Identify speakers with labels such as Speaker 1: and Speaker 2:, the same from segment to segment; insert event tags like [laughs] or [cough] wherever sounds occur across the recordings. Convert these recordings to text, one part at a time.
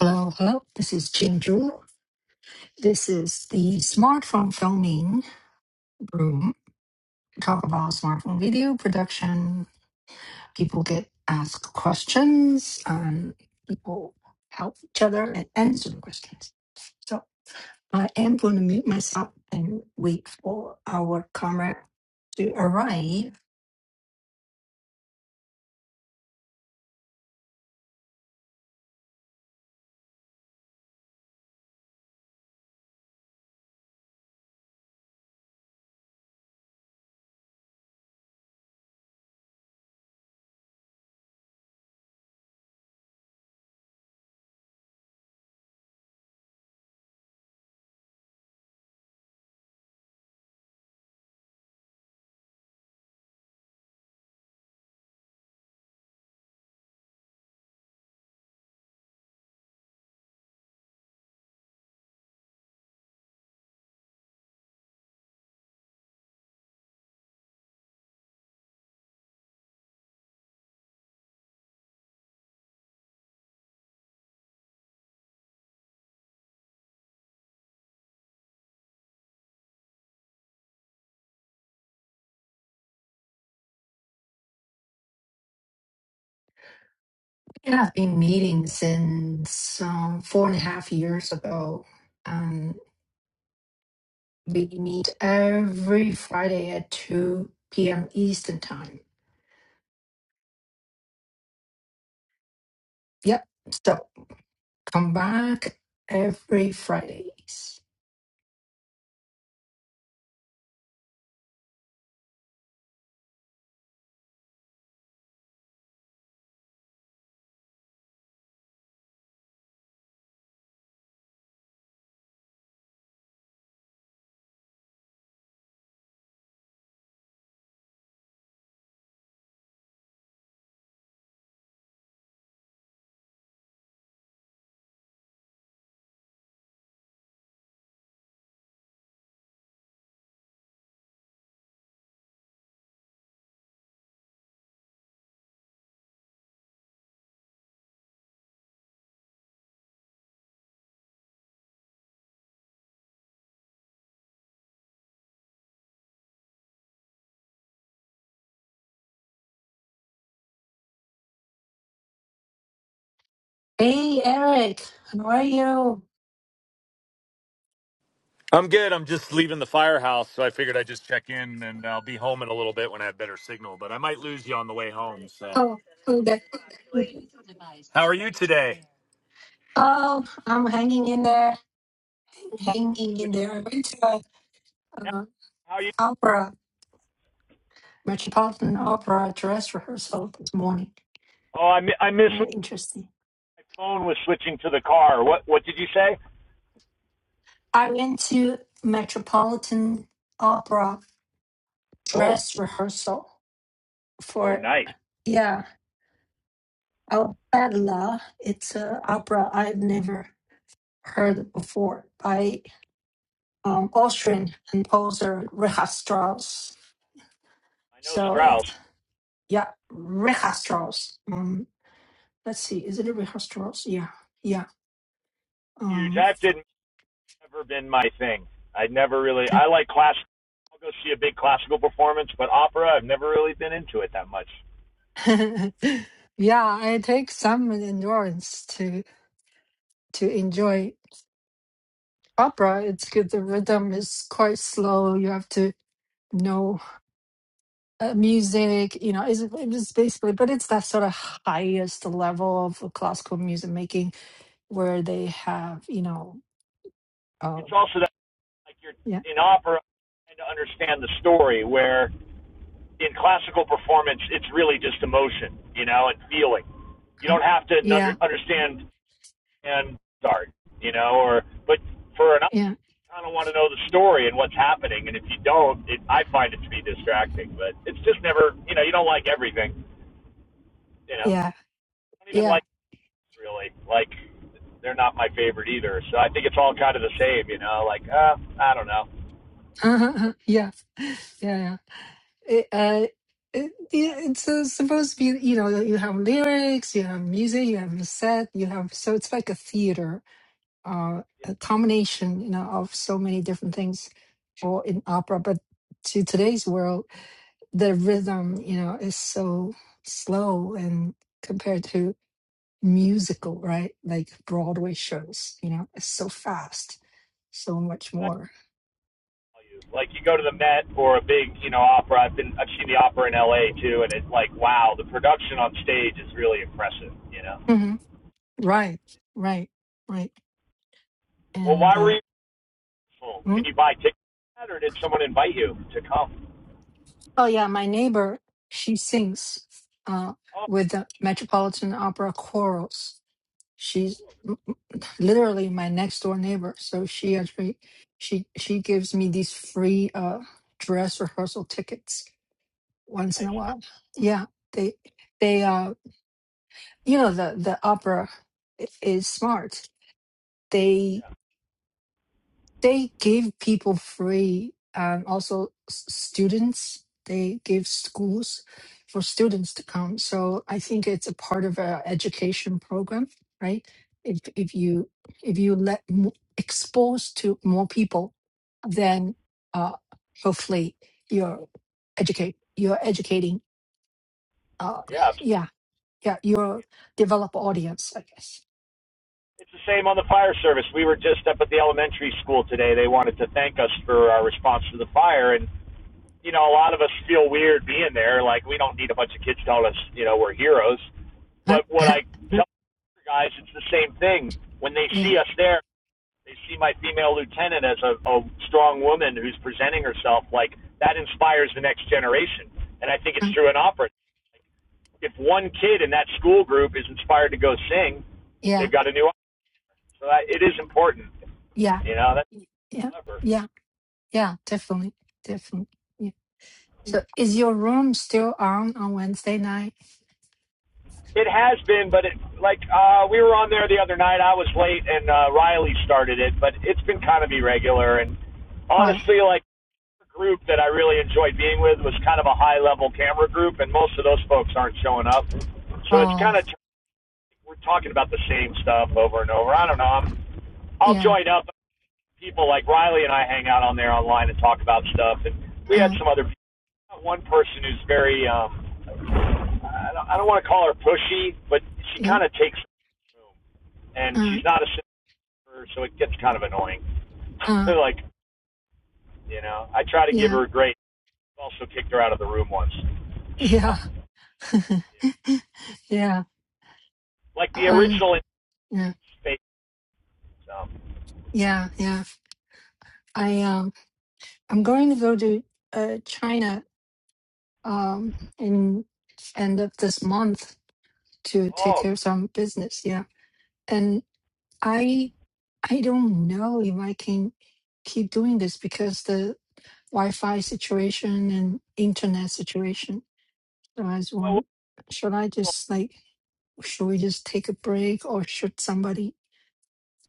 Speaker 1: Hello, hello. This is Jinju. This is the smartphone filming room. We Talk about smartphone video production. People get asked questions and people help each other and answer the questions. So I am going to mute myself and wait for our camera to arrive. Yeah, I've been meeting since um, four and a half years ago. We meet every Friday at 2 p.m. Eastern Time. Yep. So come back every Fridays. Hey, Eric, how are you?
Speaker 2: I'm good. I'm just leaving the firehouse, so I figured I'd just check in, and I'll be home in a little bit when I have better signal. But I might lose you on the way home. So,
Speaker 1: Oh, okay. okay.
Speaker 2: how are you today?
Speaker 1: Oh, I'm hanging in there. Hanging in
Speaker 2: Switch.
Speaker 1: there. I went to a uh,
Speaker 2: How you?
Speaker 1: opera, Metropolitan Opera dress rehearsal this morning.
Speaker 2: Oh, I mi- I missed
Speaker 1: Uh,
Speaker 2: what the
Speaker 1: interesting.
Speaker 2: phone was switching to the car. What what did you say?
Speaker 1: I went to Metropolitan Opera
Speaker 2: Oh,
Speaker 1: dress rehearsal
Speaker 2: oh,
Speaker 1: for,
Speaker 2: nice.
Speaker 1: yeah. Oh, Adela, it's an opera I've never heard before by um, Austrian composer Richard Strauss.
Speaker 2: I know
Speaker 1: So
Speaker 2: Strauss.
Speaker 1: it's, yeah, Richard Strauss. Um, let's see, is it Richard Strauss? Yeah, yeah.
Speaker 2: Huge.
Speaker 1: Um,
Speaker 2: That didn't ever been my thing. I'd never really.
Speaker 1: and
Speaker 2: I like class. I'll go see a big classical performance, but opera, I've never really been into it that much.
Speaker 1: [laughs] yeah, it takes some endurance to to enjoy opera. It's good. The rhythm is quite slow. You have to know uh, music, you know, is it's basically, but it's that sort of highest level of classical music making where they have, you know,
Speaker 2: It's
Speaker 1: oh
Speaker 2: also that like you're
Speaker 1: yeah,
Speaker 2: in opera, trying to understand the story where in classical performance, it's really just emotion, you know, and feeling. You
Speaker 1: uh,
Speaker 2: don't have to under,
Speaker 1: yeah,
Speaker 2: understand and start, you know, or but for an
Speaker 1: yeah,
Speaker 2: I kind of want to know the story and what's happening, and if you don't, it, I find it to be distracting. But it's just never, you know, you don't like everything, you know.
Speaker 1: yeah,
Speaker 2: I don't even
Speaker 1: yeah,
Speaker 2: like really like they're not my favorite either. So I think it's all kind of the same, you know. Like uh, I don't know,
Speaker 1: uh-huh, uh-huh, yeah, yeah, yeah. It, uh, it- it's uh, supposed to be, you know, you have lyrics, you have music, you have a set, you have so it's like a theater, uh, a combination, you know, of so many different things, or in opera. But to today's world. the rhythm, you know, is so slow and compared to musical, right? Like Broadway shows, you know, it's so fast, so much
Speaker 2: but
Speaker 1: more.
Speaker 2: like you go to the Met or a big, you know, opera. I've been I've seen the opera in LA too and it's like wow, the production on stage is really impressive, you know.
Speaker 1: hmm Right, right, right.
Speaker 2: Well, why
Speaker 1: And
Speaker 2: were
Speaker 1: uh,
Speaker 2: you full? Can
Speaker 1: mm.
Speaker 2: you buy tickets for that, or did someone invite you to come?
Speaker 1: oh yeah, my neighbor, she sings uh,
Speaker 2: Oh,
Speaker 1: with the Metropolitan Opera chorals. She's m- m- literally my next door neighbor, so she actually she she gives me these free uh, dress rehearsal tickets once in a
Speaker 2: nice.
Speaker 1: while. Yeah, they they uh you know the the opera i- is smart. They they give people free um also s- students. They give schools for students to come. So I think it's a part of a education program, right? If if you if you let mo- expose to more people, then uh hopefully you're educate you're educating. Uh,
Speaker 2: Yeah.
Speaker 1: yeah yeah, your develop audience, I guess.
Speaker 2: It's the same on the fire service. We were just up at the elementary school today. They wanted to thank us for our response to the fire and you know, a lot of us feel weird being there. Like we don't need a bunch of kids telling us, you know, we're heroes.
Speaker 1: Huh?
Speaker 2: But what
Speaker 1: [laughs]
Speaker 2: I tell the guys, it's the same thing. When they
Speaker 1: yeah,
Speaker 2: see us there, They see my female lieutenant as a, a strong woman who's presenting herself. Like that inspires the next generation, and I think it's
Speaker 1: uh,
Speaker 2: true in opera. If one kid in that school group is inspired to go sing,
Speaker 1: yeah,
Speaker 2: they've got a new. opera. So I, it is important,
Speaker 1: yeah,
Speaker 2: you know. That's
Speaker 1: y- yeah,
Speaker 2: clever.
Speaker 1: yeah, yeah, definitely, definitely. Yeah. So, is your room still on on Wednesday night?
Speaker 2: It has been, but it like uh, we were on there the other night. I was late, and uh, Riley started it, but it's been kind of irregular. And
Speaker 1: Oh,
Speaker 2: honestly, like group that I really enjoyed being with was kind of a high level camera group, and most of those folks aren't showing up. So it's kind
Speaker 1: oh,
Speaker 2: of we're talking about the same stuff over and over. I don't know. I'm, I'll
Speaker 1: yeah,
Speaker 2: join up. People like Riley and I hang out on there online and talk about stuff. And we had
Speaker 1: uh,
Speaker 2: some other people. One person who's very um, I don't, I don't want to call her pushy, but she
Speaker 1: yeah,
Speaker 2: kind of takes the room, and
Speaker 1: uh,
Speaker 2: she's not a sister, so it gets kind of annoying. [laughs]
Speaker 1: uh,
Speaker 2: like you know, I try to give
Speaker 1: yeah,
Speaker 2: her a great. Also kicked her out of the room once.
Speaker 1: [laughs]
Speaker 2: So,
Speaker 1: yeah, [laughs] yeah,
Speaker 2: like the
Speaker 1: um,
Speaker 2: original
Speaker 1: yeah,
Speaker 2: space. Um,
Speaker 1: yeah, yeah. I um, I'm going to go to uh China um in end of this month to take
Speaker 2: oh,
Speaker 1: care of some business. yeah. and i i don't know if i can keep doing this because the wi-fi situation and internet situation so as
Speaker 2: well,
Speaker 1: one should i
Speaker 2: so
Speaker 1: just like should we just take a break or should somebody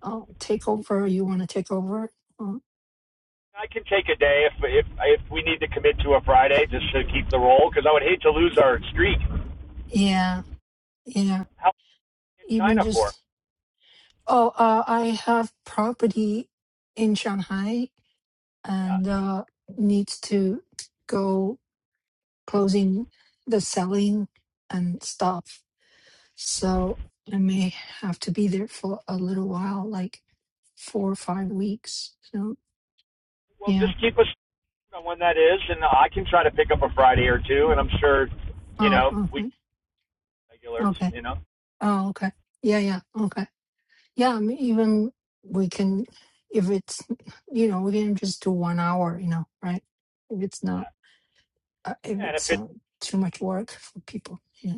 Speaker 1: uh, take over you want to take over um,
Speaker 2: I can take a day if if if we need to commit to a Friday just to keep the roll because I would hate to lose our streak.
Speaker 1: yeah yeah
Speaker 2: How in
Speaker 1: even
Speaker 2: China for?
Speaker 1: just oh uh, i have property in shanghai and
Speaker 2: Yeah.
Speaker 1: uh needs to go closing the selling and stuff. So I may have to be there for a little while, like four or five weeks. So
Speaker 2: Well, just
Speaker 1: yeah.
Speaker 2: keep us on when that is, and I can try to pick up a Friday or two, and I'm sure, you
Speaker 1: Oh,
Speaker 2: know, we
Speaker 1: okay.
Speaker 2: regulars,
Speaker 1: Okay.
Speaker 2: you know.
Speaker 1: Oh, okay. Yeah, yeah. Okay. Yeah, I mean, even we can, if it's, you know, we can just do one hour, you know, right? If it's not,
Speaker 2: Yeah.
Speaker 1: uh, if
Speaker 2: yeah and if
Speaker 1: it's
Speaker 2: it,
Speaker 1: um, too much work for people. Yeah.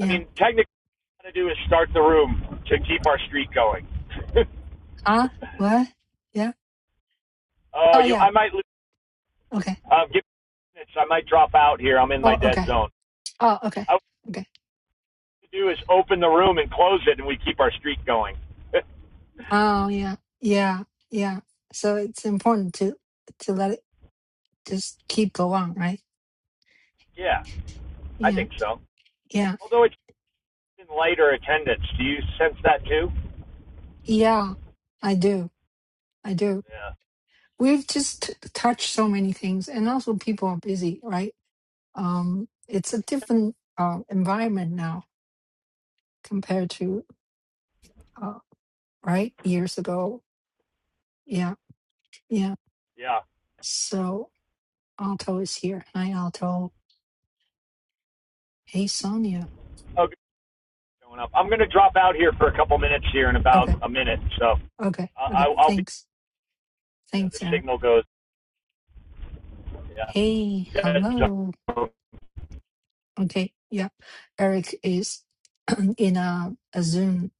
Speaker 2: I mean, technically, what I do is start the room to keep our streak going.
Speaker 1: Ah, what? Yeah.
Speaker 2: [laughs] oh,
Speaker 1: Oh,
Speaker 2: you,
Speaker 1: yeah.
Speaker 2: I might lose.
Speaker 1: Okay.
Speaker 2: Um, give me minutes. I might drop out here. I'm in my
Speaker 1: Oh,
Speaker 2: dead
Speaker 1: okay.
Speaker 2: zone.
Speaker 1: Oh, okay.
Speaker 2: I what
Speaker 1: Okay
Speaker 2: to do is open the room and close it, and we keep our streak going.
Speaker 1: Oh yeah, yeah, yeah. So it's important to to let it just keep along, right?
Speaker 2: [laughs] yeah, I
Speaker 1: Yeah,
Speaker 2: think so.
Speaker 1: yeah,
Speaker 2: Although it's in lighter attendance, do you sense that too?
Speaker 1: yeah. I do, I do.
Speaker 2: Yeah.
Speaker 1: We've just t- touched so many things, and also people are busy, right? Um, it's a different uh, environment now compared to uh, right years ago. Yeah, yeah.
Speaker 2: Yeah.
Speaker 1: So Alto is here. Hi, Alto. Hey, Sonia.
Speaker 2: Okay. Going up. I'm going to drop out here for a couple minutes here in about
Speaker 1: Okay,
Speaker 2: a minute. So
Speaker 1: okay,
Speaker 2: I,
Speaker 1: okay.
Speaker 2: I, I'll be.
Speaker 1: Thanks,
Speaker 2: Yeah, the
Speaker 1: thanks, Eric.
Speaker 2: signal goes. Yeah.
Speaker 1: Hey, hello. Okay, yeah. Eric is [clears throat] in a, a Zoom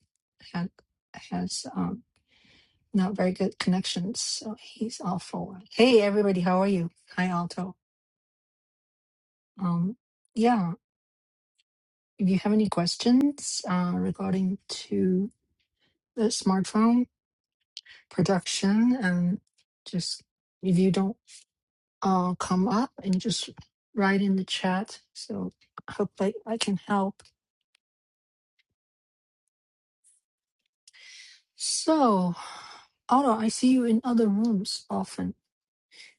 Speaker 1: ha- has um, not very good connections, so he's awful. Hey, everybody, how are you? Hi, Alto. Um, yeah, if you have any questions uh, regarding to the smartphone production, and just if you don't uh, come up and just write in the chat, so I hope I, I can help. So, Otto, I see you in other rooms often.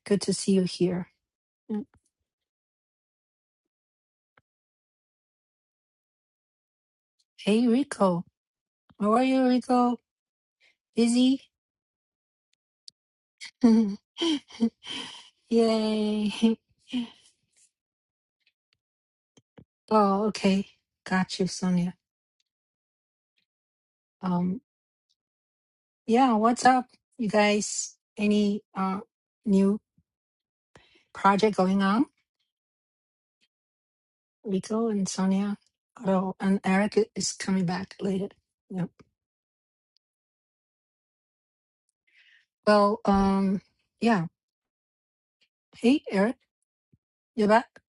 Speaker 1: Good to see you here. Mm. Hey, Rico. How are you, Rico? Busy? [laughs] Yay. Oh, okay. Got you, Sonia. Um, yeah, what's up, you guys? Any uh new project going on? Rico and Sonia. Otto and Eric i- is coming back later. Yep. Well, um, yeah. Hey, Eric, you're back.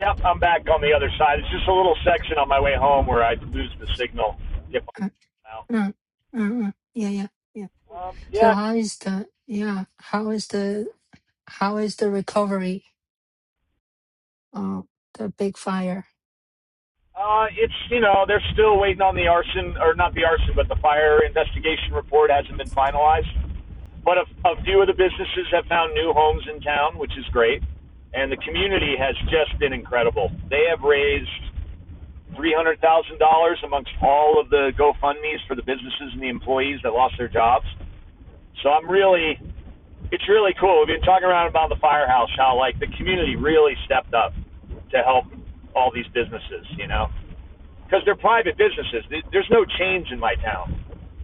Speaker 2: Yep, I'm back on the other side. It's just a little section on my way home where I lose the signal. Yep, I'm
Speaker 1: Mm, mm, mm. Yeah, yeah, yeah.
Speaker 2: out. Um, yeah,
Speaker 1: So how is the yeah? How is the how is the recovery of the big fire?
Speaker 2: Uh, it's you know they're still waiting on the arson or not the arson, but the fire investigation report hasn't been finalized. But a, a few of the businesses have found new homes in town, which is great, and the community has just been incredible. They have raised three hundred thousand dollars amongst all of the GoFundmes for the businesses and the employees that lost their jobs. So I'm really, it's really cool. We've been talking around about the firehouse, how like the community really stepped up to help all these businesses, you know because they're private businesses. There's no change in my town,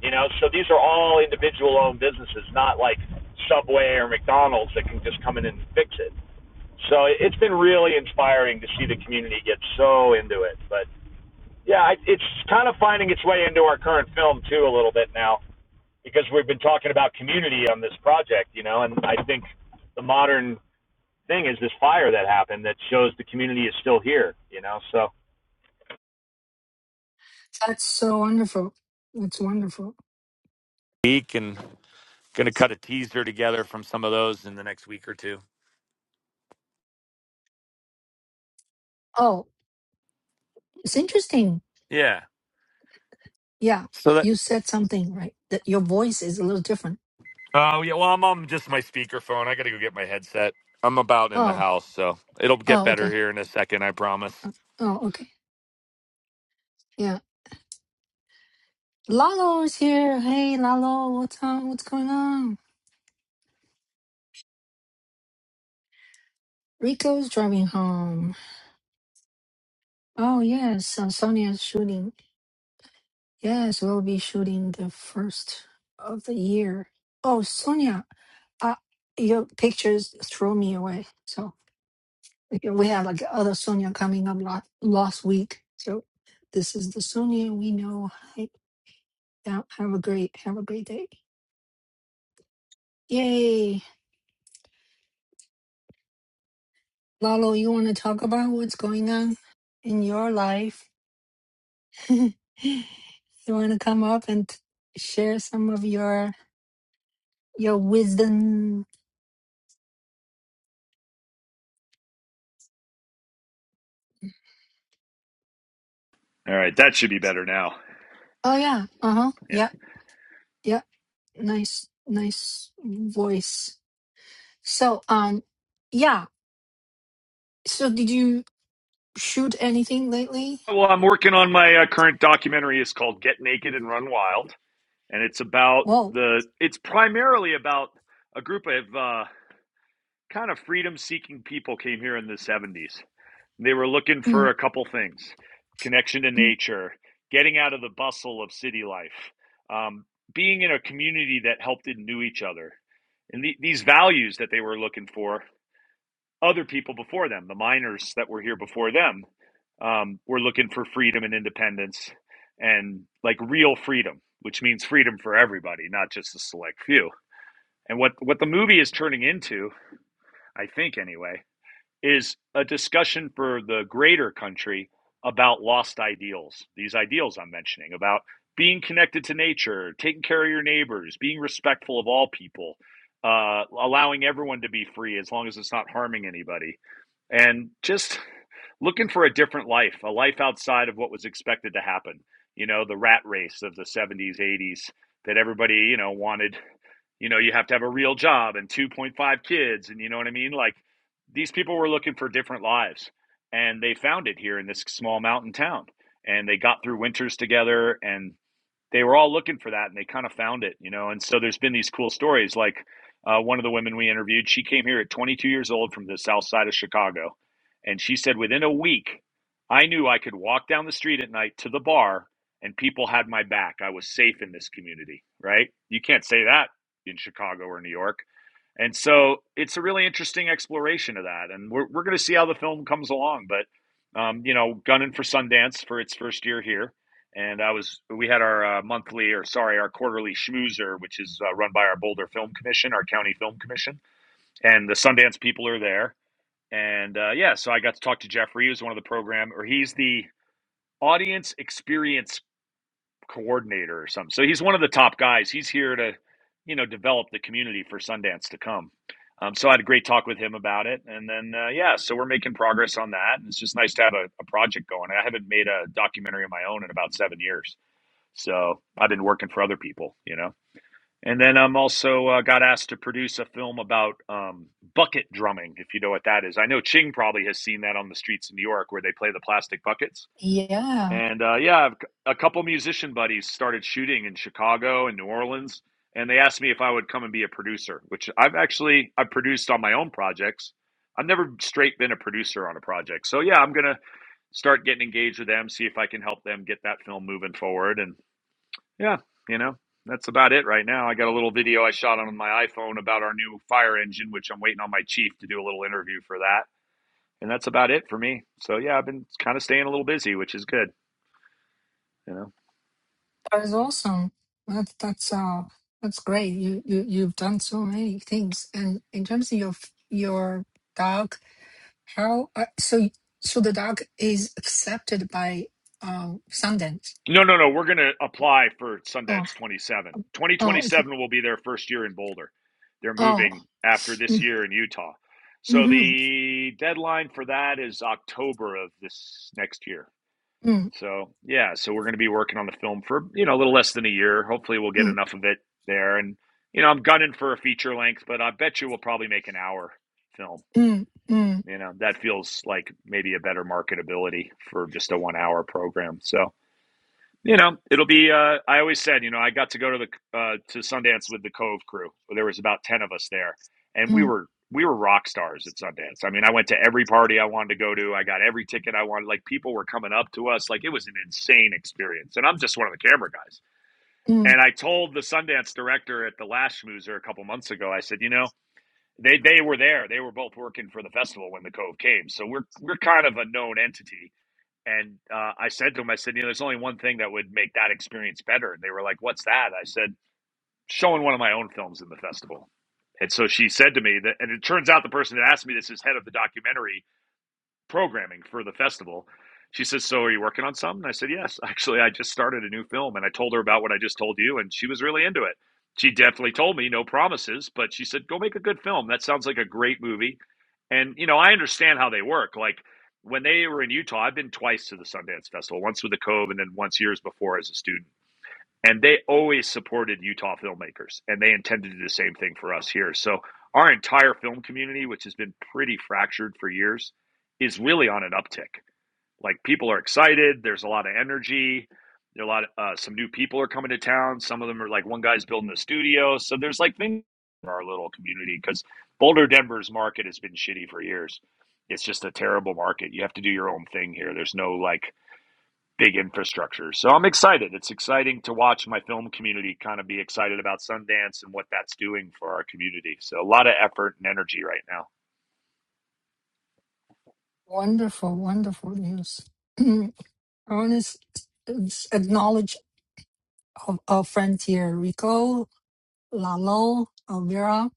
Speaker 2: you know. So these are all individual-owned businesses, not like Subway or McDonald's that can just come in and fix it. So it- has been really inspiring to see the community get so into it. But yeah, it's kind of finding its way into our current film too a little bit now because we've been talking about community on this project, you know. And I think the modern thing is this fire that happened that shows the community is still here, you know. So
Speaker 1: That's so wonderful. That's wonderful.
Speaker 2: Week and Going to cut a teaser together from some of those in the next week or two.
Speaker 1: Oh, it's interesting.
Speaker 2: Yeah.
Speaker 1: Yeah,
Speaker 2: So that
Speaker 1: you said something right. That your voice is a little different.
Speaker 2: Oh yeah. Well, I'm on just my speakerphone. I got to that. I'm a.
Speaker 1: Oh, oh, okay. Uh, Oh, okay. Yeah. Lalo is here. Hey, Lalo, what's on? What's going on? Rico's driving home. Oh yes, uh, Sonia's shooting. Yes, we'll be shooting the first of the year. Oh, Sonia, uh, your pictures throw me away. So okay, we have like other Sonia coming up last, last week. So this is the Sonia we know. Hi, yeah, have a great have a great day. Yay, Lalo, you want to talk about what's going on in your life? [laughs] you want to come up and share some of your your wisdom?
Speaker 2: All right, that should be better now.
Speaker 1: Oh yeah, uh huh,
Speaker 2: Yeah.
Speaker 1: Yeah. Yep. Nice, nice voice. So, um, yeah. So, did you shoot anything lately?
Speaker 2: Well, I'm working on my uh, current documentary. It's called Get Naked and Run Wild, and it's about
Speaker 1: Whoa.
Speaker 2: the. It's primarily about a group of uh, kind of freedom-seeking people came here in the '70s, They were looking for
Speaker 1: Mm,
Speaker 2: a couple things connection to
Speaker 1: mm.
Speaker 2: nature, getting out of the bustle of city life, um, being in a community that helped and knew each other. And the, these values that they were looking for, other people before them, the miners that were here before them, um, were looking for freedom and independence and like real freedom, which means freedom for everybody, not just a select few. And what, what the movie is turning into, I think anyway, is a discussion for the greater country about lost ideals, these ideals I'm mentioning about being connected to nature, taking care of your neighbors, being respectful of all people, uh, allowing everyone to be free as long as it's not harming anybody and just looking for a different life, a life outside of what was expected to happen. You know, the rat race of the 70s, 80s that everybody, you know, wanted, you know, you have to have a real job and 2.5 kids. And you know what I mean? Like these people were looking for different lives and they found it here in this small mountain town. And they got through winters together. and they were all looking for that and they kind of found it, you know. And so there's been these cool stories. Like uh, one of the women we interviewed, she came here at 22 years old from the south side of Chicago. And she said, within a week, I knew I could walk down the street at night to the bar and people had my back. I was safe in this community, right? You can't say that in Chicago or New York. And so it's a really interesting exploration of that. And we're, we're going to see how the film comes along. But, um, you know, gunning for Sundance for its first year here. And I was, we had our uh, monthly or sorry, our quarterly schmoozer, which is uh, run by our Boulder Film Commission, our county film commission. And the Sundance people are there. And uh, yeah, so I got to talk to Jeffrey, who's one of the program, or he's the audience experience coordinator or something. So he's one of the top guys. He's here to, you know, develop the community for Sundance to come. Um, so I had a great talk with him about it, and then uh, yeah, so we're making progress on that. And it's just nice to have a, a project going. I haven't made a documentary of my own in about seven years, so I've been working for other people, you know. And then I'm also uh, got asked to produce a film about um, bucket drumming, if you know what that is. I know Ching probably has seen that on the streets of New York, where they play the plastic buckets
Speaker 1: Yeah,
Speaker 2: and uh, yeah, I've, a couple musician buddies started shooting in Chicago and New Orleans, and they asked me if I would come and be a producer, which I've actually I've produced on my own projects. I've never straight been a producer on a project, so yeah, I'm gonna start getting engaged with them, see if I can help them get that film moving forward, and yeah, you know. That's about it right now. I got a little video I shot on my iPhone about our new fire engine, which I'm waiting on my chief to do a little interview for that. And that's about it for me. So yeah, I've been kind of staying a little busy, which is good, you know.
Speaker 1: that is awesome. That, that's uh, that's great. You you you've done so many things. And in terms of your f- your dog, how uh, so so the dog is accepted by um Sundance.
Speaker 2: No, no, no. We're going to apply for
Speaker 1: Oh,
Speaker 2: Sundance 27.
Speaker 1: oh, okay.
Speaker 2: 2027 will be their first year in Boulder. They're
Speaker 1: Oh,
Speaker 2: moving after this
Speaker 1: mm,
Speaker 2: year in Utah. So
Speaker 1: mm-hmm,
Speaker 2: the deadline for that is October of this next year.
Speaker 1: mm,
Speaker 2: So, yeah, so we're going to be working on the film for, you know, a little less than a year. Hopefully we'll get
Speaker 1: mm,
Speaker 2: enough of it there and you know, I'm gunning for a feature length, but I bet you we'll probably make an hour film.
Speaker 1: mm, mm,
Speaker 2: You know, that feels like maybe a better marketability for just a 1-hour program. So, you know, it'll be. Uh, I always said, you know, I got to go to the uh, to Sundance with the Cove crew. There was about ten of us there, and we
Speaker 1: mm,
Speaker 2: were we were rock stars at Sundance. I mean, I went to every party I wanted to go to. I got every ticket I wanted. Like people were coming up to us. Like it was an insane experience. And I'm just one of the camera guys.
Speaker 1: mm.
Speaker 2: And I told the Sundance director at the last schmoozer a couple months ago. I said, you know, they they were there. They were both working for the festival when the Cove came. So we're we're kind of a known entity and uh, I said to him, I said, you know, there's only one thing that would make that experience better. And they were like, what's that? I said, showing one of my own films in the festival. And so she said to me that, and it turns out the person that asked me this is head of the documentary programming for the festival. She says, "So are you working on some?" And I said, "Yes, [laughs] actually, I just started a new film." And I told her about what I just told you, and she was really into it. She definitely told me no promises, but she said, "Go make a good film. That sounds like a great movie." And you know, I understand how they work. Like when they were in Utah, I've been twice to the Sundance Festival, once with the Cove, and then once years before as a student and they always supported Utah filmmakers, and they intend to do the same thing for us here. So our entire film community, which has been pretty fractured for years, is really on an uptick. Like people are excited. There's a lot of energy. There are a lot of uh, some new people are coming to town. Some of them are like one guy's building a studio. So there's like things in our little community because Boulder, Denver's market has been shitty for years. It's just a terrible market. You have to do your own thing here. There's no like big infrastructure. So I'm excited. It's exciting to watch my film community kind of be excited about Sundance and what that's doing for our community. So a lot of effort and energy right now.
Speaker 1: Wonderful, wonderful news. [clears throat] I want to acknowledge our, our friends here Rico, Lalo, Elvira,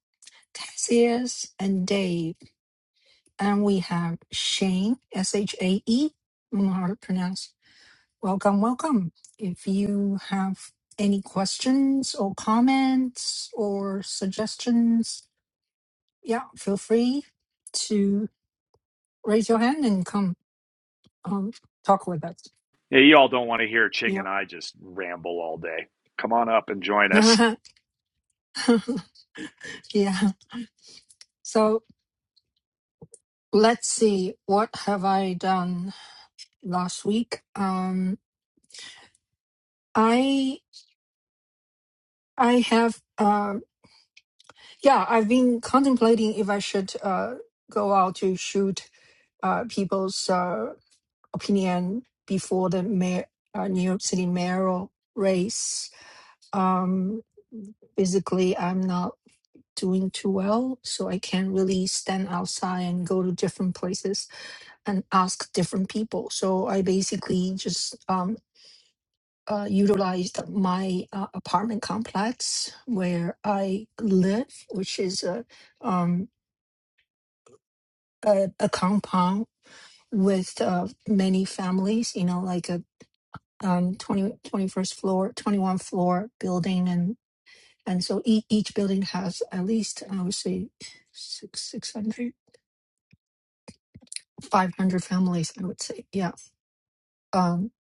Speaker 1: Cassius, and Dave. And we have Shane, S H A E. I don't know how to pronounce. Welcome, welcome. If you have any questions or comments or suggestions, yeah, feel free to raise your hand and come um, talk with us.
Speaker 2: Yeah, you all don't want to hear Ching and I just ramble all day. Come on up and join us.
Speaker 1: Yeah. [laughs] Yeah. So let's see. What have I done last week? Um, I I have uh, yeah. I've been contemplating if I should uh go out to shoot uh people's uh opinion before the mayor uh, New York City mayoral race. Um, physically, I'm not doing too well, so I can't really stand outside and go to different places and ask different people. So I basically just um, uh, utilized my uh, apartment complex where I live, which is a um, a, a compound with uh, many families. You know, like a um, 20, twenty-first floor, twenty one floor building, and and so each, each building has at least I would say six six hundred, five hundred families i would say yeah um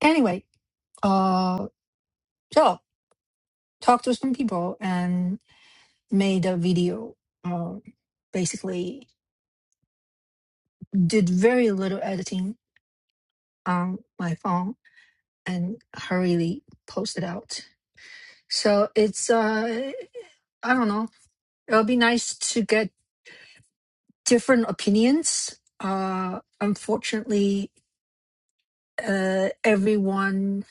Speaker 1: anyway uh so talked to some people and made a video. Uh, basically, did very little editing on my phone and hurriedly posted out. So it's uh, I don't know. It'll be nice to get different opinions. Uh, unfortunately, uh, everyone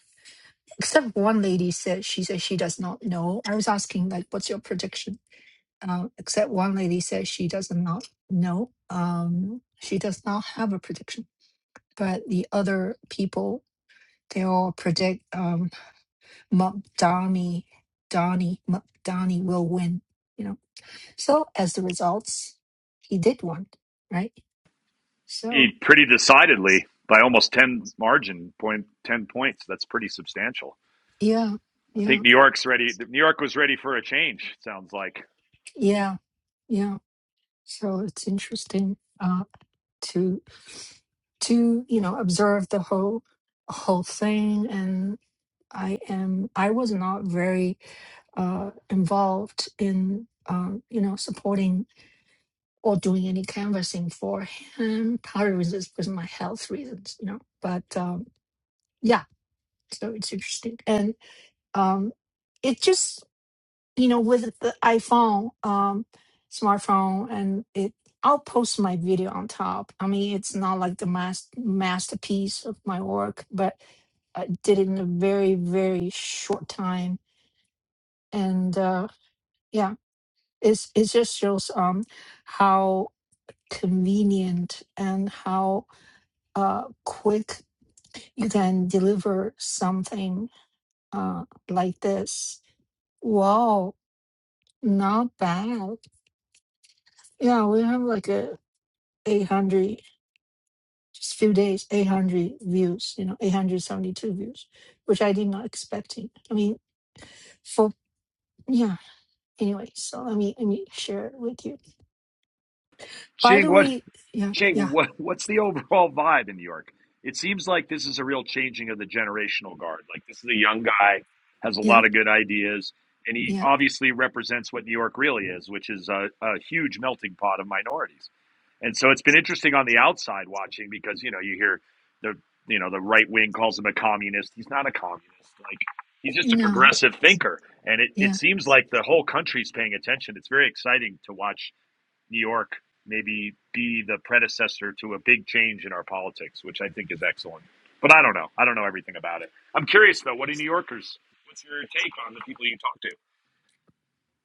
Speaker 1: except one lady said she said she does not know. I was asking like, "What's your prediction?" um, except one lady says she does not know. Um, she does not have a prediction, but the other people they all predict um, Mom Donnie, Donnie, Mom Donnie will win. You know, so as the results, he did win, right?
Speaker 2: He
Speaker 1: So
Speaker 2: pretty decidedly by almost 10 margin point 10 points. That's pretty substantial.
Speaker 1: yeah,
Speaker 2: I
Speaker 1: yeah,
Speaker 2: think New York's ready. New York was ready for a change, sounds like.
Speaker 1: yeah, yeah. So it's interesting uh, to to you know observe the whole whole thing, and I am I was not very uh, involved in um, you know supporting or doing any canvassing for him. Part of it is because of my health reasons, you know. But um, yeah, so it's interesting, and um, it just you know with the iPhone, um, smartphone, and it. I'll post my video on top. I mean, it's not like the mas- masterpiece of my work, but I did it in a very, very short time. And uh, yeah. it's, it just shows um how convenient and how uh, quick you can deliver something uh, like this. Wow, not bad. Yeah, we have like a 800, just few days, 800 views, you know, 872 views, which I did not expecting. I mean, for, yeah, anyway, so let me, let me share it with you. By
Speaker 2: Ching,
Speaker 1: the
Speaker 2: what
Speaker 1: way, yeah,
Speaker 2: Jay,
Speaker 1: yeah,
Speaker 2: what, what's the overall vibe in New York? It seems like this is a real changing of the generational guard. Like this is a young guy, has a
Speaker 1: yeah,
Speaker 2: lot of good ideas, and he
Speaker 1: yeah,
Speaker 2: obviously represents what New York really is, which is a, a huge melting pot of minorities. And so it's been interesting on the outside watching because you know you hear the you know the right wing calls him a communist. He's not a communist. Like he's just a
Speaker 1: no,
Speaker 2: progressive thinker, and it,
Speaker 1: yeah.
Speaker 2: it seems like the whole country's paying attention. It's very exciting to watch New York maybe be the predecessor to a big change in our politics, which I think is excellent. But I don't know. I don't know everything about it. I'm curious though. What do New Yorkers? What's your take on the people you talk to?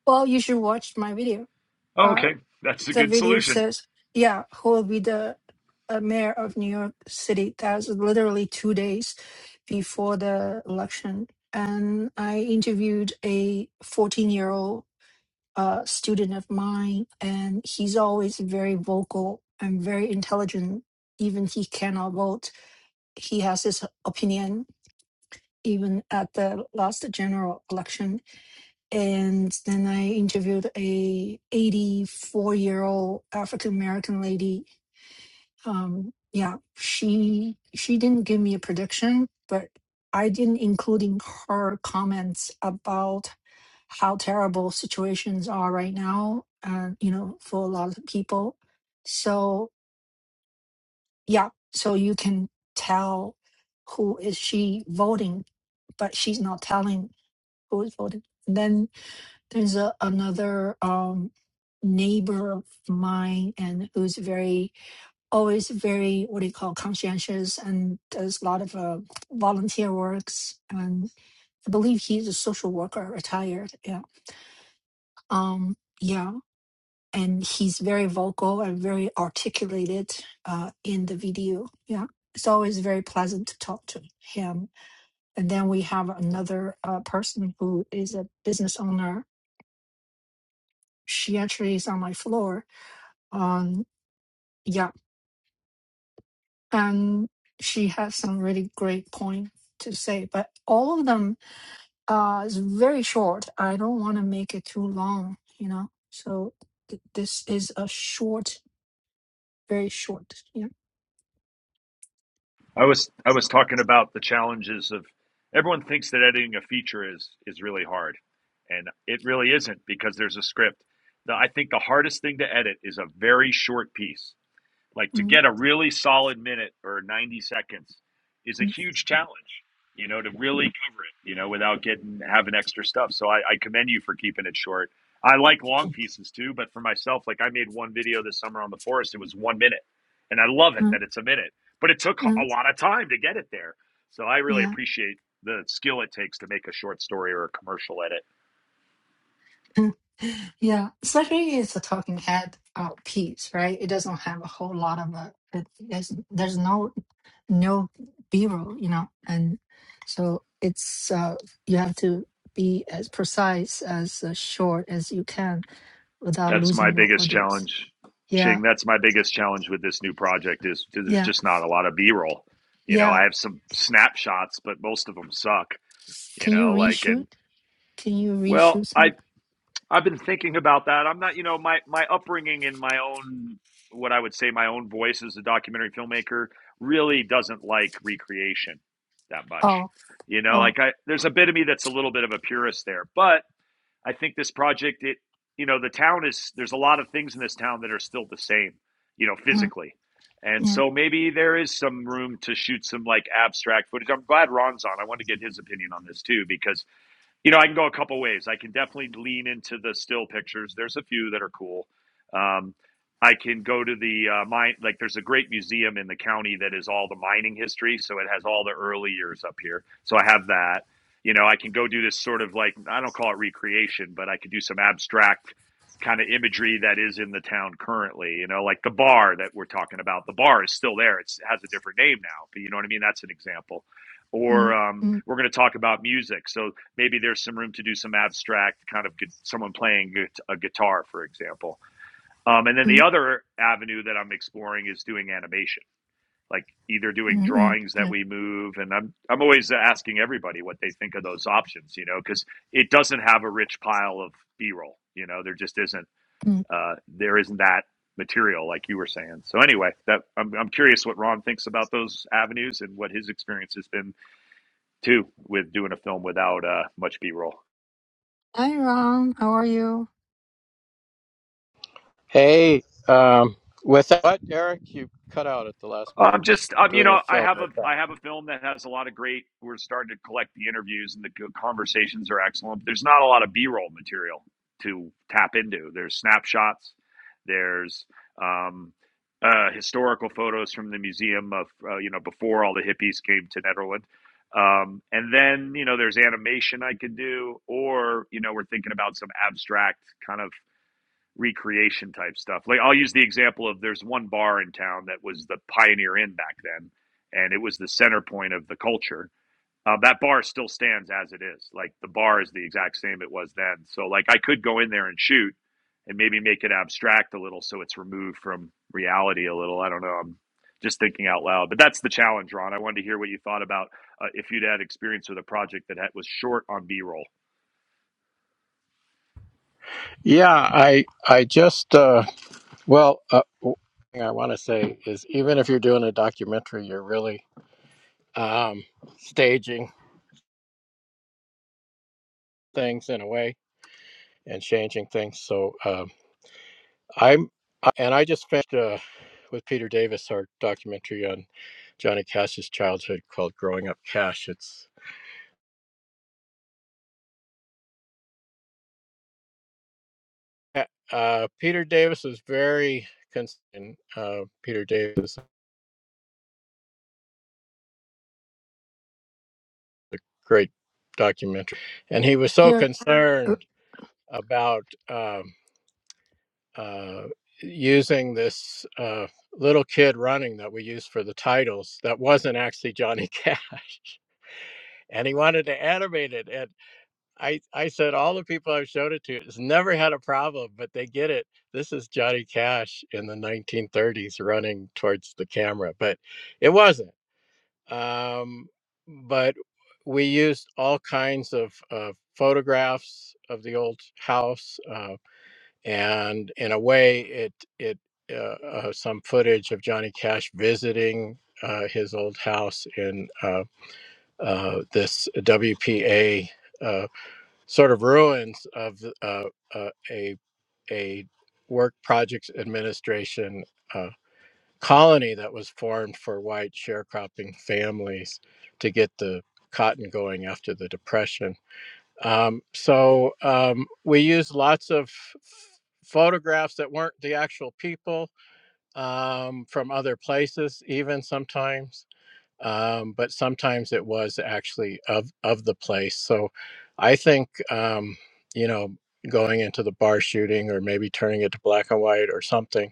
Speaker 1: Well, you should watch my video.
Speaker 2: Oh,
Speaker 1: Uh,
Speaker 2: okay, that's a
Speaker 1: the
Speaker 2: good
Speaker 1: video
Speaker 2: solution.
Speaker 1: says, yeah, who will be the uh, mayor of New York City? That was literally two days before the election. And I interviewed a 14 year old uh, student of mine, and he's always very vocal and very intelligent. Even he cannot vote, he has his opinion, even at the last general election and then I interviewed a 84 year old African American lady. Um, yeah, she she didn't give me a prediction, but I didn't including her comments about how terrible situations are right now, uh, you know, for a lot of people. So yeah, so you can tell who is she voting, but she's not telling who is voting. And Then. There's a, another um, neighbor of mine and who's very always very what do you call conscientious and does a lot of uh, volunteer works and I believe he's a social worker retired yeah um yeah and he's very vocal and very articulated uh, in the video yeah it's always very pleasant to talk to him and then we have another uh, person who is a business owner she actually is on my floor Um, yeah, and she has some really great point to say, but all of them uh, is very short. I don't want to make it too long, you know. So th- this is a short, very short. Yeah,
Speaker 2: I was I was talking about the challenges of everyone thinks that editing a feature is is really hard, and it really isn't because there's a script. The, I think the hardest thing to edit is a very short piece Like to
Speaker 1: mm,
Speaker 2: get a really solid minute or 90 seconds is a
Speaker 1: mm,
Speaker 2: huge challenge, you know, to really cover it, you know, without getting having extra stuff. So I, I commend you for keeping it short. I like long pieces too, but for myself, like I made one video this summer on the forest. It was one minute, and I love it
Speaker 1: mm,
Speaker 2: that it's a minute, but it took a
Speaker 1: mm,
Speaker 2: lot of time to get it there. So I really
Speaker 1: yeah,
Speaker 2: appreciate the skill it takes to make a short story or a commercial edit
Speaker 1: mm. yeah. Especially it's a talking head uh, piece, right? It doesn't have a whole lot of a. It, there's, there's no no b-roll you know and so it's uh, you have to be as precise as uh, short as you can without
Speaker 2: That's my
Speaker 1: losing your
Speaker 2: biggest
Speaker 1: audience
Speaker 2: challenge, Ching.
Speaker 1: yeah
Speaker 2: That's my biggest challenge with this new project is there's
Speaker 1: yeah
Speaker 2: just not a lot of B roll. You know, I
Speaker 1: yeah
Speaker 2: have some snapshots, but most of them suck. You
Speaker 1: can you
Speaker 2: know, like
Speaker 1: reshoot
Speaker 2: and
Speaker 1: can you
Speaker 2: well,
Speaker 1: reshoot
Speaker 2: I
Speaker 1: some
Speaker 2: I've been thinking about that. I'm not, you know, my my upbringing in my own what I would say my own voice as a documentary filmmaker really doesn't like recreation that much.
Speaker 1: oh
Speaker 2: You know,
Speaker 1: oh
Speaker 2: like I there's a bit of me that's a little bit of a purist there, but I think this project, it you know, the town is there's a lot of things in this town that are still the same, you know,
Speaker 1: mm,
Speaker 2: physically. And
Speaker 1: yeah
Speaker 2: so maybe there is some room to shoot some like abstract footage. I'm glad Ron's on. I want to get his opinion on this too because you know, I can go a couple ways. I can definitely lean into the still pictures. There's a few that are cool. Um, I can go to the uh, mine. Like, there's a great museum in the county that is all the mining history, so it has all the early years up here. So I have that. You know, I can go do this sort of like I don't call it recreation, but I could do some abstract kind of imagery that is in the town currently. You know, like the bar that we're talking about. The bar is still there. It's it has a different name now, but you know what I mean. That's an example or
Speaker 1: mm,
Speaker 2: um,
Speaker 1: mm,
Speaker 2: we're going to talk about music. So maybe there's some room to do some abstract kind of gu- someone playing a guitar, for example. Um, and then the
Speaker 1: mm, mm,
Speaker 2: other avenue that I'm exploring is doing animation, like either doing
Speaker 1: mm,
Speaker 2: drawings that
Speaker 1: yeah,
Speaker 2: we move. And I'm I'm always asking everybody what they think of those options, you know, because it doesn't have a rich pile of B-roll. You know, there just isn't
Speaker 1: mm.
Speaker 2: uh, there isn't that material like you were saying. So anyway, that I'm I'm curious what Ron thinks about those avenues and what his experience has been too with doing a film without uh, much B-roll.
Speaker 1: hi ron how are you
Speaker 3: Hey, um, with what Eric, you cut out at the last minute
Speaker 2: I'm just um, you
Speaker 3: doing a
Speaker 2: know, I
Speaker 3: film.
Speaker 2: have a
Speaker 3: Okay.
Speaker 2: I have a film that has a lot of great. We're starting to collect the interviews, and the conversations are excellent. There's not a lot of B-roll material to tap into. There's snapshots. There's um, uh, historical photos from the museum of uh, you know before all the hippies came to Netherland. Um, and then you know there's animation I could do, or you know we're thinking about some abstract kind of recreation type stuff. Like I'll use the example of there's one bar in town that was the Pioneer Inn back then, and it was the center point of the culture. Uh, that bar still stands as it is. Like the bar is the exact same it was then. So like I could go in there and shoot, and maybe make it abstract a little so it's removed from reality a little. I don't know. I'm just thinking out loud, but that's the challenge, Ron. I wanted to hear what you thought about uh, if you'd had experience with a project that had, was short on B roll.
Speaker 3: Yeah, I I just uh, well, uh, w- thing I want to say is even if you're doing a documentary, you're really um, staging things in a way and changing things. So um, I'm I- and I just finished uh, with Peter Davis our documentary on Johnny Cash's childhood called "Growing Up Cash." It's Yeah, uh, Peter Davis is very concerned. Uh, Peter Davis, is a great documentary, and he was so
Speaker 1: you're er,
Speaker 3: concerned about um, uh, using this uh, little kid running that we used for the titles that wasn't actually Johnny Cash. [laughs] And he wanted to animate it, and I, I said all the people I've showed it to has never had a problem, but they get it. This is Johnny Cash in the 1930s running towards the camera, but it wasn't. um, but we used all kinds of, of photographs of the old house, uh, and in a way, it it uh, uh, some footage of Johnny Cash visiting uh, his old house in uh, uh, this WPA uh, sort of ruins of uh, uh, a a work projects administration. uh, colony that was formed for white sharecropping families to get the cotton going after the depression. Um, so um, we used lots of f- photographs that weren't the actual people um, from other places, even sometimes. Um, but sometimes it was actually of of the place. So I think um, you know going into the bar shooting or maybe turning it to black and white or something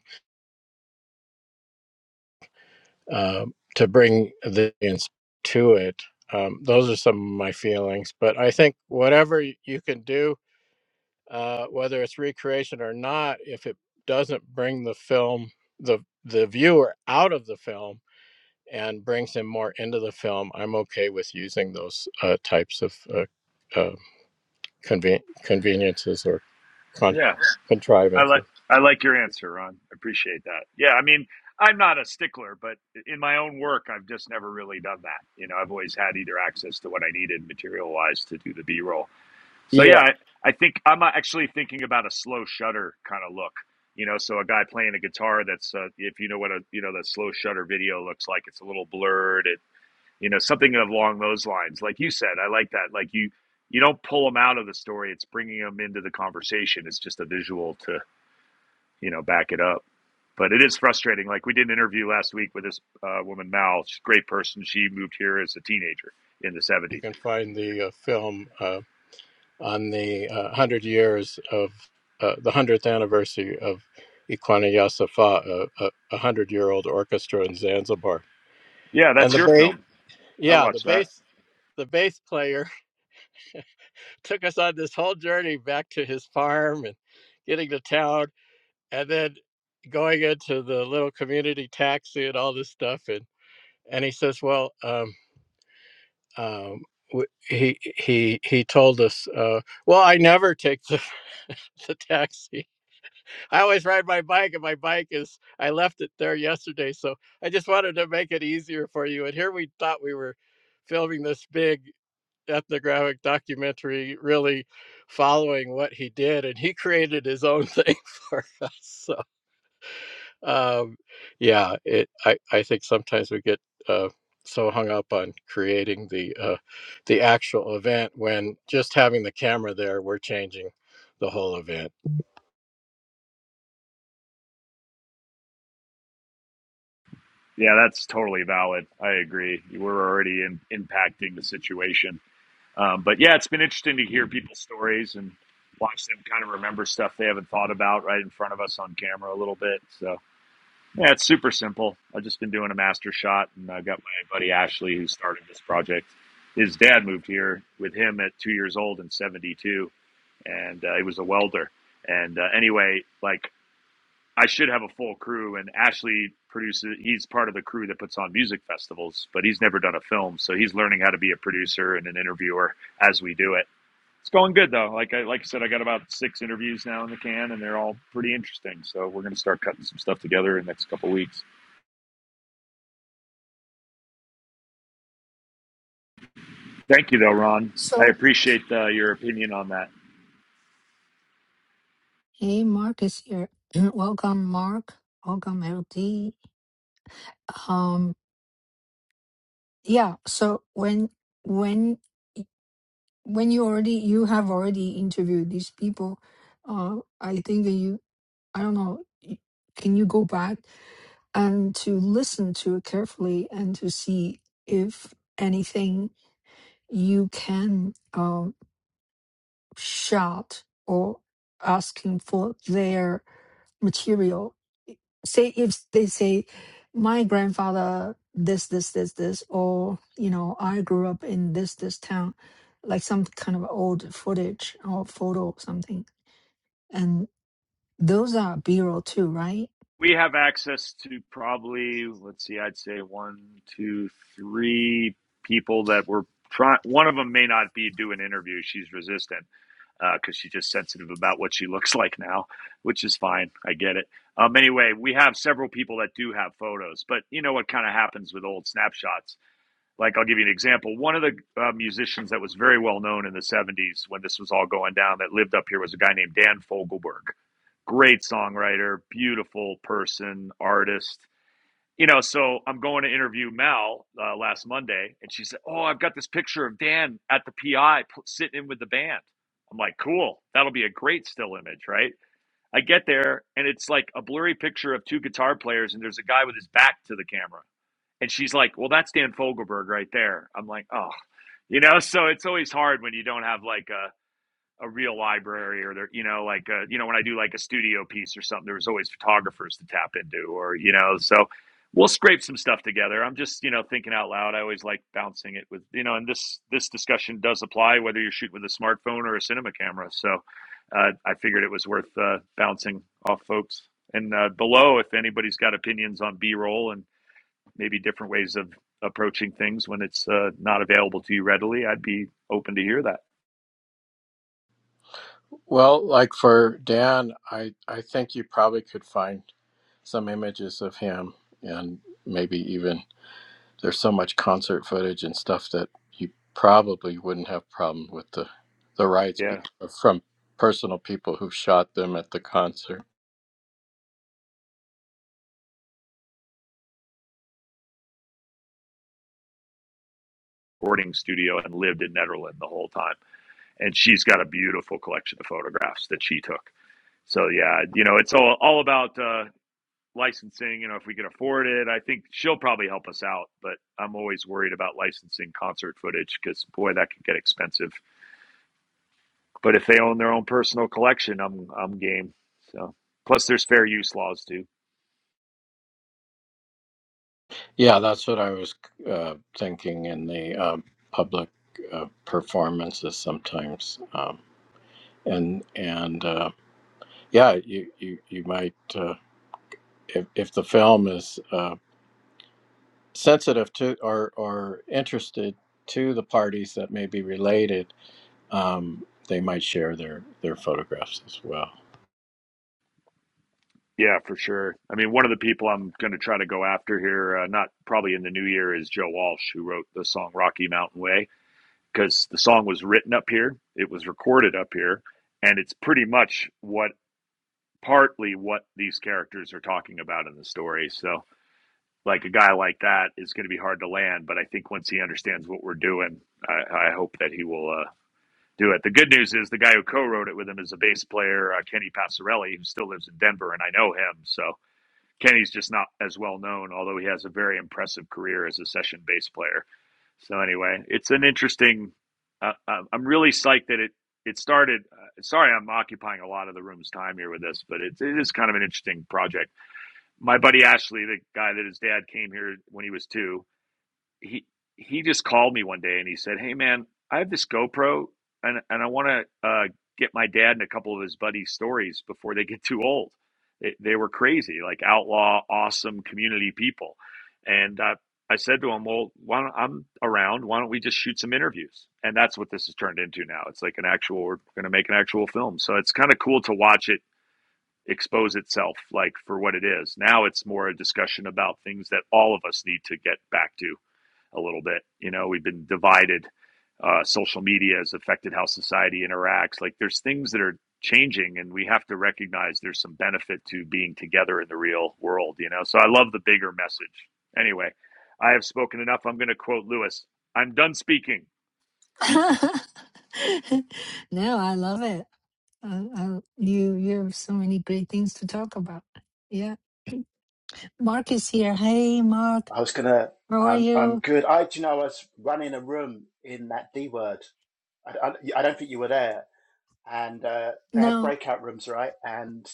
Speaker 3: um, to bring the audience to it. Um, those are some of my feelings. But I think whatever y- you can do, uh, whether it's recreation or not, if it doesn't bring the film, the the viewer out of the film and brings him more into the film, I'm okay with using those uh, types of uh, uh, conven- conveniences or con-
Speaker 2: Yeah. I like
Speaker 3: contrivances.
Speaker 2: I like your answer, Ron. I appreciate that. Yeah, I mean, I'm not a stickler, but in my own work, I've just never really done that. You know, I've always had either access to what I needed material wise to do the B roll. So yeah,
Speaker 3: Yeah,
Speaker 2: I, I think I'm actually thinking about a slow shutter kind of look. You know, so a guy playing a guitar that's uh, if you know what a you know that slow shutter video looks like, it's a little blurred. It you know something along those lines. Like you said, I like that. Like you you don't pull them out of the story; it's bringing them into the conversation. It's just a visual to you know back it up. But it is frustrating. Like we did an interview last week with this uh, woman Mal, she's a great person. She moved here as a teenager in the
Speaker 3: you
Speaker 2: '70s.
Speaker 3: can find the uh, film. Uh, on the uh, 100 years of uh, the 100th anniversary of Ikwana Yasafa, a, a, a 100 year old orchestra in Zanzibar.
Speaker 2: Yeah,
Speaker 3: And
Speaker 2: that's
Speaker 3: the
Speaker 2: your
Speaker 3: bass,
Speaker 2: film. I
Speaker 3: yeah, the
Speaker 2: watched that.
Speaker 3: bass, the bass player [laughs] took us on this whole journey back to his farm and getting to town and then going into the little community taxi and all this stuff. And, and he says, well, um, um, w- he he he told us, uh, well, I never take the [laughs] the taxi I always ride my bike, and my bike is I left it there yesterday, so I just wanted to make it easier for you. And here we thought we were filming this big ethnographic documentary, really following what he did, and he created his own thing [laughs] for us. So, um, yeah, it I I think sometimes we get uh, so hung up on creating the uh, the actual event when just having the camera there, we're changing the whole event.
Speaker 2: Yeah, that's totally valid. I agree. We're already in, impacting the situation. Um, but yeah, it's been interesting to hear people's stories and watch them kind of remember stuff they haven't thought about right in front of us on camera a little bit. So Yeah, it's super simple. I've just been doing a master shot, and I've got my buddy Ashley who started this project. His dad moved here with him at two years old in '72, and uh, he was a welder. And uh, anyway, like I should have a full crew, and Ashley produces. He's part of the crew that puts on music festivals, but he's never done a film, so he's learning how to be a producer and an interviewer as we do it. It's going good though. Like I like I said, I got about six interviews now in the can, and they're all pretty interesting. So we're going to start cutting some stuff together in the next couple of weeks. Thank you, though, Ron. I
Speaker 1: so
Speaker 2: appreciate uh, your opinion on that.
Speaker 1: hey mark is here [clears throat] welcome mark welcome ld yeah so when when when you already you have already interviewed these people uh i think that you i don't know y- can you go back and to listen to it carefully and to see if anything you can um shout or asking for their material say if they say my grandfather this this this this or you know i grew up in this this town like some kind of old footage or photo or something and those are b-roll too right
Speaker 2: We have access to probably, let's see, I'd say one, two, three people that were trying. One of them may not be doing interviews. She's resistant because uh, she's just sensitive about what she [laughs] looks like now, which is fine. I get it. Um, anyway, we have several people that do have photos, but you know what kind of happens with old snapshots? like I'll give you an example. One of the uh, musicians that was very well known in the 70s when this was all going down that lived up here was a guy named Dan Fogelberg. Great songwriter, beautiful person, artist. You know, so I'm going to interview Mal uh, last Monday, and she said, Oh, I've got this picture of Dan at the PI sitting in with the band. I'm like, Cool. That'll be a great still image, right? I get there, and it's like a blurry picture of two guitar players, and there's a guy with his back to the camera and she's like, well, that's Dan Fogelberg right there. I'm like, oh, you know, so it's always hard when you don't have like a, a real library or there, you know, like, a, you know, when I do like a studio piece or something, there was always photographers to tap into or, you know, so we'll scrape some stuff together. I'm just, you know, thinking out loud. I always like bouncing it with, you know, and this, this discussion does apply whether you're shooting with a smartphone or a cinema camera. So uh, I figured it was worth uh, bouncing off folks. And uh, below, if anybody's got opinions on B roll and maybe different ways of approaching things when it's uh, not available to you readily, I'd be open to hear that.
Speaker 3: Well, like for Dan, I I think you probably could find some images of him, and maybe even there's so much concert footage and stuff that you probably wouldn't have problem with the the rights be-
Speaker 2: Yeah,
Speaker 3: from personal people who shot them at the concert.
Speaker 2: boarding studio and lived in Netherlands the whole time, and she's got a beautiful collection of photographs that she took. So yeah, you know, it's all all about uh, licensing. You know, if we can afford it, I think she'll probably help us out. But I'm always worried about licensing concert footage because boy, that could get expensive. But if they own their own personal collection, I'm I'm game. So plus, there's fair use laws too.
Speaker 3: Yeah, that's what I was uh, thinking in the um, public uh, performances sometimes, um, and and uh, yeah, you you you might. Uh, if, if the film is Uh, sensitive to or or interested to the parties that may be related, um, they might share their their photographs as well.
Speaker 2: Yeah, for sure. I mean, one of the people I'm going to try to go after here, uh, not probably in the new year, is Joe Walsh, who wrote the song Rocky Mountain Way, because the song was written up here, it was recorded up here, and it's pretty much what partly what these characters are talking about in the story. So, like, a guy like that is going to be hard to land, but I think once he understands what we're doing, I, I hope that he will. Uh, do it. The good news is the guy who co-wrote it with him is a bass player, uh, Kenny Passarelli, who still lives in Denver, and I know him. So Kenny's just not as well known, although he has a very impressive career as a session bass player. So anyway, it's an interesting. Uh, uh, I'm really psyched that it it started. Uh, sorry, I'm occupying a lot of the room's time here with this, but it's it is kind of an interesting project. My buddy Ashley, the guy that his dad came here when he was two, he he just called me one day and he said, "Hey man, I have this GoPro and and I want to uh, get my dad and a couple of his buddies' stories before they get too old. They, they were crazy, like outlaw, awesome community people." And uh, I said to him, "Well, why don't, I'm around. Why don't we just shoot some interviews?" And that's what this has turned into now. It's like an actual. We're going to make an actual film, so it's kind of cool to watch it expose itself like for what it is now it's more a discussion about things that all of us need to get back to a little bit. You know, we've been divided. Uh, social media has affected how society interacts. Like there's things that are changing, and we have to recognize there's some benefit to being together in the real world. You know, so I love the bigger message. Anyway, I have spoken enough. I'm going to quote Lewis. I'm done speaking.
Speaker 1: [laughs] no i love it I, I, you you have so many great things to talk about yeah mark is here hey mark
Speaker 4: I was gonna.
Speaker 1: how are
Speaker 4: I'm. I'm
Speaker 1: you
Speaker 4: good. I. Do you know? I was running a room in that D word. I, I, I don't think you were there. And uh, they had
Speaker 1: no
Speaker 4: breakout rooms, right? And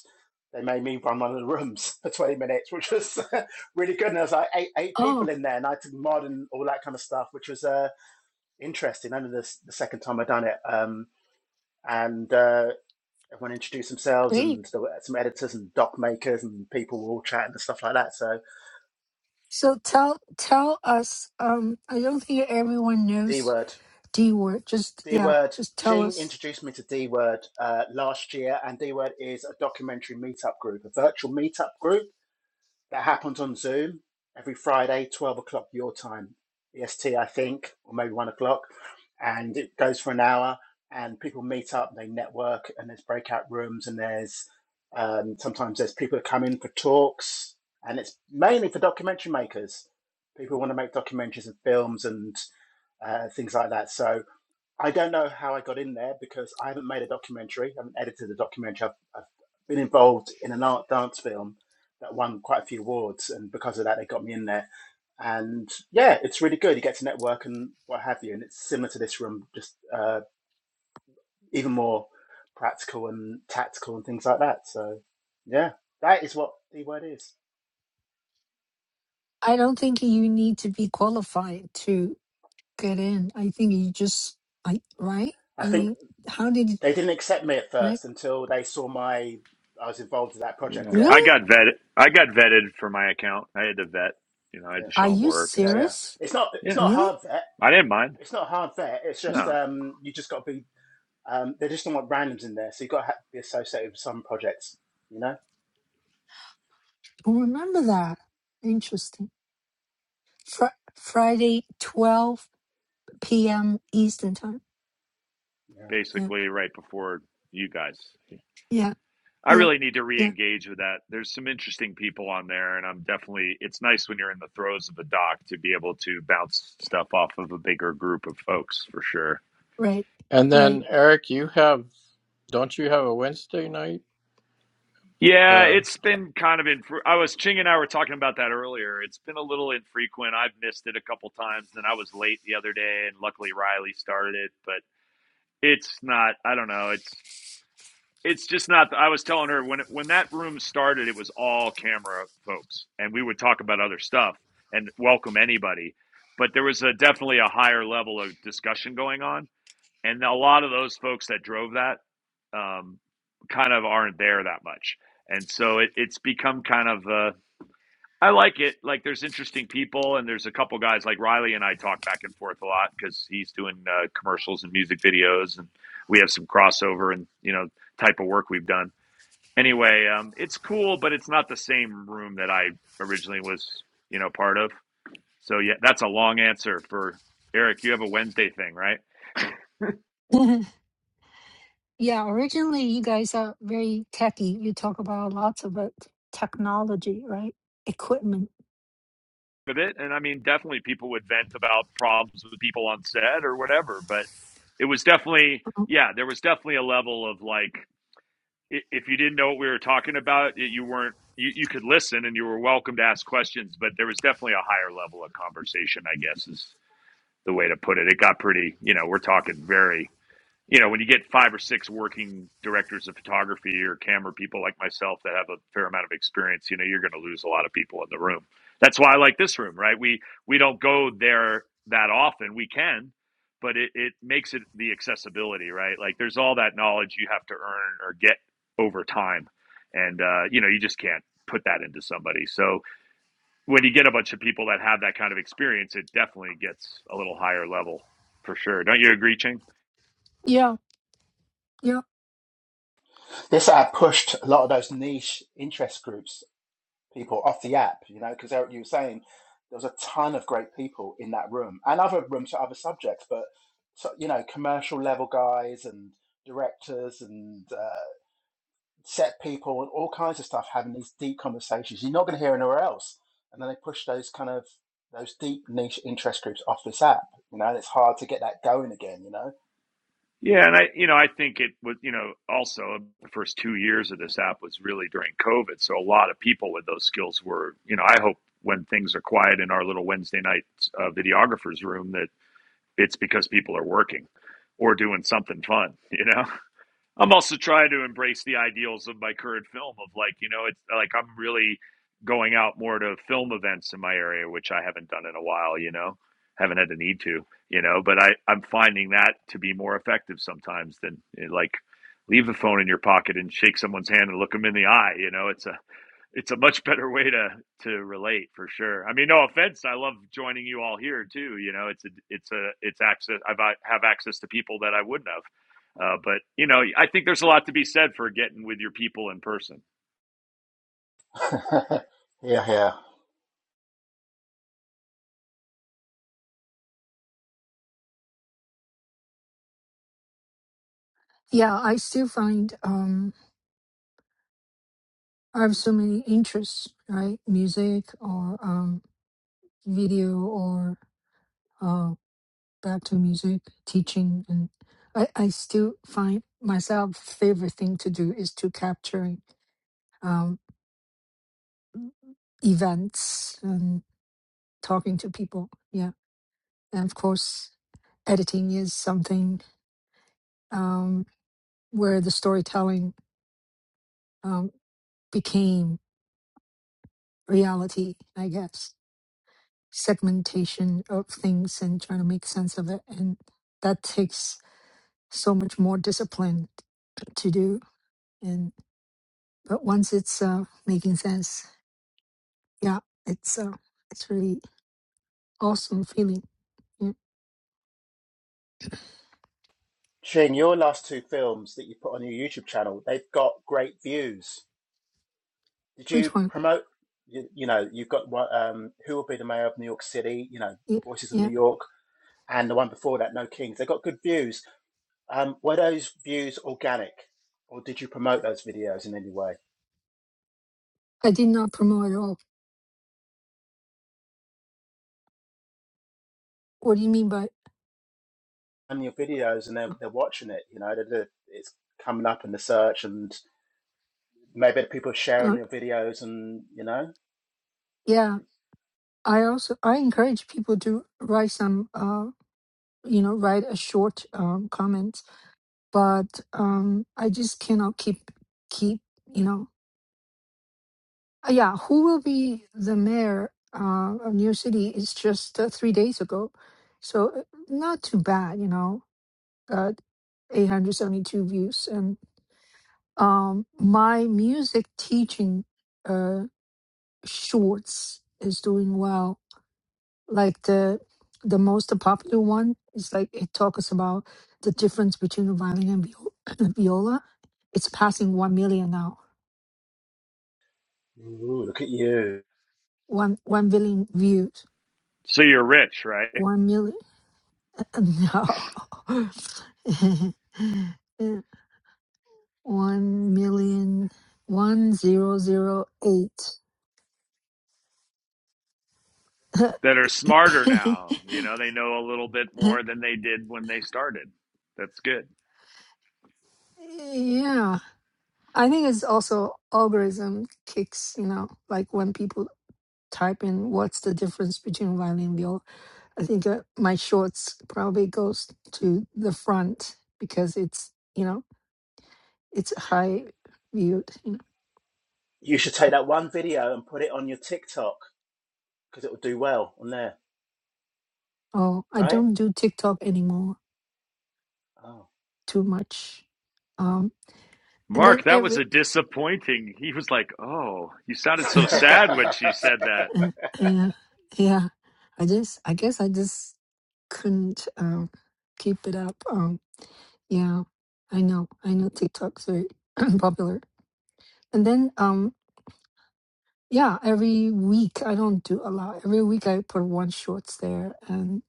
Speaker 4: they made me run one of the rooms [laughs] for 20 minutes, which was [laughs] really good. And there was like eight, eight
Speaker 1: oh
Speaker 4: people in there, and I did to mod and all that kind of stuff, which was uh, interesting. Only the, the second time I'd done it. Um, and uh, everyone introduced themselves,
Speaker 1: great
Speaker 4: and there were some editors and doc makers, and people were all chatting and stuff like that. So
Speaker 1: So tell tell us. Um, I don't think everyone
Speaker 4: D
Speaker 1: knows
Speaker 4: word.
Speaker 1: D word. Just
Speaker 4: D
Speaker 1: yeah,
Speaker 4: Word.
Speaker 1: just tell
Speaker 4: Ching
Speaker 1: us.
Speaker 4: introduced me to D Word uh, last year, and D Word is a documentary meetup group, a virtual meetup group that happens on Zoom every Friday, 12 o'clock your time, EST, I think, or maybe one o'clock. And it goes for an hour, and people meet up, they network, and there's breakout rooms, and there's um, sometimes there's people that come in for talks, and it's mainly for documentary makers. People want to make documentaries and films and uh, things like that. So I don't know how I got in there because I haven't made a documentary. I haven't edited a documentary. I've, I've been involved in an art dance film that won quite a few awards, and because of that, they got me in there. And yeah, it's really good. You get to network and what have you, and it's similar to this room, just uh, even more practical and tactical and things like that. So yeah, that is what the word is.
Speaker 1: I don't think you need to be qualified to get in. I think you just like right.
Speaker 4: I
Speaker 1: I
Speaker 4: think
Speaker 1: mean, how did you-
Speaker 4: they didn't accept me at
Speaker 1: right?
Speaker 4: first until they saw my I was involved in that project.
Speaker 2: Yeah.
Speaker 4: Yeah,
Speaker 2: I
Speaker 1: Really?
Speaker 2: got vetted. I got vetted for my account. I had to vet. You know, I had
Speaker 4: yeah,
Speaker 2: to
Speaker 1: Are
Speaker 2: show them
Speaker 1: you
Speaker 2: work and
Speaker 4: yeah,
Speaker 2: stuff.
Speaker 4: yeah.
Speaker 1: serious?
Speaker 4: It's not it's
Speaker 2: Yeah,
Speaker 4: not
Speaker 1: Really?
Speaker 4: hard. vet.
Speaker 2: I didn't mind.
Speaker 4: it's not hard there. It's
Speaker 1: I
Speaker 4: just
Speaker 2: No,
Speaker 4: um, you just got to be. Um, they just don't want randoms in there, so you got to have to be associated with some projects. You know,
Speaker 1: don't remember that. Interesting. Fr- Friday, twelve p.m. Eastern time.
Speaker 4: yeah.
Speaker 1: Yeah,
Speaker 2: basically right before you guys. you
Speaker 1: yeah,
Speaker 2: I
Speaker 1: yeah,
Speaker 2: really need to
Speaker 1: yeah.
Speaker 2: re-engage with that. There's some interesting people on there, and I'm definitely. It's nice when you're in the throes of a doc to be able to bounce stuff off of a bigger group of folks for sure.
Speaker 1: Right,
Speaker 3: And
Speaker 1: right.
Speaker 3: then Eric, you have don't you have a Wednesday night?
Speaker 2: Yeah,
Speaker 3: Uh,
Speaker 2: it's been kind of in. I was Ching and I were talking about that earlier. It's been a little infrequent. I've missed it a couple times. Then I was late the other day, and luckily Riley started it. But it's not. I don't know. It's it's just not i was telling her when it, when that room started it was all camera folks and we would talk about other stuff and welcome anybody but there was a definitely a higher level of discussion going on and a lot of those folks that drove that um, kind of aren't there that much and so it, it's become kind of uh, i like it like there's interesting people and there's a couple guys like riley and i talk back and forth a lot because he's doing uh, commercials and music videos and we have some crossover and you know type of work we've done Anyway, um, it's cool, but it's not the same room that I originally was, you know, part of. So yeah, that's a long answer for Eric. You have a Wednesday thing, right?
Speaker 1: [laughs] Yeah, originally you guys are very techy. You talk about lots of uh, technology, right? Equipment.
Speaker 2: With it, and I mean, definitely people would vent about problems with people on set or whatever. But it was definitely,
Speaker 1: Mhm.
Speaker 2: yeah, there was definitely a level of like, if you didn't know what we were talking about, you weren't. You, you could listen and you were welcome to ask questions, but there was definitely a higher level of conversation, I guess, is the way to put it. It got pretty, you know, we're talking very you know, when you get five or six working directors of photography or camera people like myself that have a fair amount of experience, you know, you're going to lose a lot of people in the room. That's why I like this room, right? We we don't go there that often. We can, but it it makes it the accessibility, right? Like there's all that knowledge you have to earn or get over time, and uh, you know, you just can't put that into somebody. So when you get a bunch of people that have that kind of experience, it definitely gets a little higher level for sure. Don't you agree, Ching?
Speaker 1: Yeah, yeah,
Speaker 4: this app pushed a lot of those niche interest groups people off the app. You know, because Eric, you were saying there was a ton of great people in that room and other rooms for other subjects, but so, you know, commercial level guys and directors and uh, set people and all kinds of stuff having these deep conversations you're not going to hear anywhere else. And then they push those kind of those deep niche interest groups off this app. You know, and it's hard to get that going again. You know.
Speaker 2: Yeah, and I, you know, I think it was, you know, also the first two years of this app was really during COVID, so a lot of people with those skills were, you know, I hope when things are quiet in our little Wednesday night uh, videographers room that it's because people are working or doing something fun, you know, I'm also trying to embrace the ideals of my current film of like, you know, it's like I'm really going out more to film events in my area, which I haven't done in a while, you know, haven't had the need to, you know, but I, I'm finding that to be more effective sometimes than eh, like leave the phone in your pocket and shake someone's hand and look them in the eye. You know, it's a, it's a much [laughs] better way to to relate for sure. I mean, no offense, I love joining you all here too. You know, it's a it's a it's access. I've, I have access to people that I wouldn't have. Uh, but you know, I think there's a lot to be said for getting with your people in person.
Speaker 4: [laughs] yeah, yeah.
Speaker 1: yeah. I still find um, I have so many interests, right? Music or um, video or uh, back to music, teaching, and I, I still find myself favorite thing to do is to capturing um, events and talking to people. Yeah, and of course editing is something um, where the storytelling um, became reality, I guess, segmentation of things and trying to make sense of it. And that takes so much more discipline to do. And but once it's uh, making sense, yeah, it's uh, it's really awesome feeling. Yeah.
Speaker 4: Shing, your last two films that you put on your YouTube channel, they've got great views. Did
Speaker 1: Which
Speaker 4: you
Speaker 1: one?
Speaker 4: promote? You, you know, you've got one, um, who will be the mayor of New York City? You know,
Speaker 1: Yeah,
Speaker 4: Voices of
Speaker 1: yeah.
Speaker 4: New York, and the one before that, No Kings. They got good views Um, were those views organic, or did you promote those videos in any way?
Speaker 1: I did not promote at all. What do you mean by?
Speaker 4: And your videos, and they're, they're watching it. You know, they're, they're- it's coming up in the search, and maybe people are sharing
Speaker 1: Uh,
Speaker 4: your videos, and you know,
Speaker 1: yeah, I also I encourage people to write some. uh. you know write a short um, comment but um i just cannot keep keep you know Uh, yeah who will be the mayor uh, of new york city is just uh, three days ago so uh, not too bad you know uh, 872 views and um my music teaching uh shorts is doing well like the the most popular one is like it talks about the difference between the violin and viol- [clears throat] viola. It's passing one million now.
Speaker 4: ooh, look at you.
Speaker 1: One one billion views.
Speaker 2: So you're rich, right?
Speaker 1: One million [laughs] no. [laughs] Yeah. one million one zero zero eight. [laughs]
Speaker 2: That are smarter now. You know, they know a little bit more than they did when they started. That's good.
Speaker 1: yeah. I think it's also algorithm kicks, you know, like when people type in what's the difference between violin and viola. I think uh, my shorts probably goes to the front because it's you know it's high viewed. You know.
Speaker 4: You should take that one video and put it on your TikTok because it will do well on there,
Speaker 1: Oh, I
Speaker 4: right?
Speaker 1: don't do TikTok anymore
Speaker 4: Oh.
Speaker 1: too much. Um, and
Speaker 2: Mark,
Speaker 1: then
Speaker 2: that was a
Speaker 1: every
Speaker 2: disappointing. He was like, "Oh, you sounded
Speaker 1: [laughs]
Speaker 2: so sad when she
Speaker 4: [laughs]
Speaker 2: said that."
Speaker 1: uh, yeah, yeah, I just I guess I just couldn't um keep it up. Um, yeah, I know I know TikTok's very [clears throat] popular. And then um Yeah, every week I don't do a lot. Every week I put one shorts there and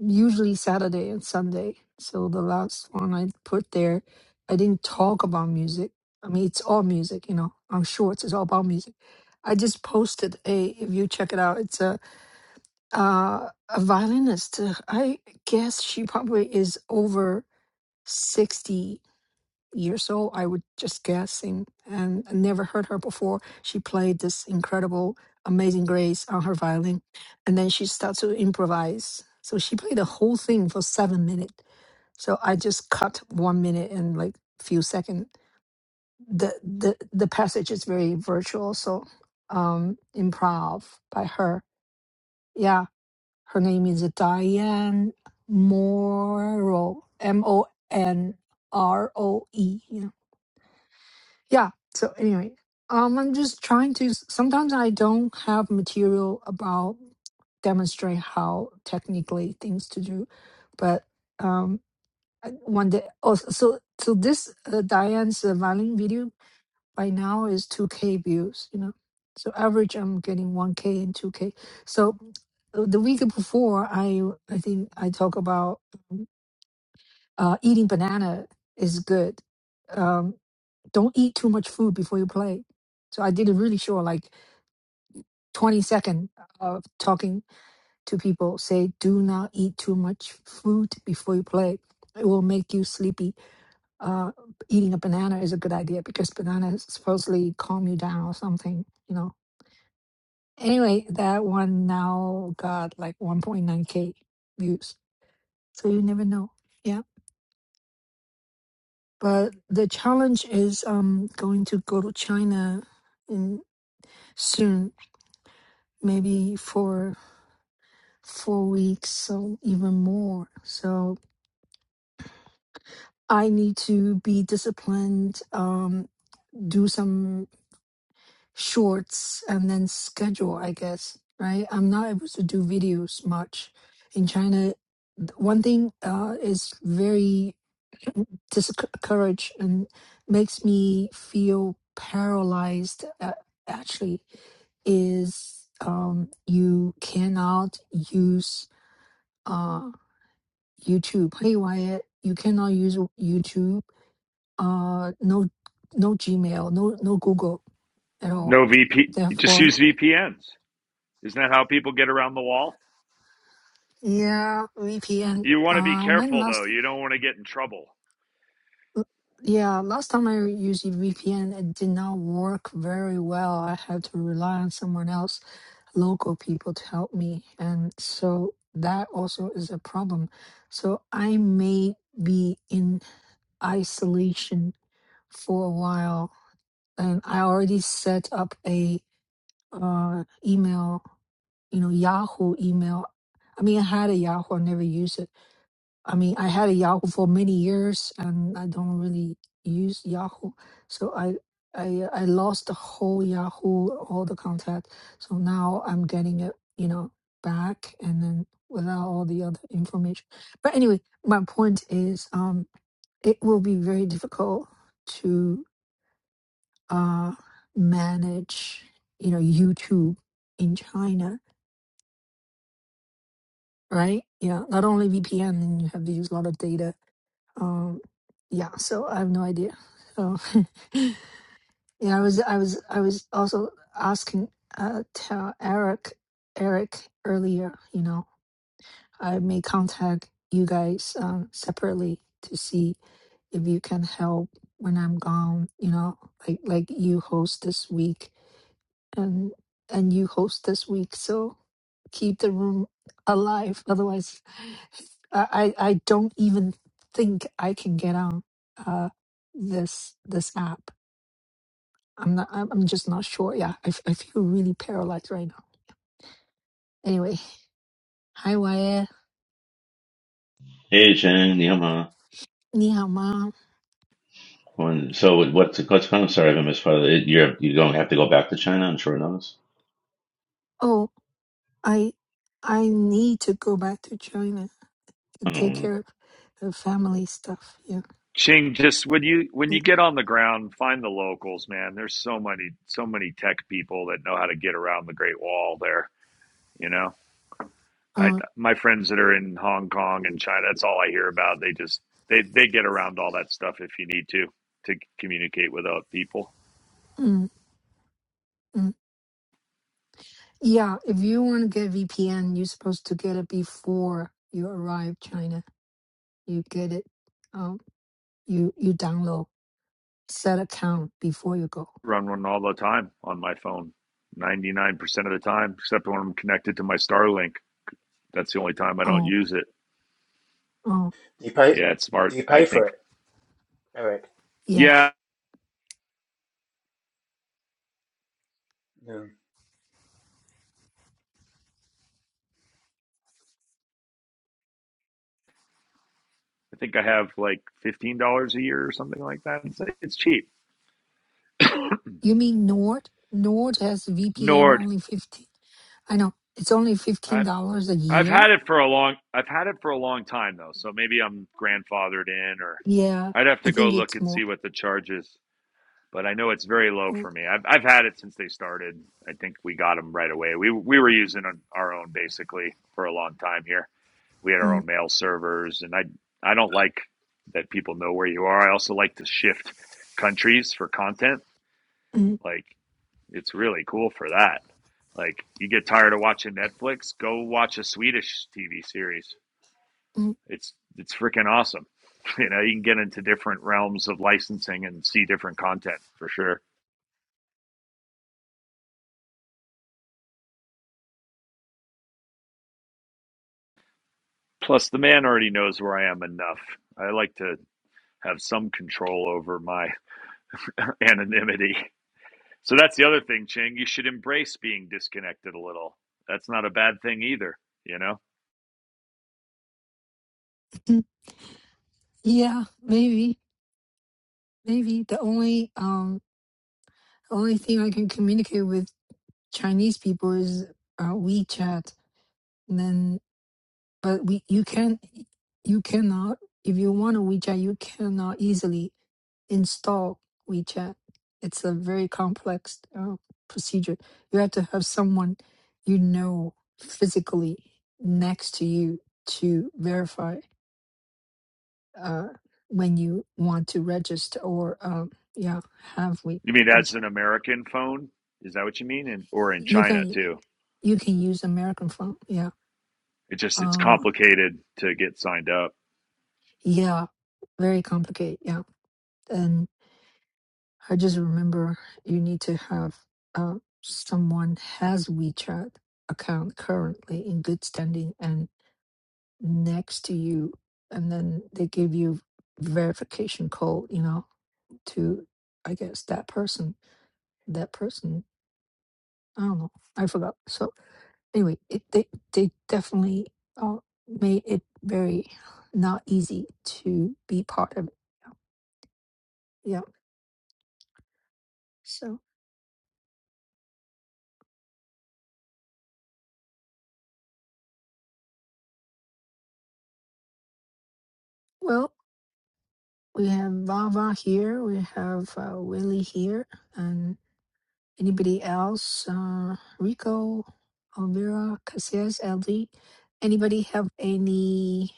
Speaker 1: usually Saturday and Sunday. So the last one I put there, I didn't talk about music. I mean, it's all music, you know, on shorts, it's all about music. I just posted a, if you check it out, it's a, uh, a violinist. uh, I guess she probably is over 60 years old, I would just guessing, and I never heard her before. She played this incredible, amazing grace on her violin, and then she starts to improvise. So she played the whole thing for seven minutes. So I just cut one minute and like few seconds. The the the passage is very virtual, so um improv by her. Yeah. Her name is Diane Morrow. M O N R O E. yeah so anyway um i'm just trying to sometimes i don't have material about demonstrate how technically things to do but um I- one day oh so so this uh, diane's uh, violin video by now is 2k views you know so average i'm getting 1k and 2k so uh, the week before i i think i talk about uh eating banana is good um, don't eat too much food before you play. So I did a really short, like 20 second of talking to people. Say, do not eat too much food before you play. It will make you sleepy. Uh, eating a banana is a good idea because banana supposedly calm you down or something, you know. Anyway, that one now got like 1.9k views. So you never know. Yeah. But the challenge is um going to go to China in soon maybe for four weeks, so even more. So I need to be disciplined, um, do some shorts and then schedule, I guess, right? I'm not able to do videos much in China. th- One thing uh, is very discouraged and makes me feel paralyzed, uh, actually, is um, you cannot use uh, YouTube. Hey Wyatt, you cannot use YouTube. Uh, no, no Gmail, no no Google at all.
Speaker 2: No VP, just
Speaker 1: Therefore,
Speaker 2: use VPNs. Isn't that how people get around the wall?
Speaker 1: yeah, VPN.
Speaker 2: You want to be
Speaker 1: Uh, when
Speaker 2: careful though.
Speaker 1: last
Speaker 2: You don't want to get in trouble.
Speaker 1: yeah, last time I used VPN, it did not work very well. I had to rely on someone else, local people, to help me. And so that also is a problem. So I may be in isolation for a while and I already set up a uh, email, you know, Yahoo email. I mean, I had a Yahoo, I never used it. I mean, I had a Yahoo for many years, and I don't really use Yahoo, so I I I lost the whole Yahoo, all the contact. So now I'm getting it, you know, back, and then without all the other information. But anyway, my point is, um, it will be very difficult to uh, manage, you know, YouTube in China, right? Yeah, not only VPN, and you have to use a lot of data. Um, yeah, so I have no idea. So, [laughs] yeah, I was, I was, I was also asking uh, tell Eric, Eric earlier. You know, I may contact you guys um, separately to see if you can help when I'm gone. You know, like like you host this week and and you host this week so keep the room alive otherwise i i I don't even think i can get on uh this this app i'm not i'm I'm just not sure yeah i, f- I feel really paralyzed right now anyway hi Wyatt.
Speaker 5: Hey, Chen, Nihama.
Speaker 1: ni hao mom
Speaker 5: When, so what- what's the what's I'm sorry if I missed part of it. You're you don't have to go back to China on short notice.
Speaker 1: oh i i need to go back to china
Speaker 5: I
Speaker 1: to take care of the family stuff yeah,
Speaker 2: Ching, just when you when you
Speaker 1: yeah.
Speaker 2: get on the ground, find the locals, man. There's so many so many tech people that know how to get around the Great Wall there. You know, I
Speaker 1: uh,
Speaker 2: my friends that are in Hong Kong and China, that's all I hear about. They just they they get around all that stuff if you need to to communicate with other people.
Speaker 1: mm, mm. Yeah, if you want to get VPN, you're supposed to get it before you arrive China. You get it. Um, you you download set account before you go.
Speaker 2: Run one all the time on my phone, ninety nine percent of the time, except when I'm connected to my Starlink. That's the only time I don't
Speaker 1: Oh,
Speaker 2: use it.
Speaker 1: oh,
Speaker 4: Do you pay?
Speaker 2: Yeah, it's
Speaker 4: Do
Speaker 2: smart.
Speaker 4: you
Speaker 2: I
Speaker 4: pay
Speaker 2: think.
Speaker 4: for it, Eric?
Speaker 1: yeah.
Speaker 2: Yeah,
Speaker 4: Yeah.
Speaker 2: I think I have like fifteen dollars a year or something like that. It's, it's cheap.
Speaker 1: You mean Nord? Nord has VPN
Speaker 2: Nord.
Speaker 1: only fifteen. I know it's only fifteen
Speaker 2: I
Speaker 1: dollars a
Speaker 2: I've
Speaker 1: year.
Speaker 2: had it for a long. I've had it for a long time though, so maybe I'm grandfathered in, or
Speaker 1: Yeah,
Speaker 2: I'd have
Speaker 1: I
Speaker 2: to go
Speaker 1: think
Speaker 2: look
Speaker 1: it's
Speaker 2: and
Speaker 1: more.
Speaker 2: see what the charge is. but I know it's very low
Speaker 1: Yeah,
Speaker 2: for me. I've I've had it since they started. I think we got them right away. We we were using our own basically for a long time here. We had our
Speaker 1: mm,
Speaker 2: own mail servers, and I I don't like that people know where you are. I also like to shift countries for content.
Speaker 1: mm,
Speaker 2: Like it's really cool for that. Like you get tired of watching Netflix, go watch a Swedish TV series.
Speaker 1: mm,
Speaker 2: It's it's freaking awesome. [laughs] You know, you can get into different realms of licensing and see different content for sure. Plus, the man already knows where I am enough. I like to have some control over my [laughs] anonymity. So that's the other thing, Ching. You should embrace being disconnected a little. That's not a bad thing either. You know,
Speaker 1: mm. yeah, maybe, maybe the only um only thing I can communicate with. Chinese people is uh, WeChat. And then, but we you can you cannot if you want a WeChat, you cannot easily install WeChat. It's a very complex uh, procedure. You have to have someone you know physically next to you to verify uh, when you want to register or um, yeah have we
Speaker 2: you mean as
Speaker 1: WeChat.
Speaker 2: an American phone? Is that what you mean? And or in
Speaker 1: You
Speaker 2: China
Speaker 1: can
Speaker 2: too?
Speaker 1: you can use American phone. Yeah.
Speaker 2: It just it's
Speaker 1: Uh,
Speaker 2: complicated to get signed up.
Speaker 1: Yeah, very complicated. Yeah. And I just remember you need to have uh, someone has WeChat account currently in good standing and next to you. And then they give you verification code, you know, to, I guess, that person, that person. I don't know. I forgot. So anyway, it, they, they definitely uh, made it very not easy to be part of it. Yeah. yeah, So. Well, We have Vava here. We have uh, Willie here. And anybody else? Uh, Rico, Elvira, Casillas, LD. Anybody have any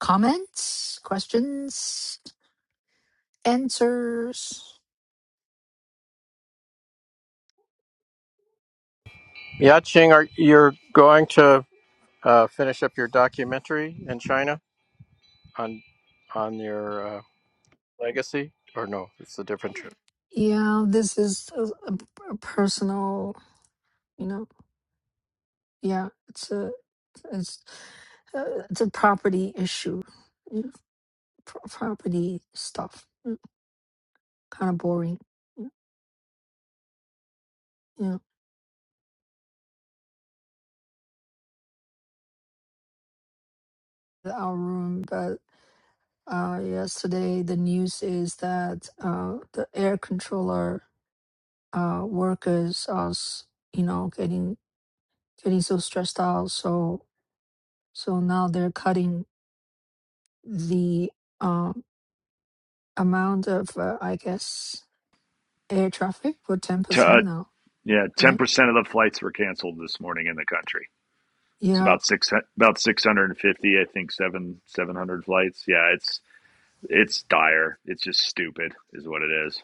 Speaker 1: comments, questions, answers?
Speaker 3: yeah, Ching, are you're going to uh, finish up your documentary in China on on your uh, legacy, or no? It's a different trip.
Speaker 1: Yeah, this is a, a- a personal, you know, yeah, it's a, it's, uh, it's a property issue, you know, pro- property stuff, kind of boring, mm, you know, our room, but Uh, yesterday, the news is that uh, the air controller uh, workers are, s- you know, getting getting so stressed out. So so now they're cutting the um, amount of, uh, I guess, air traffic for ten
Speaker 2: To,
Speaker 1: percent
Speaker 2: uh,
Speaker 1: now,
Speaker 2: yeah, ten
Speaker 1: right?
Speaker 2: percent of the flights were canceled this morning in the country. It's
Speaker 1: Yeah,
Speaker 2: about six about six hundred and fifty, I think seven seven hundred flights. Yeah, it's it's dire. It's just stupid, is what it is.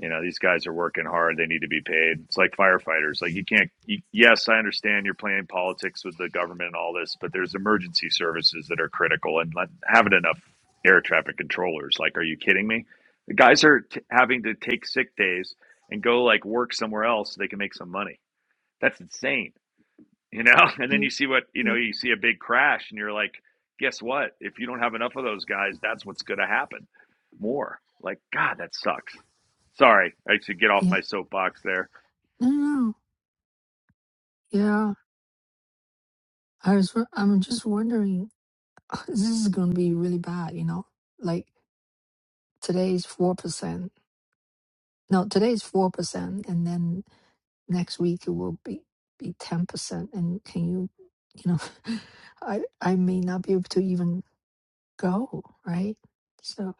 Speaker 2: You know, these guys are working hard. They need to be paid. It's like firefighters. Like you can't. You, yes, I understand you're playing politics with the government and all this, but there's emergency services that are critical, and let, having enough air traffic controllers. Like, are you kidding me? The guys are t- having to take sick days and go like work somewhere else so they can make some money. That's insane you know [laughs] and then
Speaker 1: mm
Speaker 2: you see what you know
Speaker 1: mm,
Speaker 2: you see a big crash and you're like guess what if you don't have enough of those guys that's what's going to happen more like god that sucks sorry i should get off
Speaker 1: yeah,
Speaker 2: my soapbox there
Speaker 1: no, no, no. yeah. I was, wo- I'm just wondering, [laughs] this is going to be really bad, you know? Like today's four percent. No, today's four percent, and then next week it will be be 10% and can you you know [laughs] i i may not be able to even go right so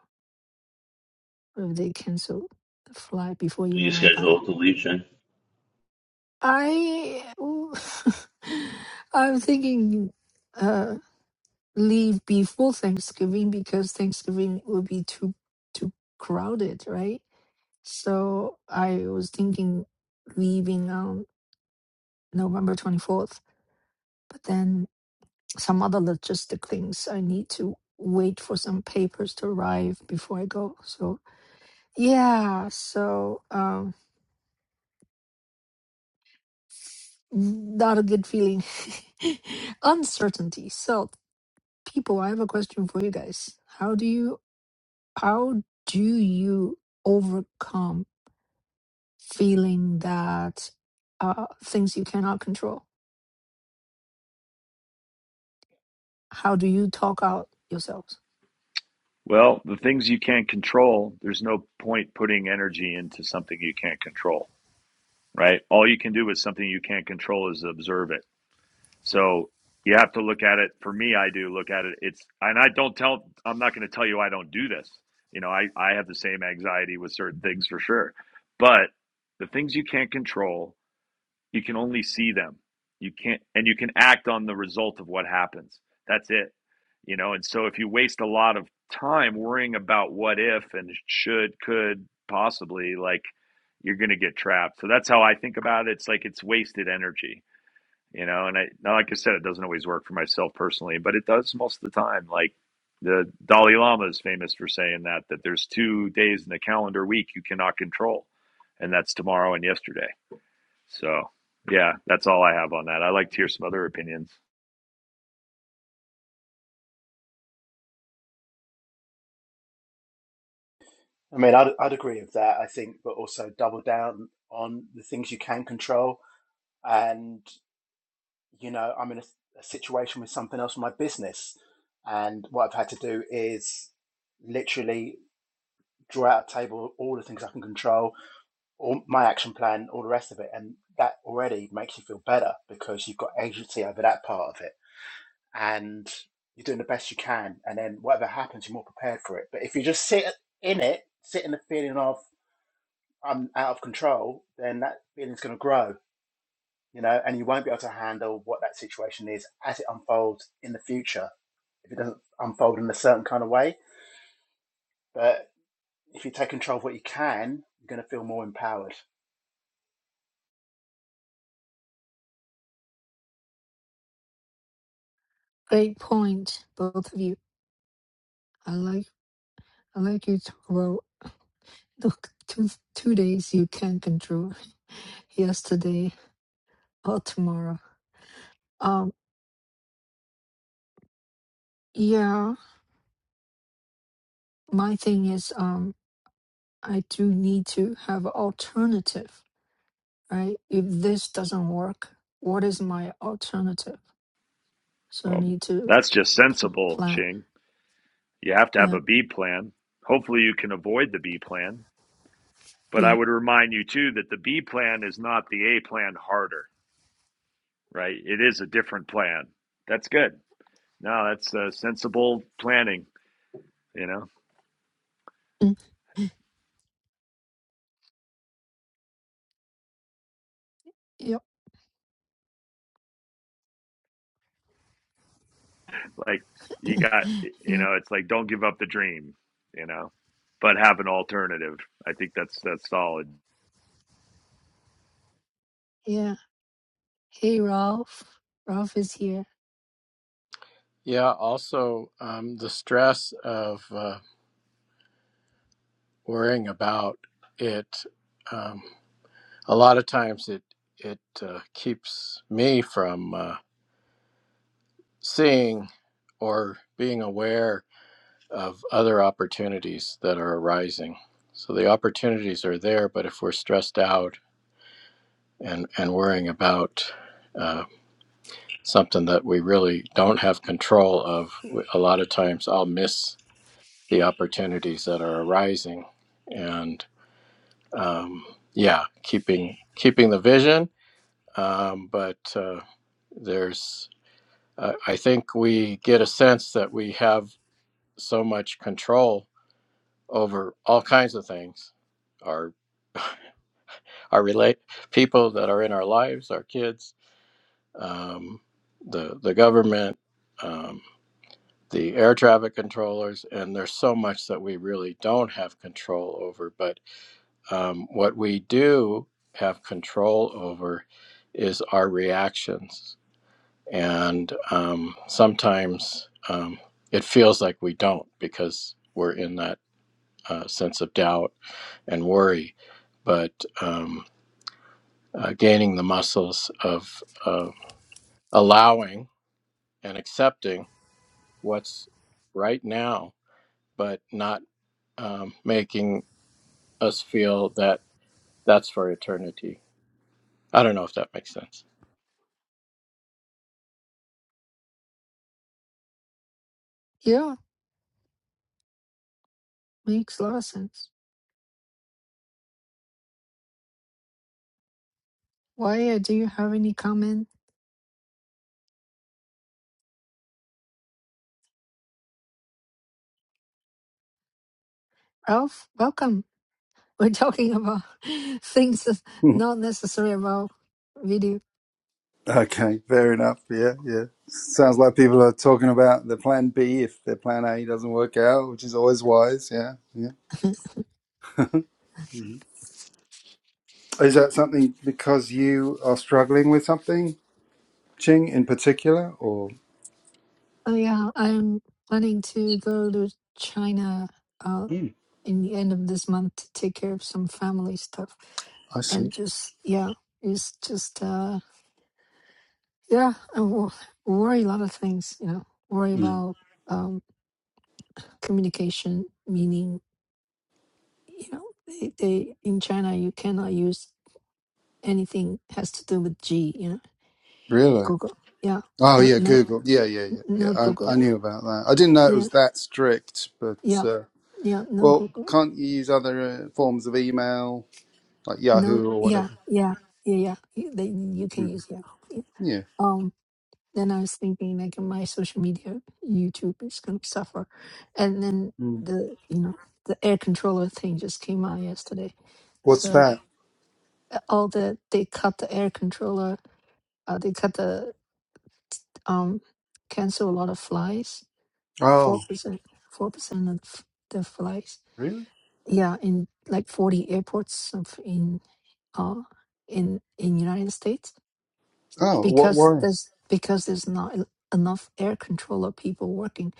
Speaker 1: if they cancel the flight before
Speaker 5: you
Speaker 1: even i buy
Speaker 5: schedule to leave China?
Speaker 1: i ooh, [laughs] i'm thinking uh leave before thanksgiving because thanksgiving will be too too crowded right so i was thinking leaving on november 24th but then some other logistic things. I need to wait for some papers to arrive before I go. So yeah, so um not a good feeling. [laughs] Uncertainty. So people, I have a question for you guys. How do you how do you overcome feeling that uh things you cannot control? How do you talk out yourselves?
Speaker 2: well the things you can't control there's no point putting energy into something you can't control right all you can do with something you can't control is observe it So you have to look at it. For me, I do look at it. It's and I don't tell. I'm not going to tell you I don't do this. You know, I I have the same anxiety with certain things for sure. But the things you can't control, you can only see them. You can't and you can act on the result of what happens. That's it. You know, and so if you waste a lot of time worrying about what if and should, could, possibly, like you're going to get trapped. So that's how I think about it. It's like it's wasted energy you know and i like i said it doesn't always work for myself personally but it does most of the time like the dalai lama is famous for saying that that there's two days in the calendar week you cannot control and that's tomorrow and yesterday so yeah that's all i have on that i like to hear some other opinions
Speaker 4: I mean, I'd, I'd agree with that. I think, but also double down on the things you can control. And you know, I'm in a, a situation with something else in my business, and what I've had to do is literally draw out a table all the things I can control, all my action plan, all the rest of it, and that already makes you feel better because you've got agency over that part of it and you're doing the best you can. And then whatever happens, you're more prepared for it. But if you just sit in it, sit in the feeling of I'm out of control, then that feeling's going to grow, you know, and you won't be able to handle what that situation is as it unfolds in the future if it doesn't unfold in a certain kind of way. But if you take control of what you can, you're going to feel more empowered.
Speaker 1: Great point, both of you. I like I like you talk about Look, two two days you can control. [laughs] Yesterday or tomorrow. Um, yeah. My thing is, um, I do need to have alternative, right? If this doesn't work, what is my alternative? So I
Speaker 2: well
Speaker 1: need to
Speaker 2: that's just
Speaker 1: pl-
Speaker 2: sensible
Speaker 1: plan.
Speaker 2: ching you have to have
Speaker 1: Yeah,
Speaker 2: a b plan hopefully you can avoid the b plan but i
Speaker 1: yeah,
Speaker 2: would remind you too that the b plan is not the a plan harder right it is a different plan that's good No, that's uh, sensible planning. You know,
Speaker 1: mm, yep,
Speaker 2: like you got, you
Speaker 1: yeah,
Speaker 2: know, it's like don't give up the dream. You know, but have an alternative. I think that's that's solid.
Speaker 1: yeah. Hey, Ralph. Ralph is here.
Speaker 3: Yeah. Also, um, the stress of uh, worrying about it. um, a lot of times it it uh, keeps me from uh, seeing or being aware of other opportunities that are arising. So the opportunities are there, but if we're stressed out and and worrying about uh, something that we really don't have control of, a lot of times I'll miss the opportunities that are arising, and um, yeah, keeping keeping the vision, um, but. Uh, there's Uh, I think we get a sense that we have so much control over all kinds of things, our [laughs] our relate people that are in our lives, our kids, um, the the government, um, the air traffic controllers, and there's so much that we really don't have control over. But um, what we do have control over is our reactions and um, sometimes um, it feels like we don't because we're in that uh, sense of doubt and worry. But um, uh, gaining the muscles of uh, allowing and accepting what's right now, but not um, making us feel that that's for eternity. I don't know if that makes sense.
Speaker 1: Yeah, makes a lot of sense. Why uh, do you have any comment, Ralph? Welcome. We're talking about [laughs] things that's
Speaker 6: [laughs]
Speaker 1: not necessary about video.
Speaker 6: Okay, fair enough. Yeah, yeah. Sounds like people are talking about the plan B if their plan A doesn't work out, which is always wise. Yeah, yeah.
Speaker 1: [laughs]
Speaker 6: Mhm. Is that something because you are struggling with something, Ching, in particular, or?
Speaker 1: Oh yeah, I'm planning to go to China uh,
Speaker 6: Mm,
Speaker 1: in the end of this month to take care of some family stuff,
Speaker 6: I see.
Speaker 1: and just yeah, it's just uh, yeah, I wo- worry a lot of things. You know, worry
Speaker 6: Mm.
Speaker 1: about um, communication, meaning you know they, they in China you cannot use anything has to do with G. You know,
Speaker 6: Really?
Speaker 1: Google. Yeah,
Speaker 6: Oh
Speaker 1: no,
Speaker 6: yeah,
Speaker 1: no.
Speaker 6: Google. Yeah, yeah,
Speaker 1: N-
Speaker 6: yeah,
Speaker 1: No
Speaker 6: yeah. I, I
Speaker 1: Google.
Speaker 6: knew about that. I didn't know it
Speaker 1: Yeah,
Speaker 6: was that strict, but
Speaker 1: yeah,
Speaker 6: uh,
Speaker 1: yeah. No
Speaker 6: well,
Speaker 1: Google.
Speaker 6: can't you use other uh, forms of email like
Speaker 1: No,
Speaker 6: Yahoo or
Speaker 1: yeah,
Speaker 6: whatever?
Speaker 1: yeah, yeah, yeah. You, they, you can
Speaker 6: Mhm.
Speaker 1: use Yahoo. Yeah.
Speaker 6: Yeah.
Speaker 1: Um. Then I was thinking like my social media, YouTube is gonna suffer, and then
Speaker 6: Mm.
Speaker 1: the you know the air controller thing just came out yesterday,
Speaker 6: What's
Speaker 1: so
Speaker 6: that?
Speaker 1: uh, all the they cut the air controller. Uh, they cut the um cancel a lot of flights. Four
Speaker 6: Oh.
Speaker 1: percent, four percent of the flights
Speaker 6: Really?
Speaker 1: yeah in like 40 airports of in uh in in united states
Speaker 6: Oh, what
Speaker 1: because
Speaker 6: worry?
Speaker 1: there's because there's not en- enough air controller people working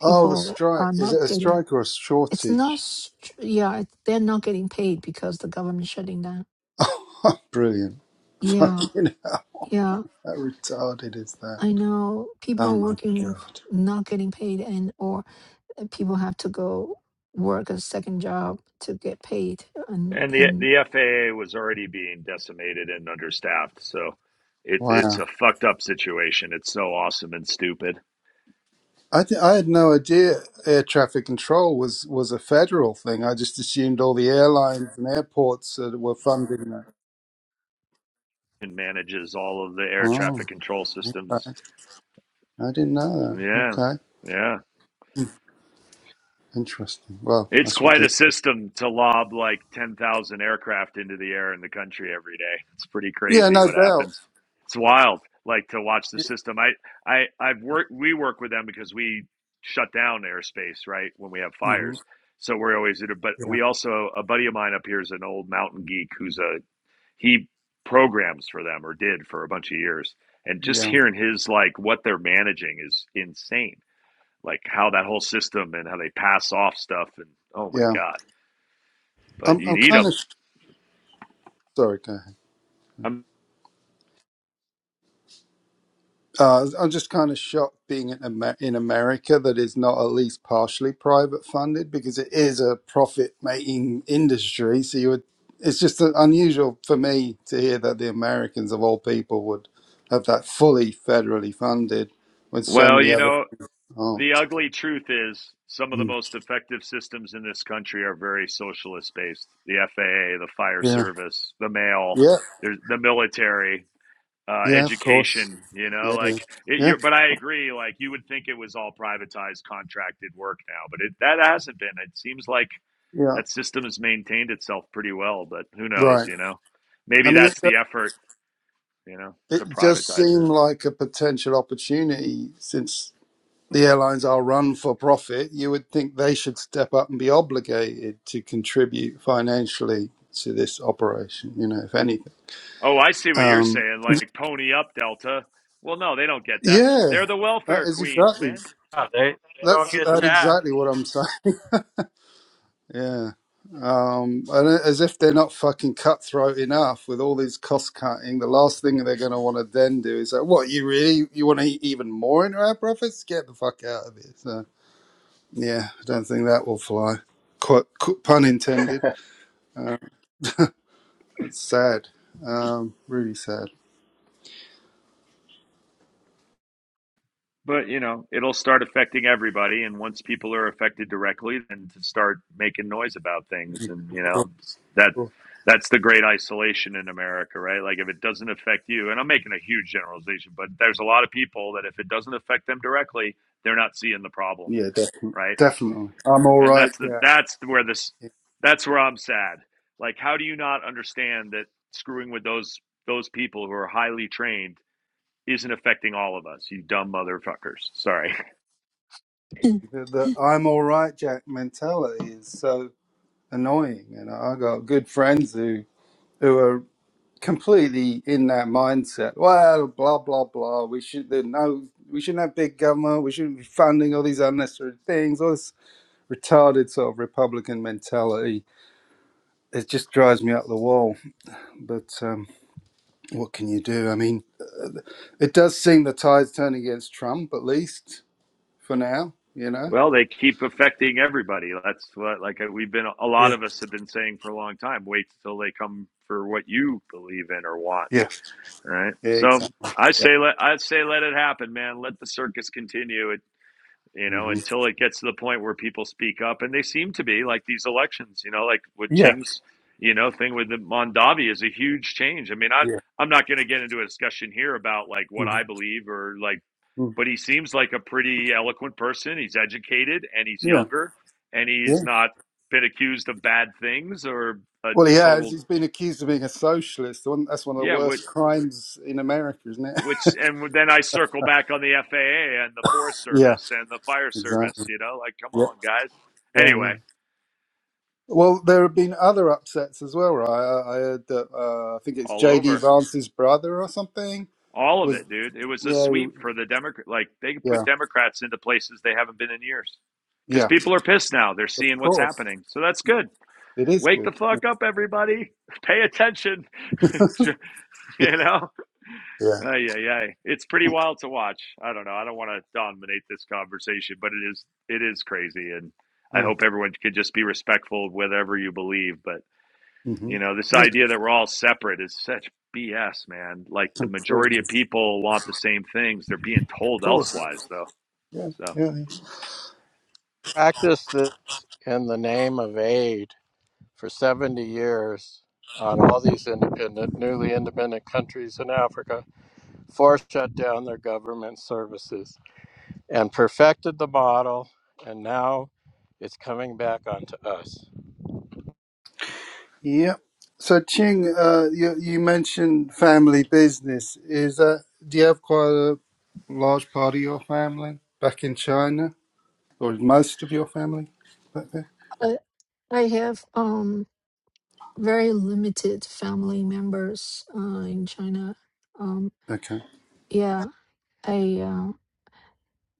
Speaker 6: Oh, the strike.
Speaker 1: are
Speaker 6: Is it
Speaker 1: not
Speaker 6: a
Speaker 1: getting
Speaker 6: strike or a
Speaker 1: it's not
Speaker 6: shortage?
Speaker 1: str- yeah it- they're not getting paid because the government shutting down
Speaker 6: [laughs] Oh, Brilliant.
Speaker 1: yeah
Speaker 6: Fucking hell,
Speaker 1: yeah
Speaker 6: how retarded is that?
Speaker 1: i know people are
Speaker 6: Oh my
Speaker 1: working f-
Speaker 6: god.
Speaker 1: not getting paid and or uh, people have to go work a second job to get paid and
Speaker 2: And the
Speaker 1: and
Speaker 2: the FAA was already being decimated and understaffed, so it's it's
Speaker 6: Wow.
Speaker 2: a fucked up situation. It's so awesome and stupid,
Speaker 6: I, th- I had no idea air traffic control was, was a federal thing. I just assumed all the airlines and airports uh, were funding that.
Speaker 2: and manages all of the air
Speaker 6: Oh,
Speaker 2: traffic control systems.
Speaker 6: okay. I didn't know that.
Speaker 2: Yeah,
Speaker 6: Okay.
Speaker 2: yeah.
Speaker 6: Hmm, Interesting. Well,
Speaker 2: It's
Speaker 6: that's
Speaker 2: quite a
Speaker 6: ridiculous.
Speaker 2: system to lob like 10,000 aircraft into the air in the country every day. It's pretty
Speaker 6: Yeah,
Speaker 2: crazy
Speaker 6: no
Speaker 2: what
Speaker 6: doubt.
Speaker 2: happens. It's wild like to watch the
Speaker 6: Yeah.
Speaker 2: system. I I I've worked we work with them because we shut down airspace, right, when we have
Speaker 6: hmm
Speaker 2: fires. So we're always but
Speaker 6: Yeah.
Speaker 2: we also a buddy of mine up here is an old mountain geek who's a he programs for them or did for a bunch of years. And just
Speaker 6: Yeah.
Speaker 2: hearing his like what they're managing is insane like how that whole system and how they pass off stuff and oh my
Speaker 6: Yeah.
Speaker 2: god but
Speaker 6: I'm,
Speaker 2: you
Speaker 6: I'm
Speaker 2: need
Speaker 6: kind of
Speaker 2: them
Speaker 6: sorry, go ahead.
Speaker 2: I'm,
Speaker 6: Uh, I'm just kind of shocked being in, Amer- in America that it's not at least partially private funded because it is a profit making industry. So you would, it's just uh, unusual for me to hear that the Americans of all people would have that fully federally funded when so
Speaker 2: well
Speaker 6: many
Speaker 2: you
Speaker 6: other
Speaker 2: know the
Speaker 6: aren't.
Speaker 2: ugly truth is some of the
Speaker 6: Mm.
Speaker 2: most effective systems in this country are very socialist based the faa the fire
Speaker 6: Yeah,
Speaker 2: service the mail
Speaker 6: yeah,
Speaker 2: there's the military uh,
Speaker 6: yeah, of course.
Speaker 2: education you know
Speaker 6: Yeah,
Speaker 2: like
Speaker 6: yeah,
Speaker 2: it,
Speaker 6: yeah,
Speaker 2: you're, but i agree like you would think it was all privatized contracted work now but it that hasn't been it seems like
Speaker 6: yeah.
Speaker 2: that system has maintained itself pretty well, but who knows,
Speaker 6: Right.
Speaker 2: you know?
Speaker 6: I
Speaker 2: Maybe
Speaker 6: mean, it
Speaker 2: that's the effort, you know, to
Speaker 6: it does
Speaker 2: privatize
Speaker 6: seem
Speaker 2: it.
Speaker 6: like a potential opportunity since the airlines are run for profit, you would think they should step up and be obligated to contribute financially to this operation. You know, if anything,
Speaker 2: Oh, I see what you're
Speaker 6: um,
Speaker 2: saying, like pony up Delta. Well, no, they don't get that.
Speaker 6: yeah,
Speaker 2: They're the
Speaker 6: that
Speaker 2: welfare
Speaker 6: is
Speaker 2: queens,
Speaker 6: exactly
Speaker 2: man.
Speaker 3: Yeah, they, they
Speaker 6: that's
Speaker 3: don't get
Speaker 6: that
Speaker 2: The,
Speaker 3: taxed.
Speaker 6: exactly what I'm [laughs] saying. Yeah, um, and a- as if they're not fucking cutthroat enough with all these cost cutting, the last thing they're going to want to then do is like, what you really you want to eat even more into our profits? Get the fuck out of here! So yeah, I don't think that will fly. Quite qu- pun
Speaker 4: [laughs]
Speaker 6: intended. Uh, That's sad. Um, really sad.
Speaker 2: But you know, it'll start affecting everybody, and once people are affected directly, then to start making noise about things, and you
Speaker 6: Of course.
Speaker 2: know, that
Speaker 6: Of course.
Speaker 2: that's the great isolation in America, right? Like if it doesn't affect you, and I'm making a huge generalization, but there's a lot of people that if it doesn't affect them directly, they're not seeing the problem,
Speaker 6: Yeah, definitely.
Speaker 2: right?
Speaker 6: Definitely. I'm all
Speaker 2: And
Speaker 6: right,
Speaker 2: that's the
Speaker 6: Jack.
Speaker 2: that's where this that's where I'm sad. Like, how do you not understand that screwing with those those people who are highly trained isn't affecting all of us, you dumb motherfuckers? Sorry.
Speaker 1: [clears throat]
Speaker 6: The, the I'm all right, Jack mentality is so annoying. You know, I got good friends who who are completely in that mindset. Well, blah blah blah. We should there no. We shouldn't have big government. We shouldn't be funding all these unnecessary things. All this retarded sort of Republican mentality. It just drives me up the wall. But um, what can you do? I mean, uh, it does seem the tide's turning against Trump, at least for now, you know?
Speaker 2: Well, they keep affecting everybody. That's what, like, uh, we've been, a lot
Speaker 6: Yeah.
Speaker 2: of us have been saying for a long time wait till they come for what you believe in or want.
Speaker 6: Yes.
Speaker 2: Right.
Speaker 6: Yeah,
Speaker 2: So
Speaker 6: exactly.
Speaker 2: I
Speaker 6: Yeah.
Speaker 2: say, let, I say, let it happen, man. Let the circus continue. It, you know,
Speaker 6: hmm
Speaker 2: until it gets to the point where people speak up and they seem to be like these elections, you know, like with
Speaker 6: Yeah.
Speaker 2: Ching's, you know, thing with the Mondavi is a huge change. I mean, I,
Speaker 6: Yeah.
Speaker 2: I'm not going to get into a discussion here about like what
Speaker 6: Mhm.
Speaker 2: I believe or like
Speaker 6: Mm.
Speaker 2: but he seems like a pretty eloquent person. He's educated and he's
Speaker 6: Yeah,
Speaker 2: younger and he's
Speaker 6: yeah.
Speaker 2: not been accused of bad things or a
Speaker 6: Well, he has.
Speaker 2: total
Speaker 6: He's been accused of being a socialist. The one- That's one of the
Speaker 2: yeah. What
Speaker 6: worst crimes in America, isn't it? [laughs]
Speaker 2: which and then I circle back on the FAA and the Forest
Speaker 6: Yeah.
Speaker 2: Service and the Fire
Speaker 6: Exactly.
Speaker 2: Service. You know, like come
Speaker 6: Yeah,
Speaker 2: on, guys.
Speaker 6: yeah, yeah.
Speaker 2: Anyway,
Speaker 6: Well, there have been other upsets as well, right? I, I heard that uh, I think it's
Speaker 2: all
Speaker 6: JD
Speaker 2: over,
Speaker 6: Vance's brother or something
Speaker 2: all of
Speaker 6: was.
Speaker 2: it, dude. It was a
Speaker 6: Yeah,
Speaker 2: sweep
Speaker 6: he-
Speaker 2: for the Democrat. Like they put
Speaker 6: yeah,
Speaker 2: Democrats into places they haven't been in years because
Speaker 6: yeah.
Speaker 2: people are pissed now. They're
Speaker 6: Of
Speaker 2: seeing what's
Speaker 6: course.
Speaker 2: happening, so that's good.
Speaker 6: It is
Speaker 2: Wake
Speaker 6: good.
Speaker 2: the fuck up, everybody. Pay attention. [laughs]
Speaker 6: [laughs]
Speaker 2: you know?
Speaker 6: Yeah.
Speaker 2: Uh, yeah, yeah. It's pretty wild to watch. I don't know. I don't want to dominate this conversation, but it is it is crazy and I
Speaker 6: Yeah.
Speaker 2: hope everyone could just be respectful of whatever you believe, but
Speaker 6: hmm
Speaker 2: you know, this
Speaker 6: Yeah,
Speaker 2: idea that we're all separate is such BS, man. Like the majority
Speaker 6: completely.
Speaker 2: of
Speaker 6: Of
Speaker 2: people want the same things. They're being told
Speaker 6: course.
Speaker 2: elsewise though.
Speaker 6: Yeah,
Speaker 2: So,
Speaker 6: yeah.
Speaker 3: Practice this in the name of aid for 70 years on all these independent, newly independent countries in Africa, forced shut down their government services and perfected the model, and now it's coming back onto us.
Speaker 6: Yeah. So Ching, uh, you you mentioned family business. Is that do you have quite a large part of your family back in China, or is most of your family back there?
Speaker 1: I, I have um very limited family members uh, in China. Um,
Speaker 6: Okay.
Speaker 1: yeah, I uh,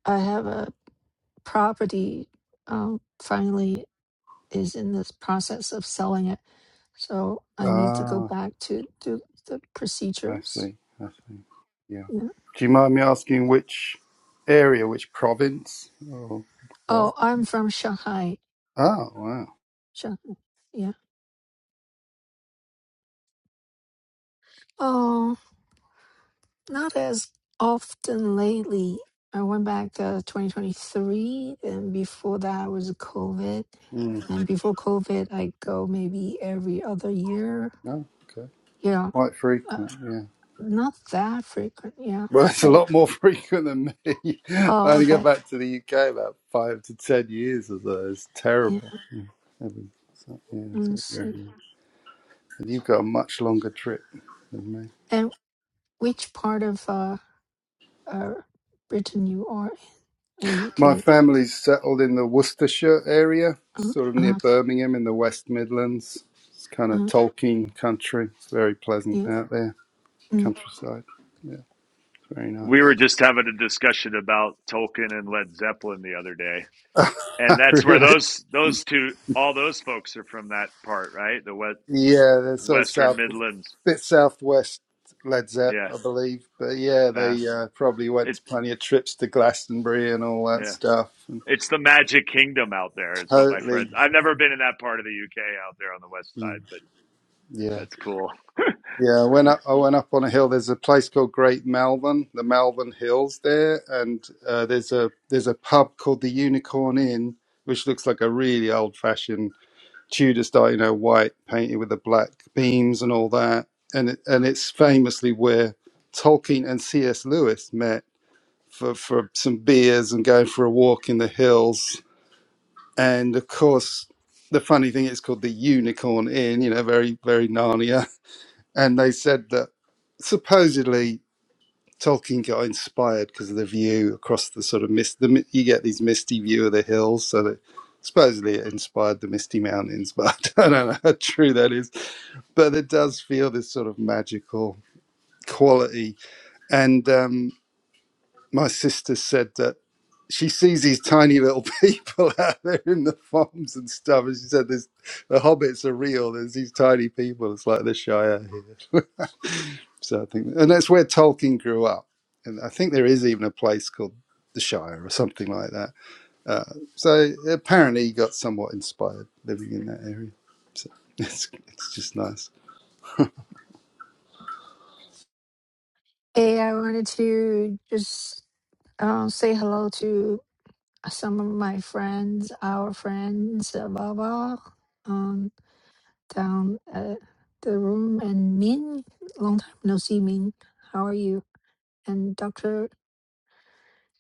Speaker 1: I have a property. Um, finally, is in this process of selling it, so I need to go
Speaker 6: Ah,
Speaker 1: back to do the
Speaker 6: I
Speaker 1: procedures.
Speaker 6: see. I see. Yeah.
Speaker 1: Yeah.
Speaker 6: Do you mind me asking which area, which province? Or, Oh,
Speaker 1: Oh, I'm from Shanghai.
Speaker 6: ah, wow.
Speaker 1: Shanghai. Yeah. Oh, Not as often lately. I went back to 2023, and before that was COVID.
Speaker 6: Mm.
Speaker 1: And then before COVID, I go maybe every other year.
Speaker 6: Oh, okay.
Speaker 1: Yeah,
Speaker 6: Quite
Speaker 1: uh,
Speaker 6: frequent, yeah.
Speaker 1: not that frequent. Yeah,
Speaker 6: Well, it's a
Speaker 1: but
Speaker 6: lot more [laughs] frequent than me. [laughs] I
Speaker 1: oh,
Speaker 6: only go
Speaker 1: okay.
Speaker 6: back to the UK about five to ten years or so. It's
Speaker 1: Yeah,
Speaker 6: terrible. Yeah, every- so- yeah, so-
Speaker 1: let's
Speaker 6: yeah,
Speaker 1: see.
Speaker 6: yeah. And you've got a much longer trip than me.
Speaker 1: And which part of uh, uh Britain you are in? The
Speaker 6: My
Speaker 1: UK.
Speaker 6: family's settled in the Worcestershire area,
Speaker 1: Uh,
Speaker 6: sort of near
Speaker 1: uh,
Speaker 6: Birmingham in the West Midlands. It's
Speaker 1: uh-huh,
Speaker 6: kind of
Speaker 1: uh,
Speaker 6: Tolkien country. It's very pleasant
Speaker 1: yeah.
Speaker 6: out there,
Speaker 1: Mm.
Speaker 6: countryside. Yeah, it's very
Speaker 2: we were
Speaker 6: nice.
Speaker 2: just having a discussion about Tolkien and Led Zeppelin the other day and
Speaker 6: [laughs]
Speaker 2: that's where
Speaker 6: really?
Speaker 2: those those two all those folks are from that part right the west
Speaker 6: Yeah, they're sort of
Speaker 2: western
Speaker 6: south,
Speaker 2: midlands
Speaker 6: bit southwest Led Zepp,
Speaker 2: yeah
Speaker 6: I believe. But yeah,
Speaker 2: yeah
Speaker 6: they uh, probably went
Speaker 2: it
Speaker 6: to plenty of trips to Glastonbury and all that
Speaker 2: yeah
Speaker 6: stuff. And
Speaker 2: it's the magic kingdom out there is what my friends
Speaker 6: totally,
Speaker 2: i've never been in that part of the uk out there on the west
Speaker 6: mm,
Speaker 2: side but
Speaker 6: yeah,
Speaker 2: that's cool
Speaker 6: yeah. I went up. I went up on a hill. There's a place called Great Malvern, the Malvern Hills there, and uh, there's a there's a pub called the Unicorn Inn, which looks like a really old fashioned Tudor style, you know, white painted with the black beams and all that. And it, and it's famously where Tolkien and C.S. Lewis met for, for some beers and going for a walk in the hills. And of course, the funny thing is called the Unicorn Inn, you know, very, very Narnia. [laughs] And they said that supposedly Tolkien got inspired because of the view across the sort of mist. The, you get these misty view of the hills, so that supposedly it inspired the Misty Mountains, [laughs] but I don't know how true that is. But it does feel this sort of magical quality. And um, my sister said that she sees these tiny little [laughs] people out there in the farms and stuff, and she said, "There's the hobbits are real. There's these tiny people. It's like the Shire here." So I think, and that's where Tolkien grew up. And I think there is even a place called the Shire or something like that. Uh, so apparently he got somewhat inspired living in that area. So [laughs] it's, it's just nice.
Speaker 1: Hey, I wanted to just uh, say hello to some of my friends, our friends, uh, Baba, um, down at the room, and Min, long time no see, Min. How are you? And Doctor,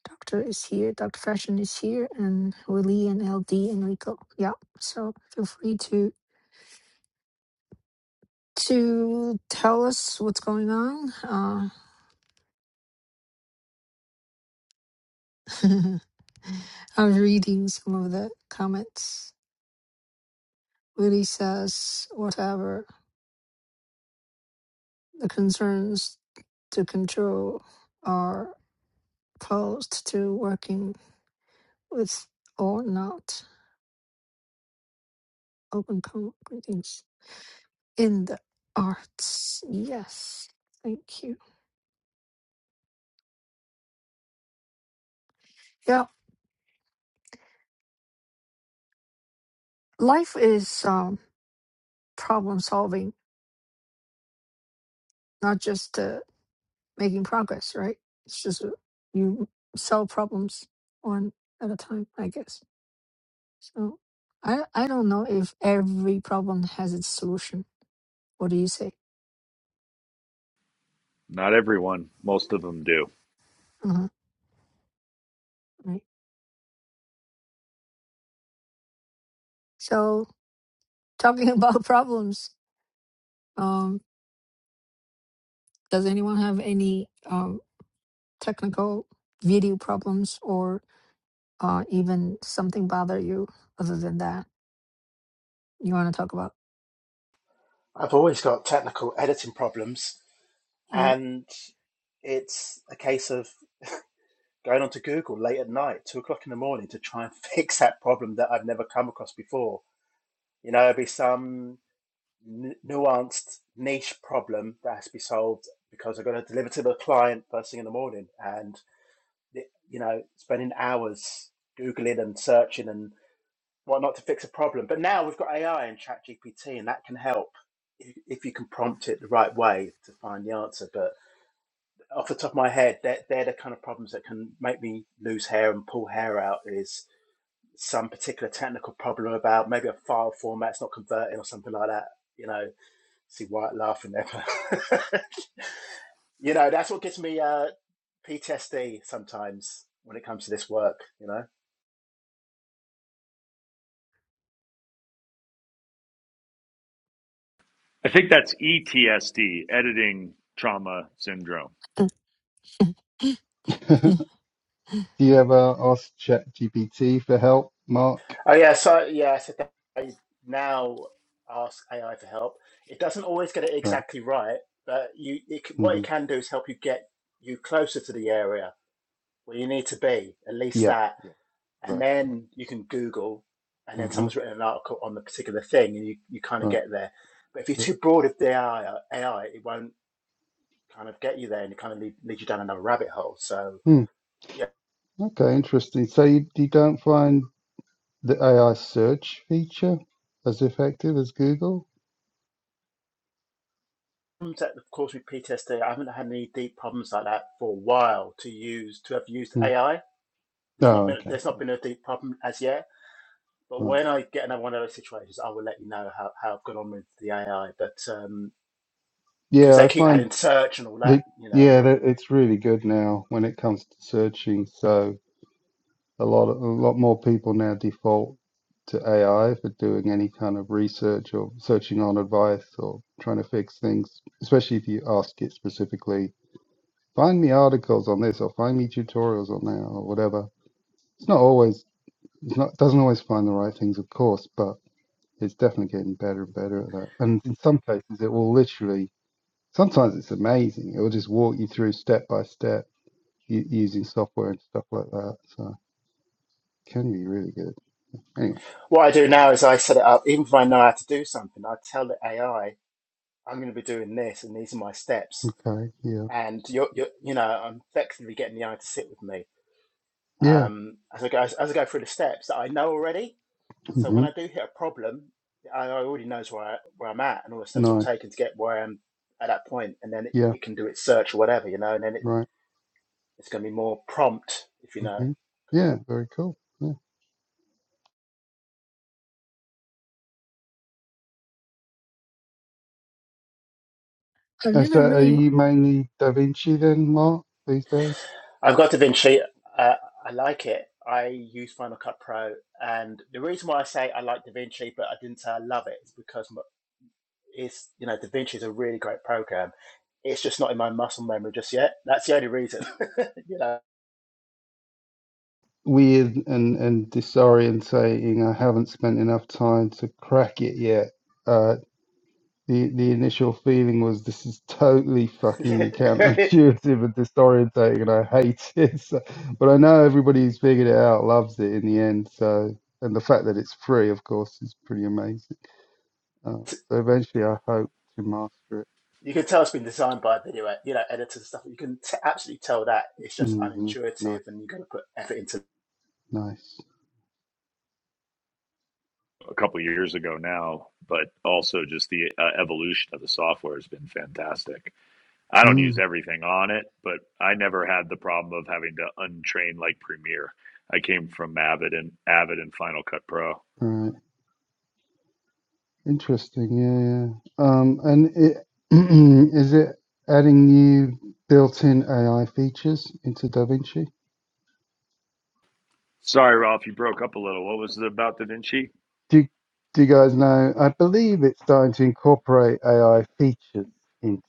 Speaker 1: Doctor is here. Doctor Fashion is here, and Willie and LD and Rico. Yeah. So feel free to to tell us what's going on. Uh, [laughs] I was reading some of the comments. Willie says whatever the concerns to control are opposed to working with or not open communities in the arts. Yes, thank you. Yeah, life is um, problem solving, not just uh, making progress, right? It's just uh, you solve problems one at a time, I guess. So I I don't know if every problem has its solution. What do you say?
Speaker 2: not everyone most of them do
Speaker 1: Uh-huh, right. So talking [laughs] about problems, Um, does anyone have any um, technical video problems or uh, even something bother you other than that you want to talk about?
Speaker 4: I've always got technical editing problems,
Speaker 1: Yeah,
Speaker 4: and it's a case of going onto Google late at night, two o'clock in the morning, to try and [laughs] fix that problem that I've never come across before. You know, it'll be some n- nuanced niche problem that has to be solved because I've got to deliver to the client first thing in the morning, and you know, spending hours googling and searching and whatnot to fix a problem. But now we've got AI and Chat GPT, and that can help if if you can prompt it the right way to find the answer. But off the top of my head, they're, they're the kind of problems that can make me lose hair and pull hair out. Is some particular technical problem about maybe a file format's not converting or something like that. You know, see White laughing there. [laughs] you know, that's what gives me uh, PTSD sometimes when it comes to this work. You know.
Speaker 2: i think that's etsd editing trauma syndrome
Speaker 1: Mm.
Speaker 6: [laughs] Do you ever ask ChatGPT for help, Mark?
Speaker 4: Oh yeah, so yeah, so that I now ask AI for help. It doesn't always get it
Speaker 6: Right.
Speaker 4: exactly right, but you it, what it
Speaker 6: hmm
Speaker 4: can do is help you get you closer to the area where you need to be. At least
Speaker 6: Yeah.
Speaker 4: that
Speaker 6: Yeah.
Speaker 4: and
Speaker 6: Right.
Speaker 4: then you can Google, and then
Speaker 6: Uh-huh.
Speaker 4: someone's written an article on the particular thing, and you, you kind of
Speaker 6: Right.
Speaker 4: get there. But if you're
Speaker 6: Yeah.
Speaker 4: too broad of the AI, AI, it won't kind of get you there, and it kind of lead, lead you down another rabbit hole. So
Speaker 6: Hmm.
Speaker 4: yeah,
Speaker 6: Okay. Interesting. So you, you don't find the AI search feature as effective as Google?
Speaker 4: of course with PTSD, I haven't had any deep problems like that for a while to use to have used
Speaker 6: Hmm.
Speaker 4: AI. There's not
Speaker 6: Oh,
Speaker 4: been
Speaker 6: okay.
Speaker 4: there's not been a deep problem as yet. But
Speaker 6: Right.
Speaker 4: when I get another one of those situations, I will let you know how, how I've gone on with the AI. But um, because um,
Speaker 6: Yeah.
Speaker 4: they
Speaker 6: I
Speaker 4: keep
Speaker 6: find
Speaker 4: adding search and all that,
Speaker 6: The,
Speaker 4: you know, and
Speaker 6: yeah,
Speaker 4: all
Speaker 6: the- it's really good now when it comes to searching. So a lot of, a lot more people now default to AI for doing any kind of research or searching on advice or trying to fix things, especially if you ask it specifically, find me articles on this or find me tutorials on that or whatever. It's not always, it's not, doesn't always find the right things, of course, but it's definitely getting better and better at that. And in some cases, it will literally, sometimes it's amazing. It will just walk you through step by step u- using software and stuff like that. So can be really good. Anyway,
Speaker 4: What I do now is I set it up, even if I know how to do something, I tell the AI, I'm going to be doing this and these are my steps.
Speaker 6: okay, yeah,
Speaker 4: And you're, you're you know, I'm effectively getting the AI to sit with me
Speaker 6: yeah,
Speaker 4: um, as, I go, as, as I go through the steps that I know already. So when
Speaker 6: hmm
Speaker 4: I do hit a problem, the AI already knows where, I, where I'm at and all the steps I've
Speaker 6: nice,
Speaker 4: taken to get where I am at that point. And then it,
Speaker 6: yeah,
Speaker 4: it can do its search or whatever, you know, and then it,
Speaker 6: right,
Speaker 4: it's going to be more prompt, if you know.
Speaker 6: hmm yeah, very cool. Yeah.
Speaker 1: I've
Speaker 6: And so,
Speaker 1: never
Speaker 6: are
Speaker 1: really.
Speaker 6: you mainly Da Vinci then, Mark, these days?
Speaker 4: I've got DaVinci. Uh, I like it. I use Final Cut Pro, and the reason why I say I like DaVinci, but I didn't say I love it, is because m- it's you know DaVinci is a really great program. It's just not in my muscle memory just yet. That's the only reason. [laughs] you know,
Speaker 6: Weird and and disorientating. I haven't spent enough time to crack it yet. Uh, the the initial feeling was this is totally
Speaker 4: [laughs] you
Speaker 6: fucking counterintuitive and disorientating, and I hate it. [laughs] So, but I know everybody who's figured it out loves it in the end. So, and the fact that it's free, of course, is pretty amazing. Uh, so eventually, I hope to master it.
Speaker 4: can tell it's been designed by video, ed- you know, editors and stuff. You can t- absolutely tell that it's just
Speaker 6: hmm Nice,
Speaker 4: unintuitive, and you've got to put effort into.
Speaker 6: nice.
Speaker 2: a couple of years ago now but also just the uh, evolution of the software has been fantastic I don't use
Speaker 6: Mm,
Speaker 2: everything on it, but I never had the problem of having to untrain like Premiere. I came from Avid and Avid and Final Cut Pro.
Speaker 6: right, interesting. Yeah, yeah. Um, and it [clears throat] is it adding new built-in AI features into DaVinci?
Speaker 2: Sorry, Ralph, you broke up a little. What was it about Da Vinci?
Speaker 6: Do do you guys know? I believe it's starting to incorporate AI features into.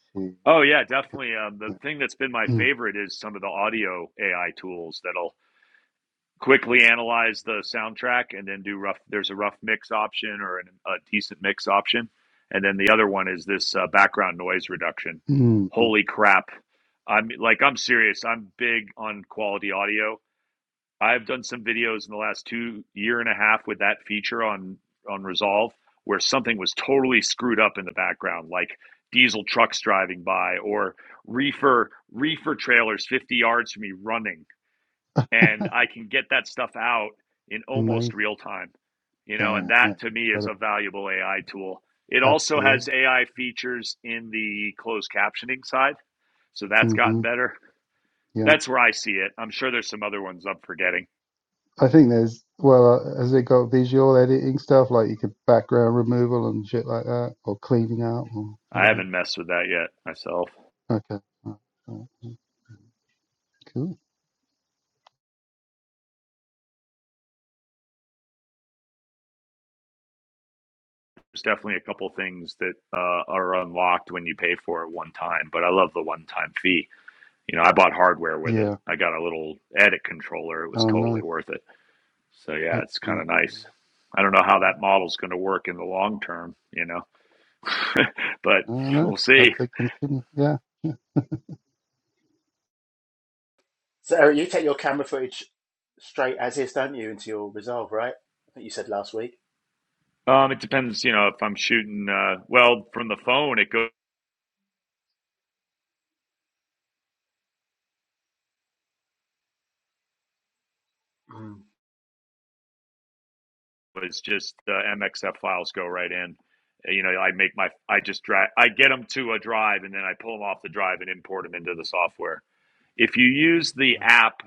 Speaker 2: Oh yeah, definitely. Um, the
Speaker 6: Yeah.
Speaker 2: thing that's been my
Speaker 6: Mm,
Speaker 2: favorite is some of the audio AI tools that'll quickly analyze the soundtrack and then do rough there's a rough mix option or an, a decent mix option and then the other one is this uh, background noise reduction
Speaker 6: mm, mm.
Speaker 2: holy crap i'm like i'm serious i'm big on quality audio i've done some videos in the last two year and a half with that feature on on resolve where something was totally screwed up in the background like diesel trucks driving by or reefer reefer trailers 50 yards from me running and I can get that stuff out in almost
Speaker 6: Amazing.
Speaker 2: real time. You know, and
Speaker 6: Damn,
Speaker 2: that
Speaker 6: that's
Speaker 2: to me is a
Speaker 6: incredible.
Speaker 2: valuable AI tool. It also has
Speaker 6: Absolutely.
Speaker 2: AI features in the closed captioning side, so that's gotten
Speaker 6: hmm
Speaker 2: better.
Speaker 6: Yeah.
Speaker 2: That's where I see it. I'm sure there's some other ones I'm forgetting.
Speaker 6: I think there's, well, uh, has it got visual editing stuff like you could background removal and shit like that or cleaning out or
Speaker 2: I
Speaker 6: whatever?
Speaker 2: haven't messed with that yet myself.
Speaker 6: Okay. Right, right, right. Mm, Cool.
Speaker 2: There's definitely a couple things that uh, are unlocked when you pay for it one time, but I love the one time fee. You know, I bought hardware with it.
Speaker 6: Yeah.
Speaker 2: I got a little edit controller. It was
Speaker 6: Oh,
Speaker 2: totally
Speaker 6: nice.
Speaker 2: worth it. So yeah, it's kind of
Speaker 6: Excellent. Yeah,
Speaker 2: nice. I don't know how
Speaker 6: Very
Speaker 2: that
Speaker 6: cool.
Speaker 2: model's going to work in the long term, you know, [laughs] but
Speaker 6: I don't know.
Speaker 2: we'll
Speaker 6: Hope
Speaker 2: see.
Speaker 6: they continue.
Speaker 4: So, Eric, you take your camera footage straight as is, don't you, into your Resolve, right? I think you said last week.
Speaker 2: Um, it depends, you know, if I'm shooting, uh, well, from the phone, it goes
Speaker 4: Mm.
Speaker 2: it's just the MXF files go right in. Uh, You know, I make my, I just drag, I get them to a drive and then I pull them off the drive and import them into the software. If you use the app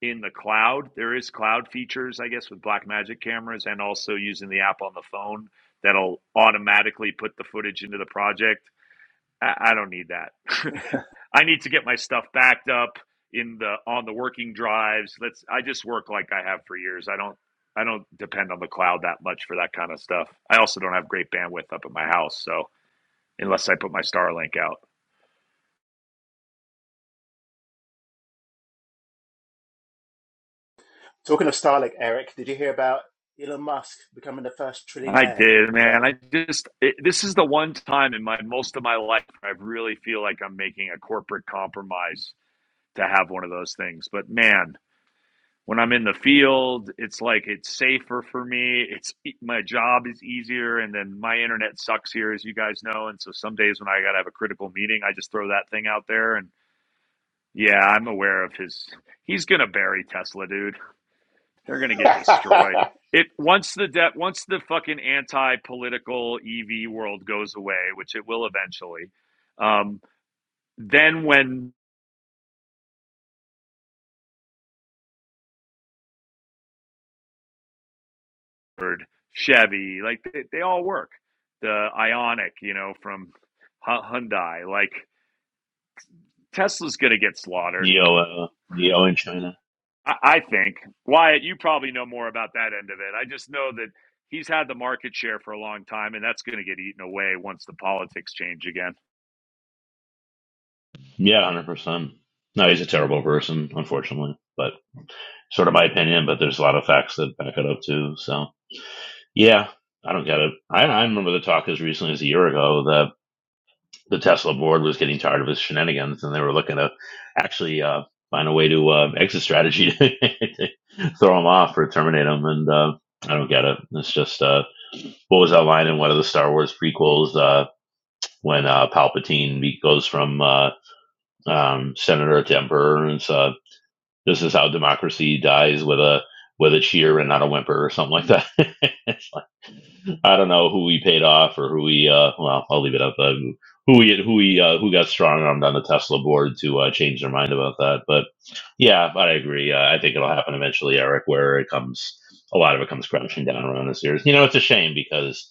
Speaker 2: in the cloud. There is cloud features, I guess, with Blackmagic cameras and also using the app on the phone that'll automatically put the footage into the project. I, I don't need that. [laughs] I need to get my stuff backed up in the on the working drives. Let's I just work like I have for years. I don't I don't depend on the cloud that much for that kind of stuff. I also don't have great bandwidth up at my house, so unless I put my Starlink out.
Speaker 4: Talking of Starlink, Eric, did you hear about Elon Musk becoming the first
Speaker 2: I
Speaker 4: trillionaire
Speaker 2: did, man.
Speaker 4: today?
Speaker 2: I just it, this is the one time in my most of my life I really feel like I'm making a corporate compromise to have one of those things. But man, when I'm in the field, it's like it's safer for me. It's e- my job is easier, and then my internet sucks here, as you guys know. And so some days when I gotta have a critical meeting, I just throw that thing out there. And yeah, I'm aware of his. He's gonna bury Tesla, dude. They're gonna get
Speaker 4: [laughs]
Speaker 2: destroyed. It once the de- once the fucking anti-political EV world goes away, which it will eventually. Um, then when Chevy, like they, they all work, the Ionic, you know, from Hyundai, like Tesla's gonna get slaughtered.
Speaker 5: Neo, uh, Neo in China.
Speaker 2: I, I think Wyatt, you probably know more about that end of it. I just know that he's had the market share for a long time, and that's gonna get eaten away once the politics change again. [laughs]
Speaker 5: Yeah, hundred percent. No, he's a terrible person, unfortunately. But sort of my opinion. But there's a lot of facts that back it up too. So yeah, I don't get it. I, I remember the talk as recently as a year ago the Tesla board was getting tired of his shenanigans, and they were looking to actually uh, find a way to uh, exit strategy to [laughs] to throw him off or terminate him. And uh, I don't get it. It's just uh, what was that line in one of the Star Wars prequels uh, when uh, Palpatine goes from uh, um, senator to emperor, and so uh, this is how democracy dies with a with a cheer and not a whimper or something like that. [laughs] I don't know who we paid off or who we. Uh, well, I'll leave it up. Uh, who we who we uh, who got strong armed on the Tesla board to uh, change their mind about that. But yeah, but I agree. Uh, I think it'll happen eventually, Eric. Where it comes, a lot of it comes crashing down around us here. You know, it's a shame because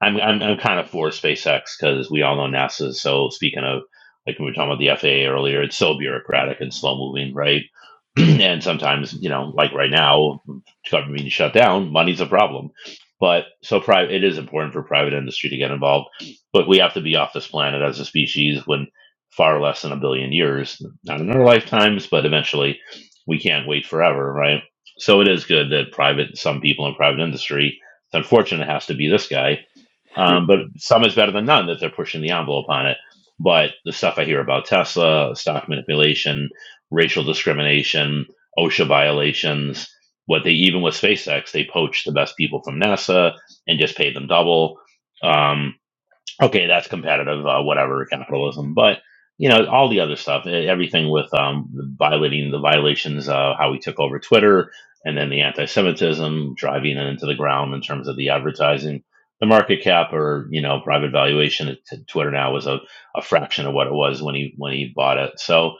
Speaker 5: I'm I'm, I'm kind of for SpaceX because we all know NASA. is So speaking of like we were talking about the FAA earlier, it's so bureaucratic and slow moving, right? [clears throat] and sometimes you know, like right now, government being shut down, money's a problem but so private, it is important for private industry to get involved. But we have to be off this planet as a species when far less than a billion years, not in our lifetimes, but eventually we can't wait forever, right? So it is good that private, some people in private industry, it's unfortunate it has to be this guy,
Speaker 2: Yeah.
Speaker 5: um, but some is better than none that they're pushing the envelope on it. But the stuff I hear about Tesla, stock manipulation, racial discrimination, OSHA violations, what they even with SpaceX, they poached the best people from NASA and just paid them double. Um, okay, that's competitive, uh, whatever capitalism. But you know, all the other stuff, e- everything with um, the violating the violations, uh, how we took over Twitter, and then the anti-Semitism driving it into the ground in terms of the advertising, the market cap, or you know, private valuation at t- Twitter now is a, a fraction of what it was when he when he bought it. So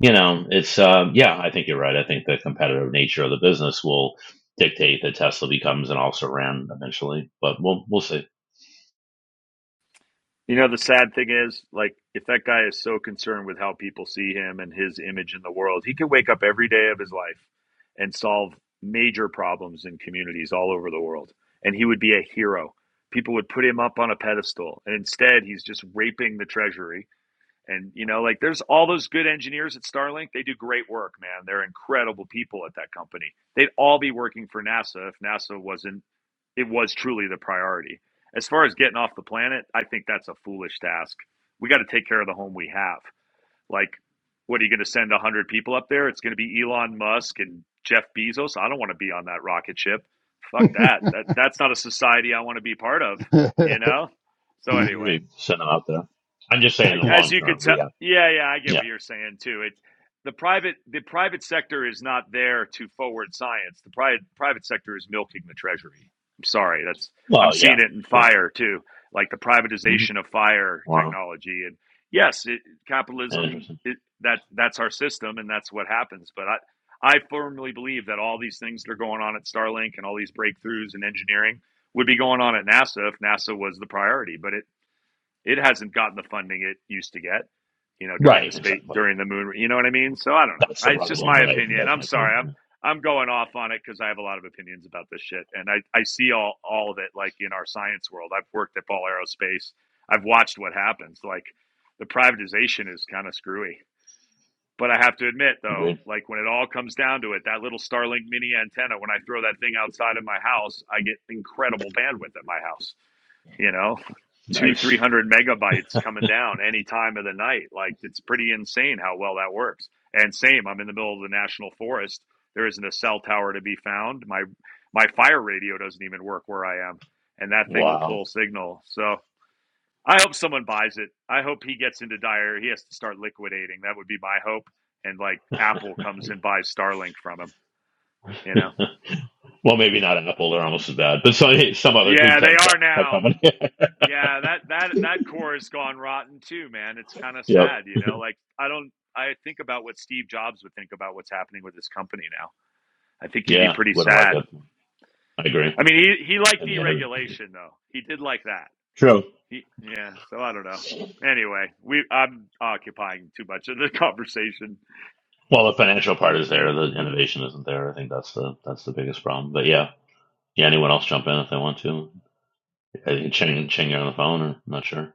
Speaker 5: you know, it's um, yeah, I think you're right. I think the competitive nature of the business will dictate that Tesla becomes an also ran eventually, but we'll we'll see.
Speaker 2: You know, the sad thing is, like, if that guy is so concerned with how people see him and his image in the world, he could wake up every day of his life and solve major problems in communities all over the world. And he would be a hero. People would put him up on a pedestal. And instead, he's just raping the treasury and you know, like there's all those good engineers at Starlink. They do great work, man. They're incredible people at that company. They'd all be working for NASA if NASA wasn't it was truly the priority. As far as getting off the planet, I think that's a foolish task. We got to take care of the home we have. Like what are you going to send 100 people up there? It's going to be Elon Musk and Jeff Bezos. I don't want to be on that rocket ship. Fuck that. That that's not a society I want to be part of,
Speaker 6: Yeah.
Speaker 2: you know?
Speaker 6: [laughs]
Speaker 2: So
Speaker 5: I
Speaker 2: anyway,
Speaker 5: agree. Send them out there. I'm just saying, in
Speaker 2: I-
Speaker 5: the
Speaker 2: As
Speaker 5: long
Speaker 2: you could
Speaker 5: term, we
Speaker 2: tell,
Speaker 5: have.
Speaker 2: yeah, yeah, I get
Speaker 5: Yeah.
Speaker 2: what you're saying too. It the private the private sector is not there to forward science. The private private sector is milking the treasury. I'm sorry, that's I'm
Speaker 5: Well,
Speaker 2: seeing
Speaker 5: yeah,
Speaker 2: it in
Speaker 5: yeah.
Speaker 2: fire too, like the
Speaker 5: hmm
Speaker 2: privatization of fire
Speaker 5: Wow.
Speaker 2: technology. And yes, it, capitalism
Speaker 5: Interesting.
Speaker 2: it, that that's our system and that's what happens. But I I firmly believe that all these things that are going on at Starlink and all these breakthroughs in engineering would be going on at NASA if NASA was the priority. But it it hasn't gotten the funding it used to get, you know, during the
Speaker 5: Right.
Speaker 2: space
Speaker 5: Exactly.
Speaker 2: during the moon. You know what I mean? So I don't know.
Speaker 5: That's
Speaker 2: I,
Speaker 5: the
Speaker 2: it's just
Speaker 5: problem,
Speaker 2: my
Speaker 5: right?
Speaker 2: opinion.
Speaker 5: That's
Speaker 2: I'm
Speaker 5: my point.
Speaker 2: sorry. I'm
Speaker 5: Yeah.
Speaker 2: I'm going off on it because I have a lot of opinions about this shit, and I I see all all of it like in our science world. I've worked at Ball Aerospace. I've watched what happens. Like the privatization is kind of screwy. But I have to admit, though,
Speaker 5: Agreed.
Speaker 2: like when it all comes down to it, that little Starlink mini antenna, when I throw that thing outside of my house, I get incredible bandwidth at my house you know, two,
Speaker 5: Nice.
Speaker 2: 300 megabytes coming down any time of the night. Like it's pretty insane how well that works. And same, I'm in the middle of the national forest. There isn't a cell tower to be found. My, my fire radio doesn't even work where I am and that thing will
Speaker 5: Wow.
Speaker 2: pull signal. So I hope someone buys it. I hope he gets into dire. He has to start liquidating. That would be my hope. And like Apple comes and buys Starlink from him, you
Speaker 5: [laughs]
Speaker 2: know?
Speaker 5: well, maybe not Apple. They're almost as bad, but some some other good
Speaker 2: Yeah, they
Speaker 5: tech
Speaker 2: are
Speaker 5: tech, tech
Speaker 2: now.
Speaker 5: company. [laughs]
Speaker 2: Yeah, that that that core has gone rotten too, man. It's kind of
Speaker 5: yep.
Speaker 2: sad, you know. Like I don't I think about what Steve Jobs would think about what's happening with his company now. I think he'd be
Speaker 5: Yeah.
Speaker 2: pretty
Speaker 5: Wouldn't like
Speaker 2: sad.
Speaker 5: it. I agree.
Speaker 2: I mean, he he liked
Speaker 5: In the end of it.
Speaker 2: deregulation though. He did like that.
Speaker 5: true.
Speaker 2: He yeah, so I don't know. Anyway, we I'm occupying too much of the [laughs] conversation.
Speaker 5: Well, the financial part is there. The innovation isn't there. I think that's the that's the biggest problem. But yeah. Yeah. Anyone else jump in if they want to? I think Ching Ching got on the phone. Or, I'm not sure.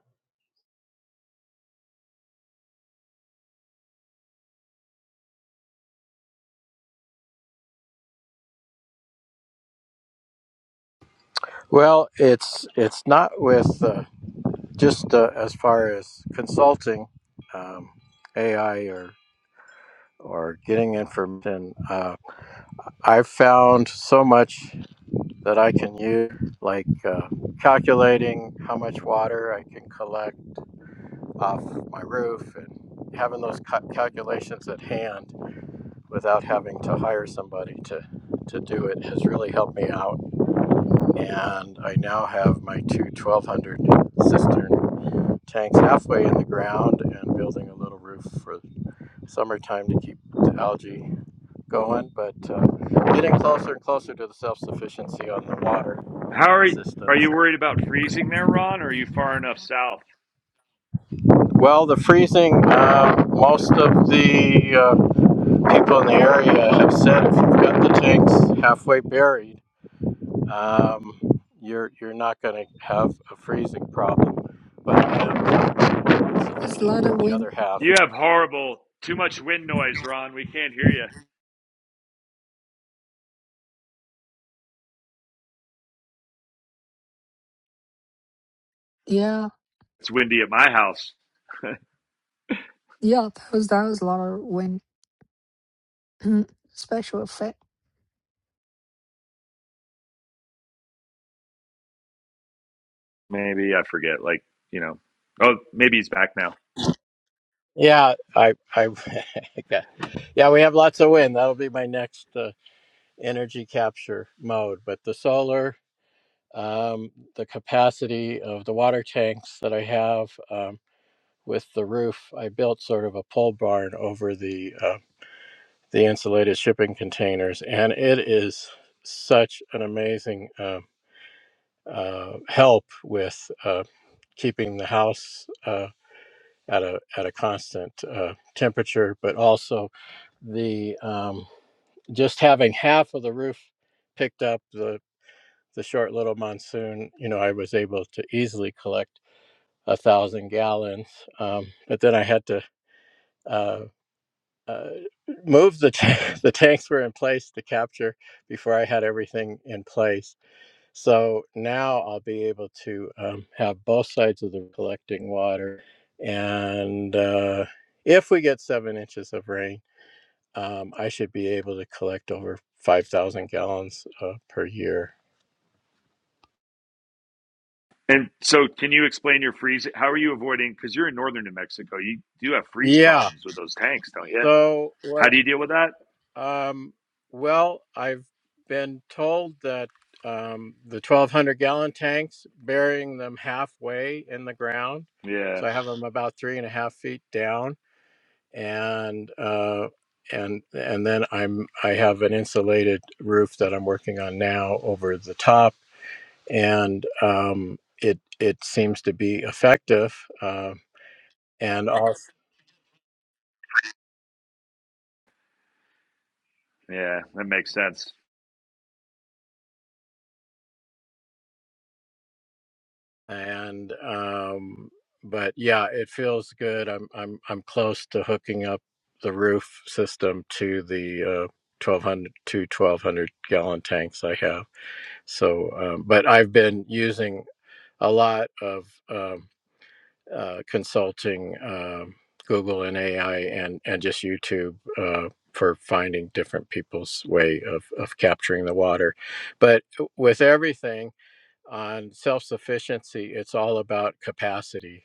Speaker 3: Well, it's it's not with uh, just uh, as far as consulting um, AI or or getting information. Uh, I've found so much that I can use, like uh, calculating how much water I can collect off my roof and having those ca- calculations at hand without having to hire somebody to to do it has really helped me out and I now have my two twelve hundred cistern tanks halfway in the ground and building a little roof for summertime to keep the algae going. But uh, getting closer and closer to the self sufficiency on the water
Speaker 2: How are you, are
Speaker 3: systems.
Speaker 2: you worried about freezing there, Ron, or are you far enough south?
Speaker 3: Well, the freezing, um, most of the uh, people in the area have said if you've got the tanks halfway buried, um, you're, you're not going to have a freezing problem. But um,
Speaker 1: There's a lot of
Speaker 3: The
Speaker 1: wind.
Speaker 3: other half.
Speaker 2: You have horrible too much wind noise, Ron. We can't hear you.
Speaker 1: Yeah,
Speaker 2: It's windy at my house.
Speaker 1: yeah, that was that was a lot of wind. [clears throat] Mm. Special effect.
Speaker 2: maybe I forget. Like you know, oh maybe he's back now.
Speaker 3: Yeah, I, I, [laughs] yeah, we have lots of wind. That'll be my next uh, energy capture mode. But the solar, um, the capacity of the water tanks that I have um, with the roof, I built sort of a pole barn over the uh, the insulated shipping containers, and it is such an amazing uh, uh, help with uh, keeping the house. uh, at a at a constant uh, temperature, but also the um, just having half of the roof picked up the the short little monsoon. You know, I was able to easily collect a thousand gallons, um, but then I had to. Uh, uh, move the t- [laughs] the tanks were in place to capture before I had everything in place so now I'll be able to um, have both sides of the river collecting water. And uh, if we get seven inches of rain, um, I should be able to collect over 5,000 gallons uh, per year.
Speaker 2: And so, can you explain your freeze? How are you avoiding? Because you're in northern New Mexico, you do have freeze
Speaker 3: Yeah.
Speaker 2: problems with those tanks, don't you?
Speaker 3: So
Speaker 2: How
Speaker 3: what?
Speaker 2: do you deal with that?
Speaker 3: Um, well, I've been told that um, the 1,200 gallon tanks, burying them halfway in the ground.
Speaker 2: Yeah,
Speaker 3: So I have them about three and a half feet down and uh, and and then I'm I have an insulated roof that I'm working on now over the top, and um, it it seems to be effective. Uh, and off
Speaker 2: yeah, that makes sense.
Speaker 3: and um, but yeah, it feels good. I'm I'm I'm close to hooking up the roof system to the uh, 1200 to 1200 gallon tanks I have. So, um, but I've been using a lot of. uh, uh, consulting um Google and AI and and just YouTube uh, for finding different people's way of of capturing the water. But with everything on self sufficiency, it's all about capacity.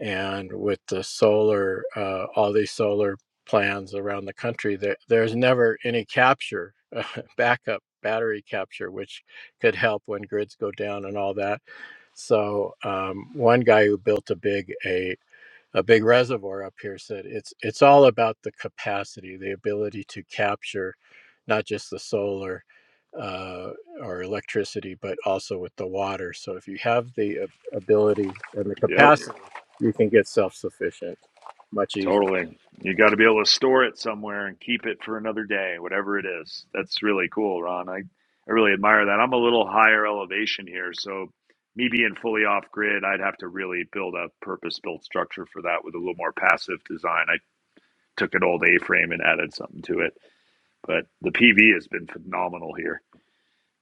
Speaker 3: And with the solar, uh, all these solar plans around the country, there, there's never any capture, [laughs] uh, backup battery capture, which could help when grids go down and all that. So um, one guy who built a big a a big reservoir up here said it's it's all about the capacity the ability to capture not just the solar uh, or electricity but also with the water so if you have the ability and the
Speaker 2: Yep,
Speaker 3: capacity you can get self-sufficient much easier
Speaker 2: totally. You got to be able to store it somewhere and keep it for another day, whatever it is. That's really cool, Ron. I, I really admire that. I'm a little higher elevation here, so me being fully off grid, I'd have to really build a purpose built structure for that with a little more passive design. I took an old A-frame and added something to it. But the PV has been phenomenal here.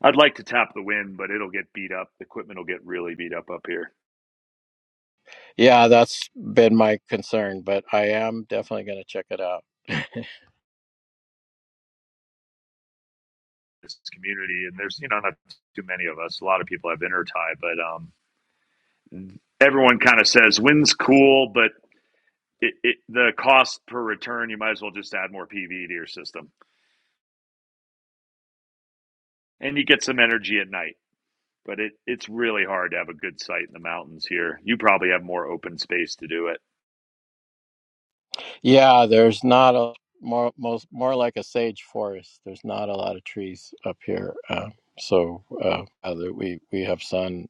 Speaker 2: I'd like to tap the wind, but it'll get beat up. The equipment will get really beat up up here.
Speaker 3: yeah that's been my concern but i am definitely going to check it out [laughs]
Speaker 2: This community, and there's you know not too many of us. A lot of people have intertie, but um, everyone kind of says wind's cool, but it, it, the cost per return, you might as well just add more PV to your system, and you get some energy at night. But it, it's really hard to have a good site in the mountains here. You probably have more open space to do it.
Speaker 3: Yeah, there's not a more most more like a sage forest. There's not a lot of trees up here, uh, so uh, other, we we have sun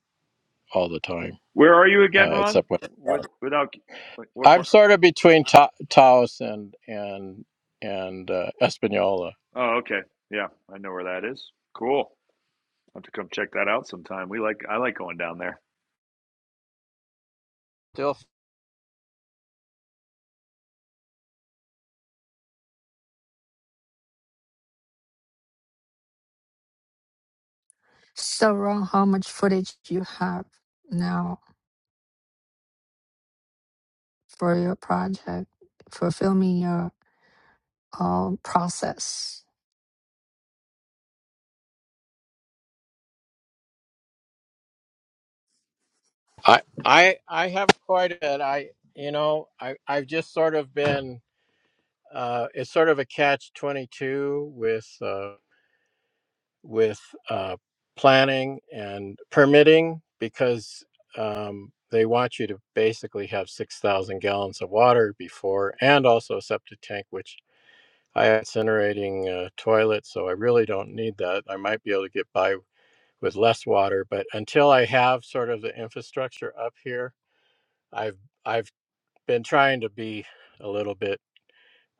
Speaker 3: all the time,
Speaker 2: Where are you again,
Speaker 3: uh,
Speaker 2: Ron?
Speaker 3: except when
Speaker 2: With without like what
Speaker 3: I'm
Speaker 2: part?
Speaker 3: sort of between Ta- Taos and and and uh, Espanola.
Speaker 2: Oh, okay. Yeah, I know where that is. Cool. I'll have to come check that out sometime. We like I like going down there.
Speaker 3: Still,
Speaker 1: So wrong. How much footage you have now for your project for filming your uh, process?
Speaker 3: I I I have quite a I you know I I've just sort of been uh, it's sort of a catch twenty two with. Uh, with uh, planning and permitting because um, they want you to basically have 6,000 gallons of water before and also a septic tank, which I have incinerating uh, toilet, so I really don't need that. I might be able to get by with less water, but until I have sort of the infrastructure up here, I've I've been trying to be a little bit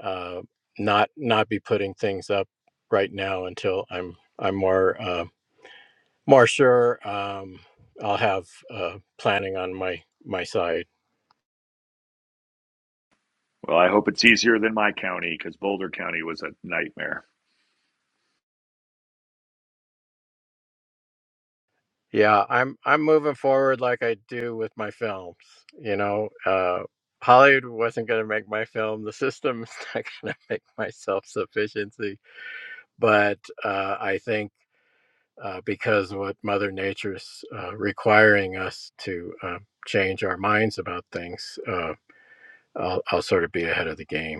Speaker 3: uh, not not be putting things up right now until I'm I'm more uh, Marsher, um, I'll have uh, planning on my my side.
Speaker 2: Well, I hope it's easier than my county because Boulder County was a nightmare.
Speaker 3: Yeah, I'm I'm moving forward like I do with my films. You know, uh, Hollywood wasn't going to make my film. The system is [laughs] not going to make my self sufficiency. But uh, I think uh, because what Mother Nature's uh, requiring us to uh, change our minds about things, uh, I'll, I'll sort of be ahead of the game.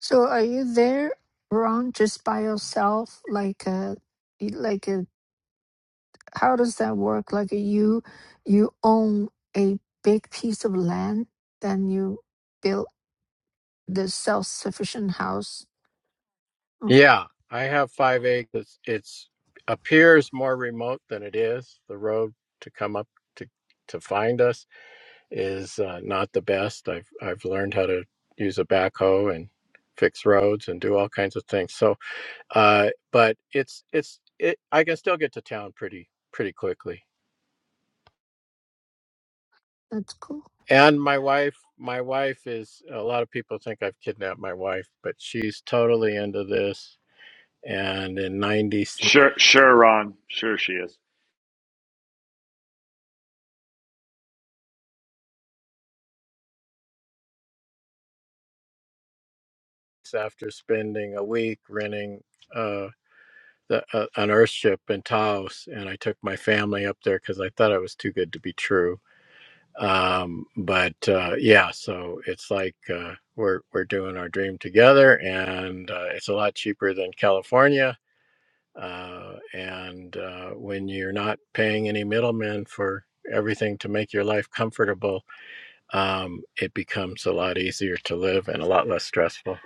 Speaker 1: So are you there, Ron, just by yourself? Like a, like a, how does that work? Like a, you, you own a big piece of land, then you build the self-sufficient house. Oh,
Speaker 3: Yeah, I have five acres. It's appears more remote than it is. The road to come up to to find us is uh, not the best. I've I've learned how to use a backhoe and fix roads and do all kinds of things. So, uh, but it's it's it. I can still get to town pretty pretty quickly.
Speaker 1: that's cool.
Speaker 3: And my wife, my wife is. A lot of people think I've kidnapped my wife, but she's totally into this. And in ninety.
Speaker 2: Sure, sure, Ron. Sure, she is.
Speaker 3: after spending a week renting uh, the, uh, an Earthship in Taos, and I took my family up there because I thought it was too good to be true. Um, but uh, yeah, so it's like uh, we're we're doing our dream together, and uh, it's a lot cheaper than California. Uh, and uh, when you're not paying any middlemen for everything to make your life comfortable, um, it becomes a lot easier to live and a lot less stressful.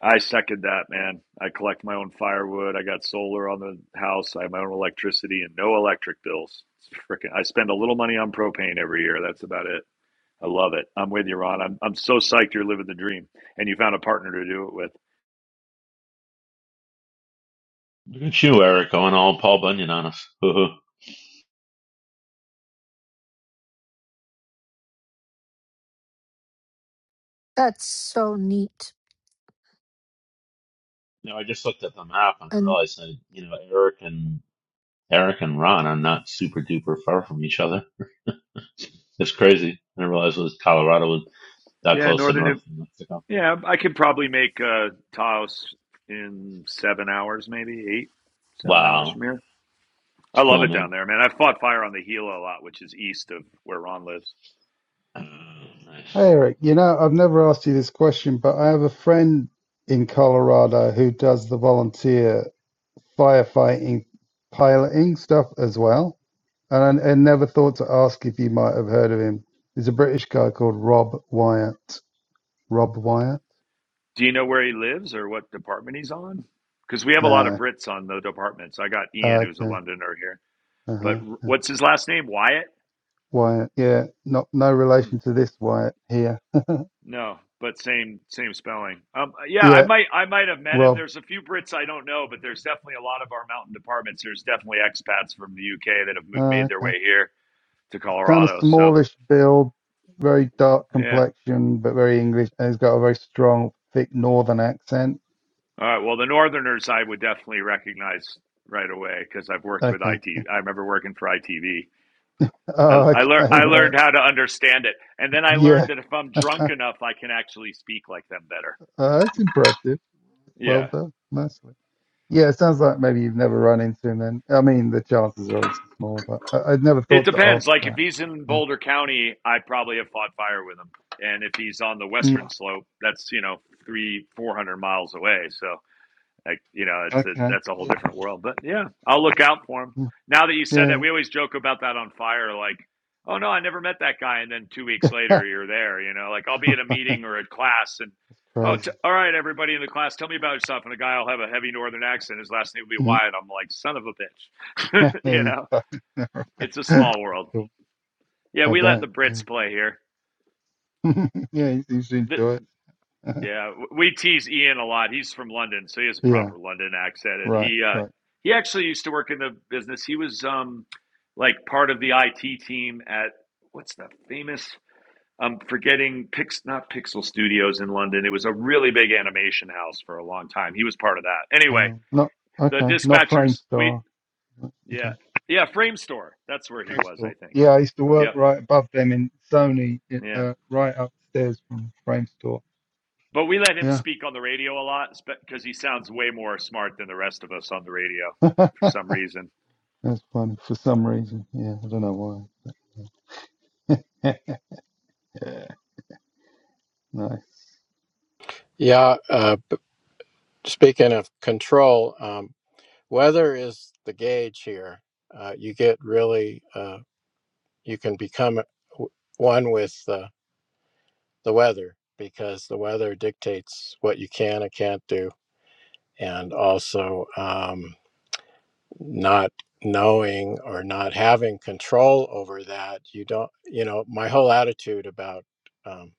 Speaker 2: I second that, man. I collect my own firewood. I got solar on the house. I have my own electricity and no electric bills. It's frickin' I spend a little money on propane every year. That's about it. I love it. I'm with you, Ron. I'm I'm so psyched you're living the dream, and you found a partner to do it with.
Speaker 5: Look at you, Eric, going all Paul Bunyan on us. [laughs] no,
Speaker 1: That's so neat.
Speaker 5: I just looked at the map and I
Speaker 1: And
Speaker 5: realized that you know Eric and Eric and Ron are not super duper far from each other. It's crazy. I didn't realize it was Colorado was that
Speaker 2: Yeah,
Speaker 5: close to
Speaker 2: Northern.
Speaker 5: North
Speaker 2: New-
Speaker 5: Mexico.
Speaker 2: Yeah, I could probably make uh, Taos in seven hours, maybe eight, seven hours from
Speaker 5: Wow,
Speaker 2: here.
Speaker 5: it's
Speaker 2: I love
Speaker 5: cool,
Speaker 2: it
Speaker 5: man.
Speaker 2: down there, man. I fought fire on the Gila a lot, which is east of where Ron lives.
Speaker 5: Uh, nice.
Speaker 6: Hey Eric, you know, I've never asked you this question, but I have a friend in Colorado who does the volunteer firefighting, piloting stuff as well. And I, I never thought to ask if you might have heard of him. He's a British guy called Rob Wyatt. Rob Wyatt?
Speaker 2: Do you know where he lives or what department he's on? Because we have a lot of
Speaker 6: Nah.
Speaker 2: Brits on the departments. I got Ian, who's a
Speaker 6: Okay.
Speaker 2: Londoner here, but
Speaker 6: Uh-huh. Uh,
Speaker 2: what's his last name? Wyatt.
Speaker 6: Wyatt. Yeah. Not no
Speaker 2: Hmm.
Speaker 6: relation to this Wyatt here.
Speaker 2: No, but same same spelling. Um, yeah, I
Speaker 6: Yeah.
Speaker 2: might I might have met him.
Speaker 6: Rob.
Speaker 2: There's a few Brits I don't know, but there's definitely a lot of our mountain departments. There's definitely expats from the UK that have m-
Speaker 6: Ah,
Speaker 2: made their
Speaker 6: okay.
Speaker 2: way here to
Speaker 6: kind of
Speaker 2: Colorado. So
Speaker 6: smallish build, very dark
Speaker 2: yeah,
Speaker 6: complexion, but very English, and he's got a very strong, thick Northern accent.
Speaker 2: all right. Well, the Northerners I would definitely recognize right away because I've worked with
Speaker 6: Okay. [laughs]
Speaker 2: IT. I remember working for ITV. I,
Speaker 6: Oh, okay,
Speaker 2: I lear- I
Speaker 6: right.
Speaker 2: learned how to understand it, and then I
Speaker 6: Yeah,
Speaker 2: learned that if I'm drunk enough, I can actually speak like them better.
Speaker 6: uh, that's impressive. Well
Speaker 2: Yeah,
Speaker 6: done, nicely. Yeah, it sounds like maybe you've never run into him then. I mean, the chances are obviously small, but I, I'd never
Speaker 2: It
Speaker 6: thought to
Speaker 2: depends.
Speaker 6: ask
Speaker 2: Like if
Speaker 6: that.
Speaker 2: he's in
Speaker 6: Yeah.
Speaker 2: Boulder County, I probably have fought fire with him, and if he's on the western
Speaker 6: Mm,
Speaker 2: slope, that's you know three four hundred miles away. So like you know, it's a
Speaker 6: okay.
Speaker 2: that's a whole different world. But yeah, I'll look out for him.
Speaker 6: Mm,
Speaker 2: Now that you said that,
Speaker 6: Yeah.
Speaker 2: we always joke about that on fire. Like, oh no, I never met that guy, and then two weeks
Speaker 6: yeah.
Speaker 2: later you're there. You know, like I'll be at a meeting or a class, and
Speaker 6: [laughs]
Speaker 2: oh, t-
Speaker 6: Crazy.
Speaker 2: all right, everybody in the class, tell me about yourself. And a guy will have a heavy northern accent. His last name will be
Speaker 6: Mm,
Speaker 2: Wyatt. I'm like, son of a bitch.
Speaker 6: [laughs]
Speaker 2: [laughs]
Speaker 6: there
Speaker 2: you
Speaker 6: you
Speaker 2: know,
Speaker 6: go.
Speaker 2: it's a
Speaker 6: [laughs]
Speaker 2: small world.
Speaker 6: cool.
Speaker 2: Yeah,
Speaker 6: I
Speaker 2: we let the
Speaker 6: bet. Yeah,
Speaker 2: Brits play here.
Speaker 6: [laughs] yeah he seems to
Speaker 2: The,
Speaker 6: enjoy it.
Speaker 2: yeah, we tease Ian a lot. He's from London, so he has
Speaker 6: [laughs]
Speaker 2: a
Speaker 6: yeah,
Speaker 2: proper London accent, and
Speaker 6: right,
Speaker 2: he uh,
Speaker 6: right.
Speaker 2: he actually used to work in the business. He was um, like part of the IT team at what's the famous? I'm forgetting Pix, not Pixel Studios in London. It was a really big animation house for a long time. He was part of that. Anyway,
Speaker 6: Um, not
Speaker 2: the
Speaker 6: okay, not
Speaker 2: dispatchers. We
Speaker 6: Framestore.
Speaker 2: yeah
Speaker 6: Okay,
Speaker 2: yeah Frame Store. That's where he was,
Speaker 6: Framestore.
Speaker 2: I think.
Speaker 6: Yeah, I used to work
Speaker 2: Yep.
Speaker 6: right above them in Sony, i-
Speaker 2: Yeah.
Speaker 6: uh, right upstairs from Framestore.
Speaker 2: But we let him
Speaker 6: Yeah,
Speaker 2: speak on the radio a lot because he sounds way more smart than the rest of us on the radio
Speaker 6: [laughs]
Speaker 2: for
Speaker 6: that's
Speaker 2: some reason.
Speaker 6: funny for some reason. Yeah, I don't know why. [laughs] Yeah. nice.
Speaker 3: Yeah, uh, Speaking of control, um, weather is the gauge here. Uh, you get really, uh, you can become w- one with uh, the weather because the weather dictates what you can and can't do. And also, um, not knowing or not having control over that, you don't, you know, my whole attitude about um,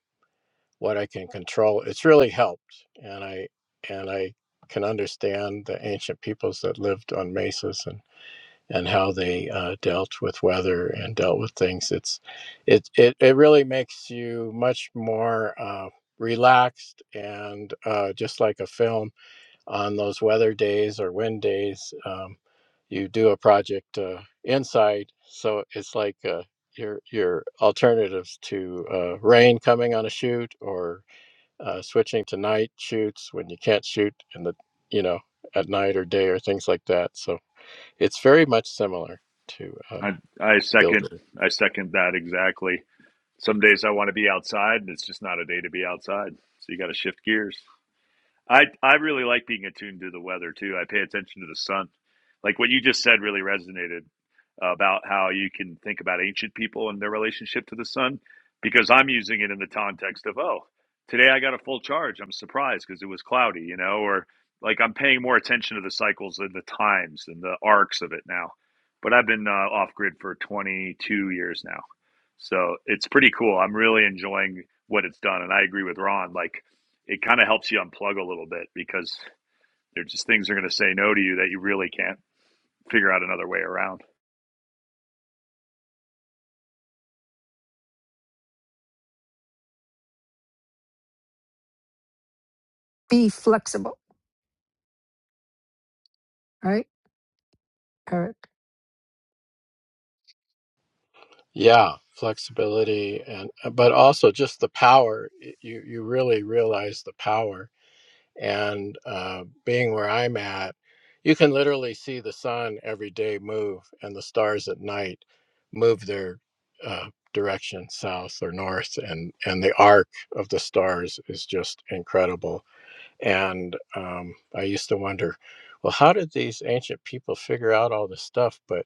Speaker 3: what I can control, it's really helped. And I, and I, can understand the ancient peoples that lived on mesas and. and how they uh, dealt with weather and dealt with things. It's it it, it really makes you much more uh, relaxed and uh, just like a film on those weather days or wind days. Um, you do a project uh, inside, so it's like uh, your your alternatives to uh, rain coming on a shoot or uh, switching to night shoots when you can't shoot in the you know at night or day or things like that. So it's very much similar to uh,
Speaker 2: I I second
Speaker 3: builder.
Speaker 2: I second that exactly. Some days I want to be outside and it's just not a day to be outside. So you got to shift gears. I I really like being attuned to the weather too. I pay attention to the sun. Like what you just said really resonated about how you can think about ancient people and their relationship to the sun because I'm using it in the context of oh, today I got a full charge. I'm surprised because it was cloudy, you know, or like I'm paying more attention to the cycles and the times and the arcs of it now. But I've been uh, off grid for 22 years now. So it's pretty cool. I'm really enjoying what it's done and I agree with Ron like it kind of helps you unplug a little bit because there's just things are going to say no to you that you really can't figure out another way around.
Speaker 1: be flexible, right, Eric?
Speaker 3: Yeah, flexibility and uh, but also just the power. You you really realize the power and uh, being where I'm at, you can literally see the sun every day move and the stars at night move their uh, direction south or north and and the arc of the stars is just incredible. And um, I used to wonder, well, how did these ancient people figure out all this stuff? But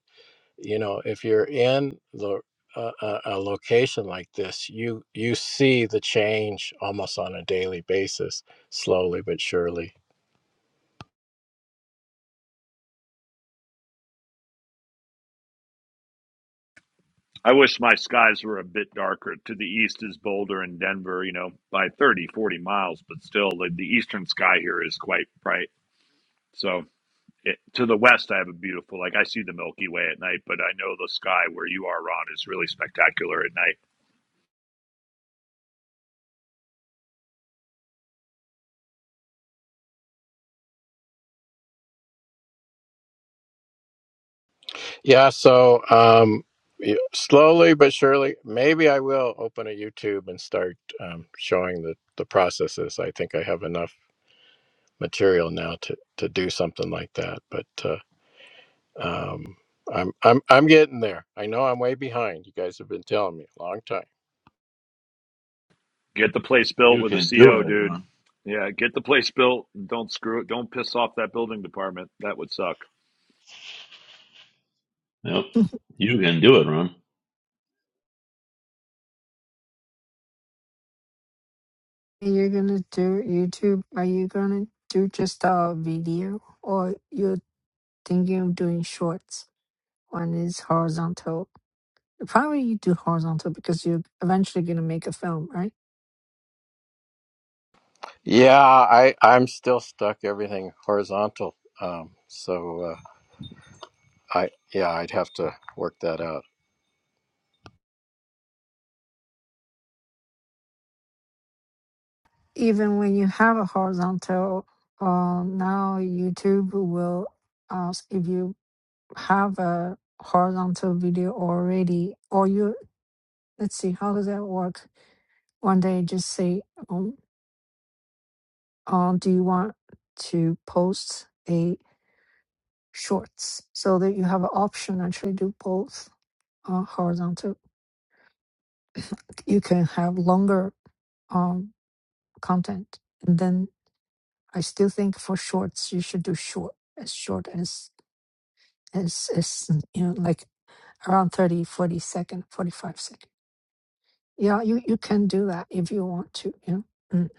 Speaker 3: you know if you're in the a, a a location like this you you see the change almost on a daily basis slowly but surely
Speaker 2: I wish my skies were a bit darker. To the east is Boulder and Denver, you know, by 30, 40 miles, but still the, the eastern sky here is quite bright. So it, to the west, I have a beautiful, like I see the Milky Way at night, but I know the sky where you are, Ron, is really spectacular at night.
Speaker 3: yeah so um y- slowly but surely maybe i will open a youtube and start um, showing the the processes i think i have enough material now to to do something like that but uh, um i'm i'm i'm getting there i know i'm way behind you guys have been telling me a long time
Speaker 2: Get the place built
Speaker 5: You
Speaker 2: with a
Speaker 5: can do
Speaker 2: CO,
Speaker 5: it,
Speaker 2: dude.
Speaker 5: Ron.
Speaker 2: Yeah, get the place built. and Don't screw it. Don't piss off that building department. That would suck.
Speaker 5: Yep, you can do it, Ron.
Speaker 1: You're gonna do YouTube. Are you gonna do just a video, or you're thinking of doing shorts? One is horizontal. Probably you do horizontal because you're eventually gonna make a film, right?
Speaker 3: Yeah, I I'm still stuck everything horizontal. Um, so uh, I yeah, I'd have to work that out.
Speaker 1: Even when you have a horizontal, uh, now YouTube will ask if you have a horizontal video already, or you let's see how does that work. One day, just say, um, uh, do you want to post a shorts so that you have an option actually do both uh, horizontal. You can have longer um, content, and then I still think for shorts you should do short as short as as as you know like around 30, 40 second, 45 second Yeah, you, you can do that if you want to. Yeah. Mm.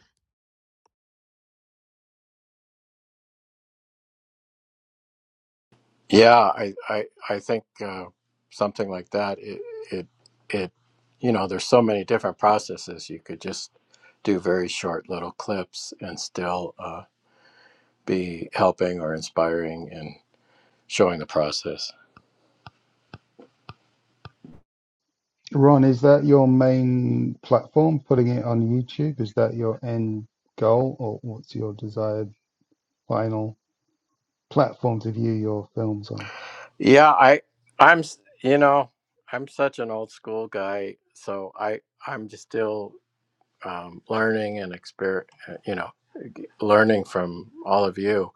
Speaker 3: Yeah, I I I think uh, something like that. It it it you know, there's so many different processes. You could just do very short little clips and still uh, be helping or inspiring and showing the process.
Speaker 6: Ron, is that your main platform? Putting it on YouTube? Is that your end goal, or what's your desired final platform to view your films on?
Speaker 3: Yeah, I I'm s- you know I'm such an old school guy, so I I'm just still um, learning and exper- uh, you know, learning from all of you.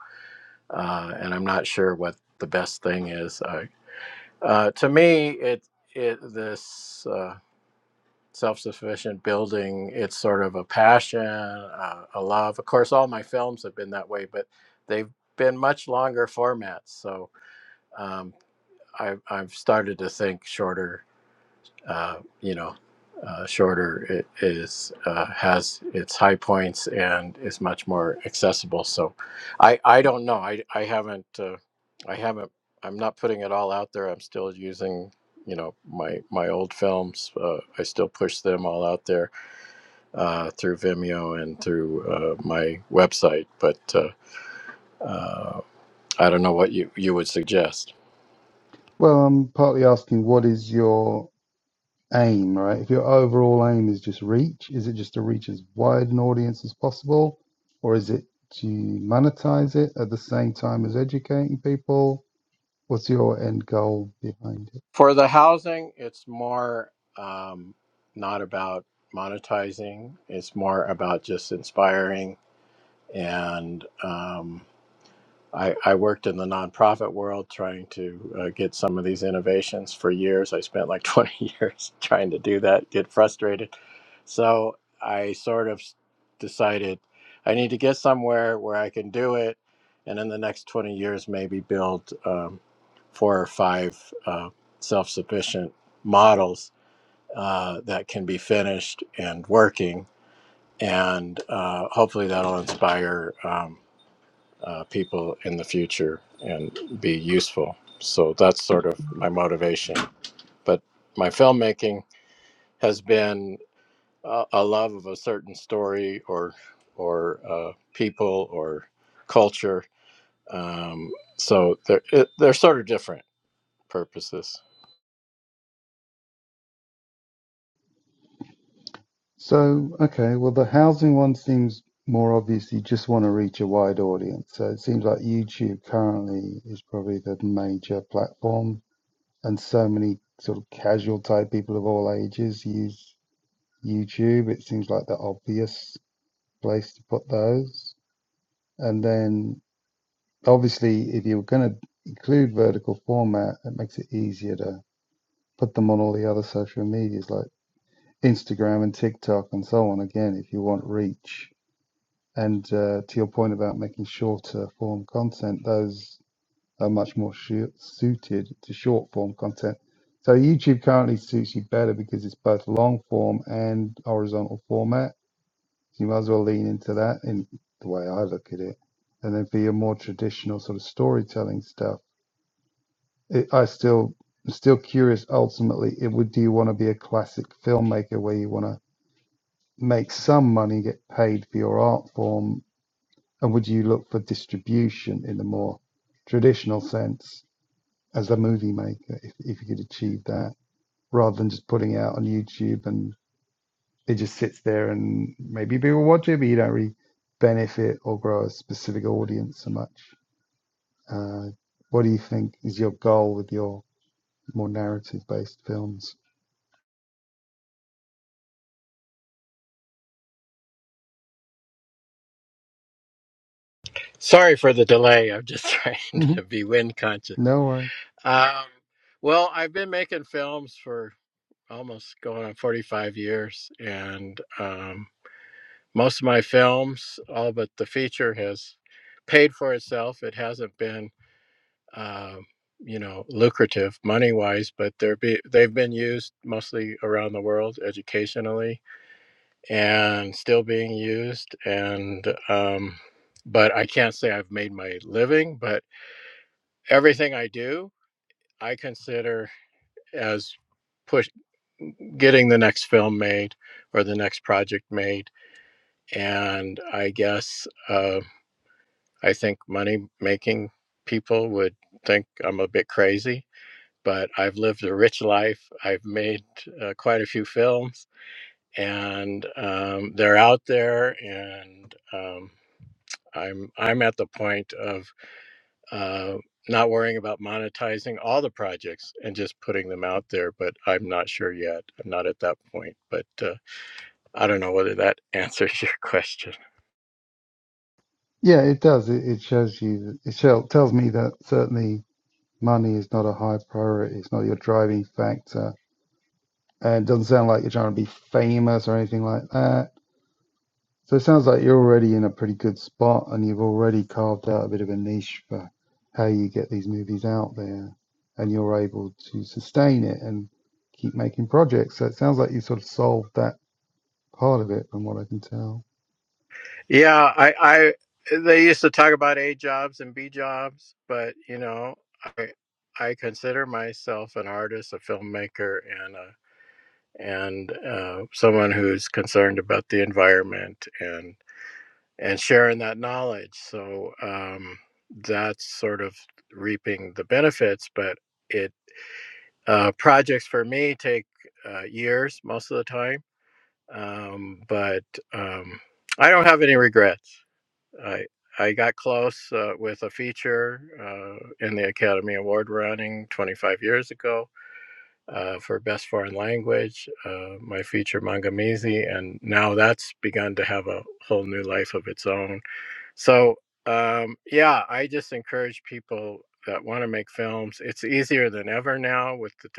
Speaker 3: Uh, and I'm not sure what the best thing is. Uh, uh, to me, it it this uh, self-sufficient building. It's sort of a passion, uh, a love. Of course, all my films have been that way, but they've been much longer formats. So um, I, I've started to think shorter uh, you know, uh, shorter it is uh, has its high points and is much more accessible. So, I I don't know. I I haven't uh, I haven't. I'm not putting it all out there. I'm still using you know my my old films. Uh, I still push them all out there uh, through Vimeo and through uh, my website. But uh, uh, I don't know what you you would suggest.
Speaker 6: Well, I'm partly asking, what is your aim, right? If your overall aim is just reach, is it just to reach as wide an audience as possible, or is it to monetize it at the same time as educating people? What's your end goal behind it?
Speaker 3: For the housing, it's more um, not about monetizing. It's more about just inspiring and um, I, I worked in the nonprofit world trying to uh, get some of these innovations for years. I spent like [laughs] 20 years trying to do that, get frustrated. So I sort of s- decided I need to get somewhere where I can do it. And in the next 20 years, maybe build um, four or five uh, self sufficient models uh, that can be finished and working. And uh, hopefully that'll inspire. Um, uh, people in the future and be useful. So that's sort of my motivation. But my filmmaking has been a, a love of a certain story or or uh, people or culture. Um, so they're it- they're sort of different purposes.
Speaker 6: So, okay, well, the housing one seems more obvious. You just want to reach a wide audience. So it seems like YouTube currently is probably the major platform, and so many sort of casual type people of all ages use YouTube. It seems like the obvious place to put those. And then obviously, if you're going to include vertical format, it makes it easier to put them on all the other social medias like Instagram and TikTok and so on. Again, if you want reach. And uh, to your point about making shorter form content, those are much more shu- suited to short form content. So YouTube currently suits you better because it's both long form and horizontal format You might as well lean into that in the way I look at it. And then for your more traditional sort of storytelling stuff, it, I still I'm still curious. Ultimately, it would do you want to be a classic filmmaker where you want to make some money, get paid for your art form, and would you look for distribution in the more traditional sense as a movie maker if, if you could achieve that rather than just putting it out on YouTube and it just sits there and maybe people watch it, but you don't really benefit or grow a specific audience so much. Uh, what do you think is your goal with your more narrative based films?
Speaker 3: Sorry for the delay. I'm just [laughs] trying
Speaker 6: hmm
Speaker 3: to be wind conscious.
Speaker 6: No worries.
Speaker 3: Um, well, I've been making films for almost going on 45 years, and um, Most of my films, all but the feature, has paid for itself. It hasn't been, uh, you know, lucrative money wise, but they're be, they've been used mostly around the world educationally and still being used. And, um, but I can't say I've made my living, but everything I do, I consider as push getting the next film made or the next project made. And I guess, uh, I think money making people would think I'm a bit crazy, but I've lived a rich life. I've made uh, quite a few films, and um, they're out there. And um, I'm I'm at the point of uh, not worrying about monetizing all the projects and just putting them out there. But I'm not sure yet. I'm not at that point. But uh, I don't know whether that [laughs] answers your question.
Speaker 6: Yeah, it does. It, it shows you, that, it show, tells me that certainly money is not a high priority. It's not your driving factor. And it doesn't sound like you're trying to be famous or anything like that So it sounds like you're already in a pretty good spot and you've already carved out a bit of a niche for how you get these movies out there and you're able to sustain it and keep making projects. So it sounds like you sort of solved that part of it from what I can tell.
Speaker 3: Yeah, I, I they used to talk about A jobs and B jobs, but you know, I I consider myself an artist, a filmmaker, and a, and uh, someone who's concerned about the environment and and sharing that knowledge. So um, that's sort of reaping the benefits, but it uh, projects for me take uh, years most of the time, um, but um, I don't have any regrets. I I got close uh, with a feature uh, in the Academy Award running 25 years ago uh, for Best Foreign Language. Uh, my feature Mangamizi, and now that's begun to have a whole new life of its own. So um, yeah, I just encourage people that want to make films. It's easier than ever now with the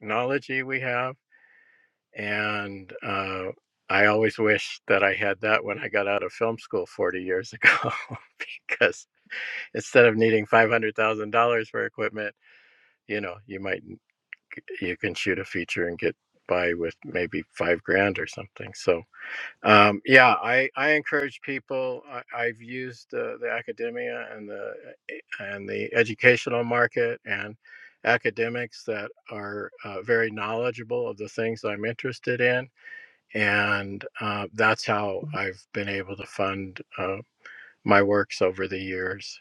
Speaker 3: technology we have, and uh, I always wish that I had that when I got out of film school 40 years ago [laughs] because instead of needing five hundred thousand dollars for equipment, you know, you might you can shoot a feature and get by with maybe five grand or something. So um, yeah, I, I encourage people. I, I've used the, the academia and the eh, and the educational market and academics that are uh, very knowledgeable of the things I'm interested in, and uh, that's how I've been able to fund uh, my works over the years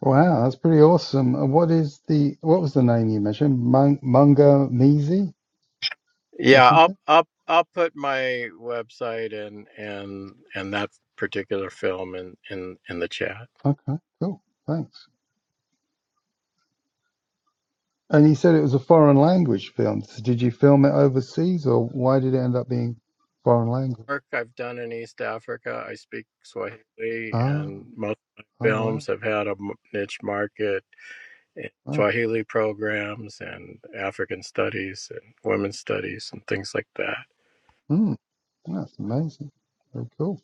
Speaker 6: Wow, that's pretty awesome. And what is the what was the name you mentioned? Mun- Munga Mizi or
Speaker 3: Yeah, I'll
Speaker 6: something?
Speaker 3: I'll I'll put my website and and and that particular film in in in the chat.
Speaker 6: Okay, cool. Thanks. And you said it was a foreign language film. So did you film it overseas or why did it end up being foreign language?
Speaker 3: Work I've done in East Africa, I speak Swahili,
Speaker 6: Ah.
Speaker 3: and most of my
Speaker 6: Oh
Speaker 3: films
Speaker 6: wow,
Speaker 3: have had a m- niche market in
Speaker 6: wow,
Speaker 3: Swahili programs and African studies and women's studies and things like that.
Speaker 6: mm, that's amazing. Very cool.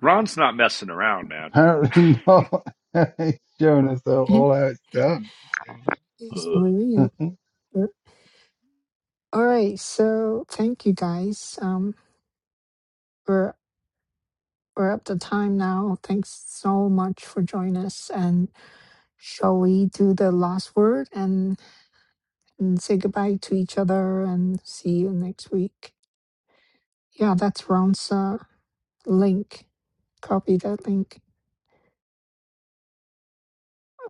Speaker 2: Ron's not messing around, man. [laughs]
Speaker 6: Apparently not. [laughs] He's showing us all,
Speaker 1: Mhm.
Speaker 6: all how it's done.
Speaker 1: Yes,
Speaker 5: Uh,
Speaker 6: [laughs]
Speaker 1: Maria.
Speaker 6: that
Speaker 1: Uh, All right. So thank you guys. Um, we're we're up to time now. Thanks so much for joining us. And shall we do the last word and, and say goodbye to each other and see you next week? Yeah, that's Ronsa. Link. Copy that link.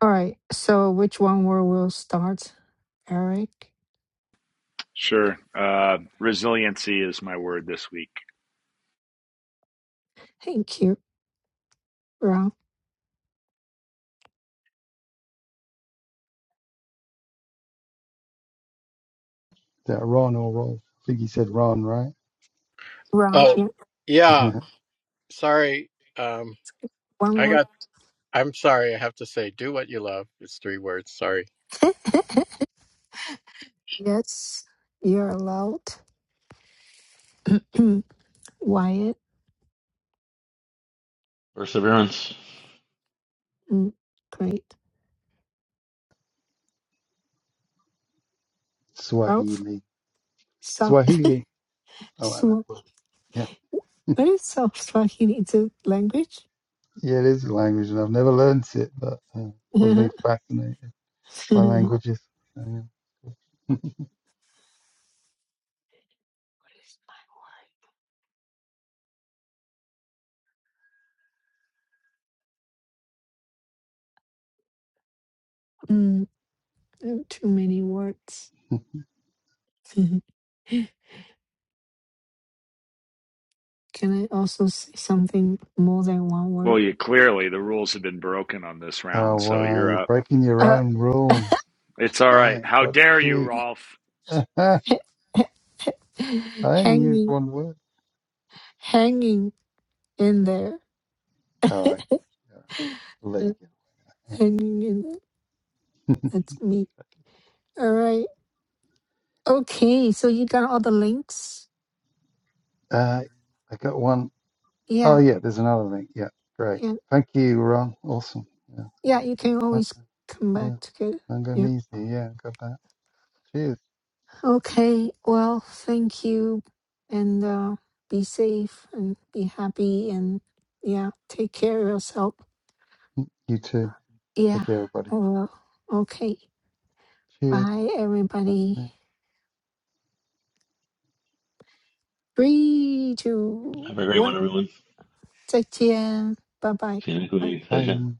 Speaker 1: All right. So which one word will start? Eric.
Speaker 2: Sure. Uh, resiliency is my word this week.
Speaker 1: Thank you. Ron.
Speaker 6: Ron or Rolf? I think he said Ron, right?
Speaker 1: Ron.
Speaker 3: Oh,
Speaker 1: Yeah.
Speaker 3: yeah.
Speaker 6: [laughs]
Speaker 3: Sorry, um,
Speaker 1: One
Speaker 3: I
Speaker 1: word.
Speaker 3: got. I'm sorry. I have to say, do what you love. It's three words. Sorry.
Speaker 1: Yes. You're allowed. Mm, Wyatt.
Speaker 5: perseverance.
Speaker 1: Mm, great. Ralph.
Speaker 6: Swahili.
Speaker 1: South.
Speaker 6: Swahili. I like that
Speaker 1: Swa-
Speaker 6: word. Yeah,
Speaker 1: What is South Swahili? It's a language?
Speaker 6: yeah, it is a language, and I've never learnt it, but uh,
Speaker 1: [laughs]
Speaker 6: was being
Speaker 1: what
Speaker 6: fascinated
Speaker 1: is
Speaker 6: by
Speaker 1: my
Speaker 6: languages. Yeah.
Speaker 1: word? Mm, there are too many words. [laughs] Can I also say something more than one
Speaker 2: Well,
Speaker 1: word?
Speaker 2: you clearly the rules have been broken on this
Speaker 6: Oh
Speaker 2: round, so
Speaker 6: wow, you're
Speaker 2: you're up.
Speaker 6: breaking your
Speaker 1: Uh.
Speaker 6: own rules.
Speaker 2: It's all right.
Speaker 6: Damn,
Speaker 2: How
Speaker 6: what
Speaker 2: dare you,
Speaker 6: cheat.
Speaker 2: Rolf?
Speaker 6: [laughs] I
Speaker 1: [laughs]
Speaker 6: ain't used
Speaker 1: hanging,
Speaker 6: one word.
Speaker 1: hanging in there,
Speaker 6: Oh, okay. all right. I'll let
Speaker 1: Uh,
Speaker 6: you go.
Speaker 1: hanging in there. That's me. All right. Okay. So you got all the links.
Speaker 6: Uh, I got one. Oh,
Speaker 1: Yeah.
Speaker 6: yeah, there's another link. Yeah, great.
Speaker 1: Yeah.
Speaker 6: Thank you, Ron. Awesome. Yeah,
Speaker 1: Yeah.
Speaker 6: very
Speaker 1: You
Speaker 6: cool.
Speaker 1: can always
Speaker 6: Okay,
Speaker 1: come back
Speaker 6: yeah,
Speaker 1: to get it. Yeah.
Speaker 6: Manganese. Yeah, got that. Cheers.
Speaker 1: Okay. Well, thank you, and uh, be safe and be happy and yeah, take care of yourself.
Speaker 6: You too. Take
Speaker 1: Yeah.
Speaker 6: care, everybody.
Speaker 1: I will. Okay.
Speaker 6: Cheers.
Speaker 1: Bye,
Speaker 6: Bye.
Speaker 1: everybody.
Speaker 6: for now.
Speaker 1: Three,
Speaker 5: Have a
Speaker 1: two,
Speaker 5: great one,
Speaker 1: one.
Speaker 5: everyone. See you next
Speaker 1: 再见，拜拜，拜拜拜，everyone。
Speaker 5: week.
Speaker 6: Bye.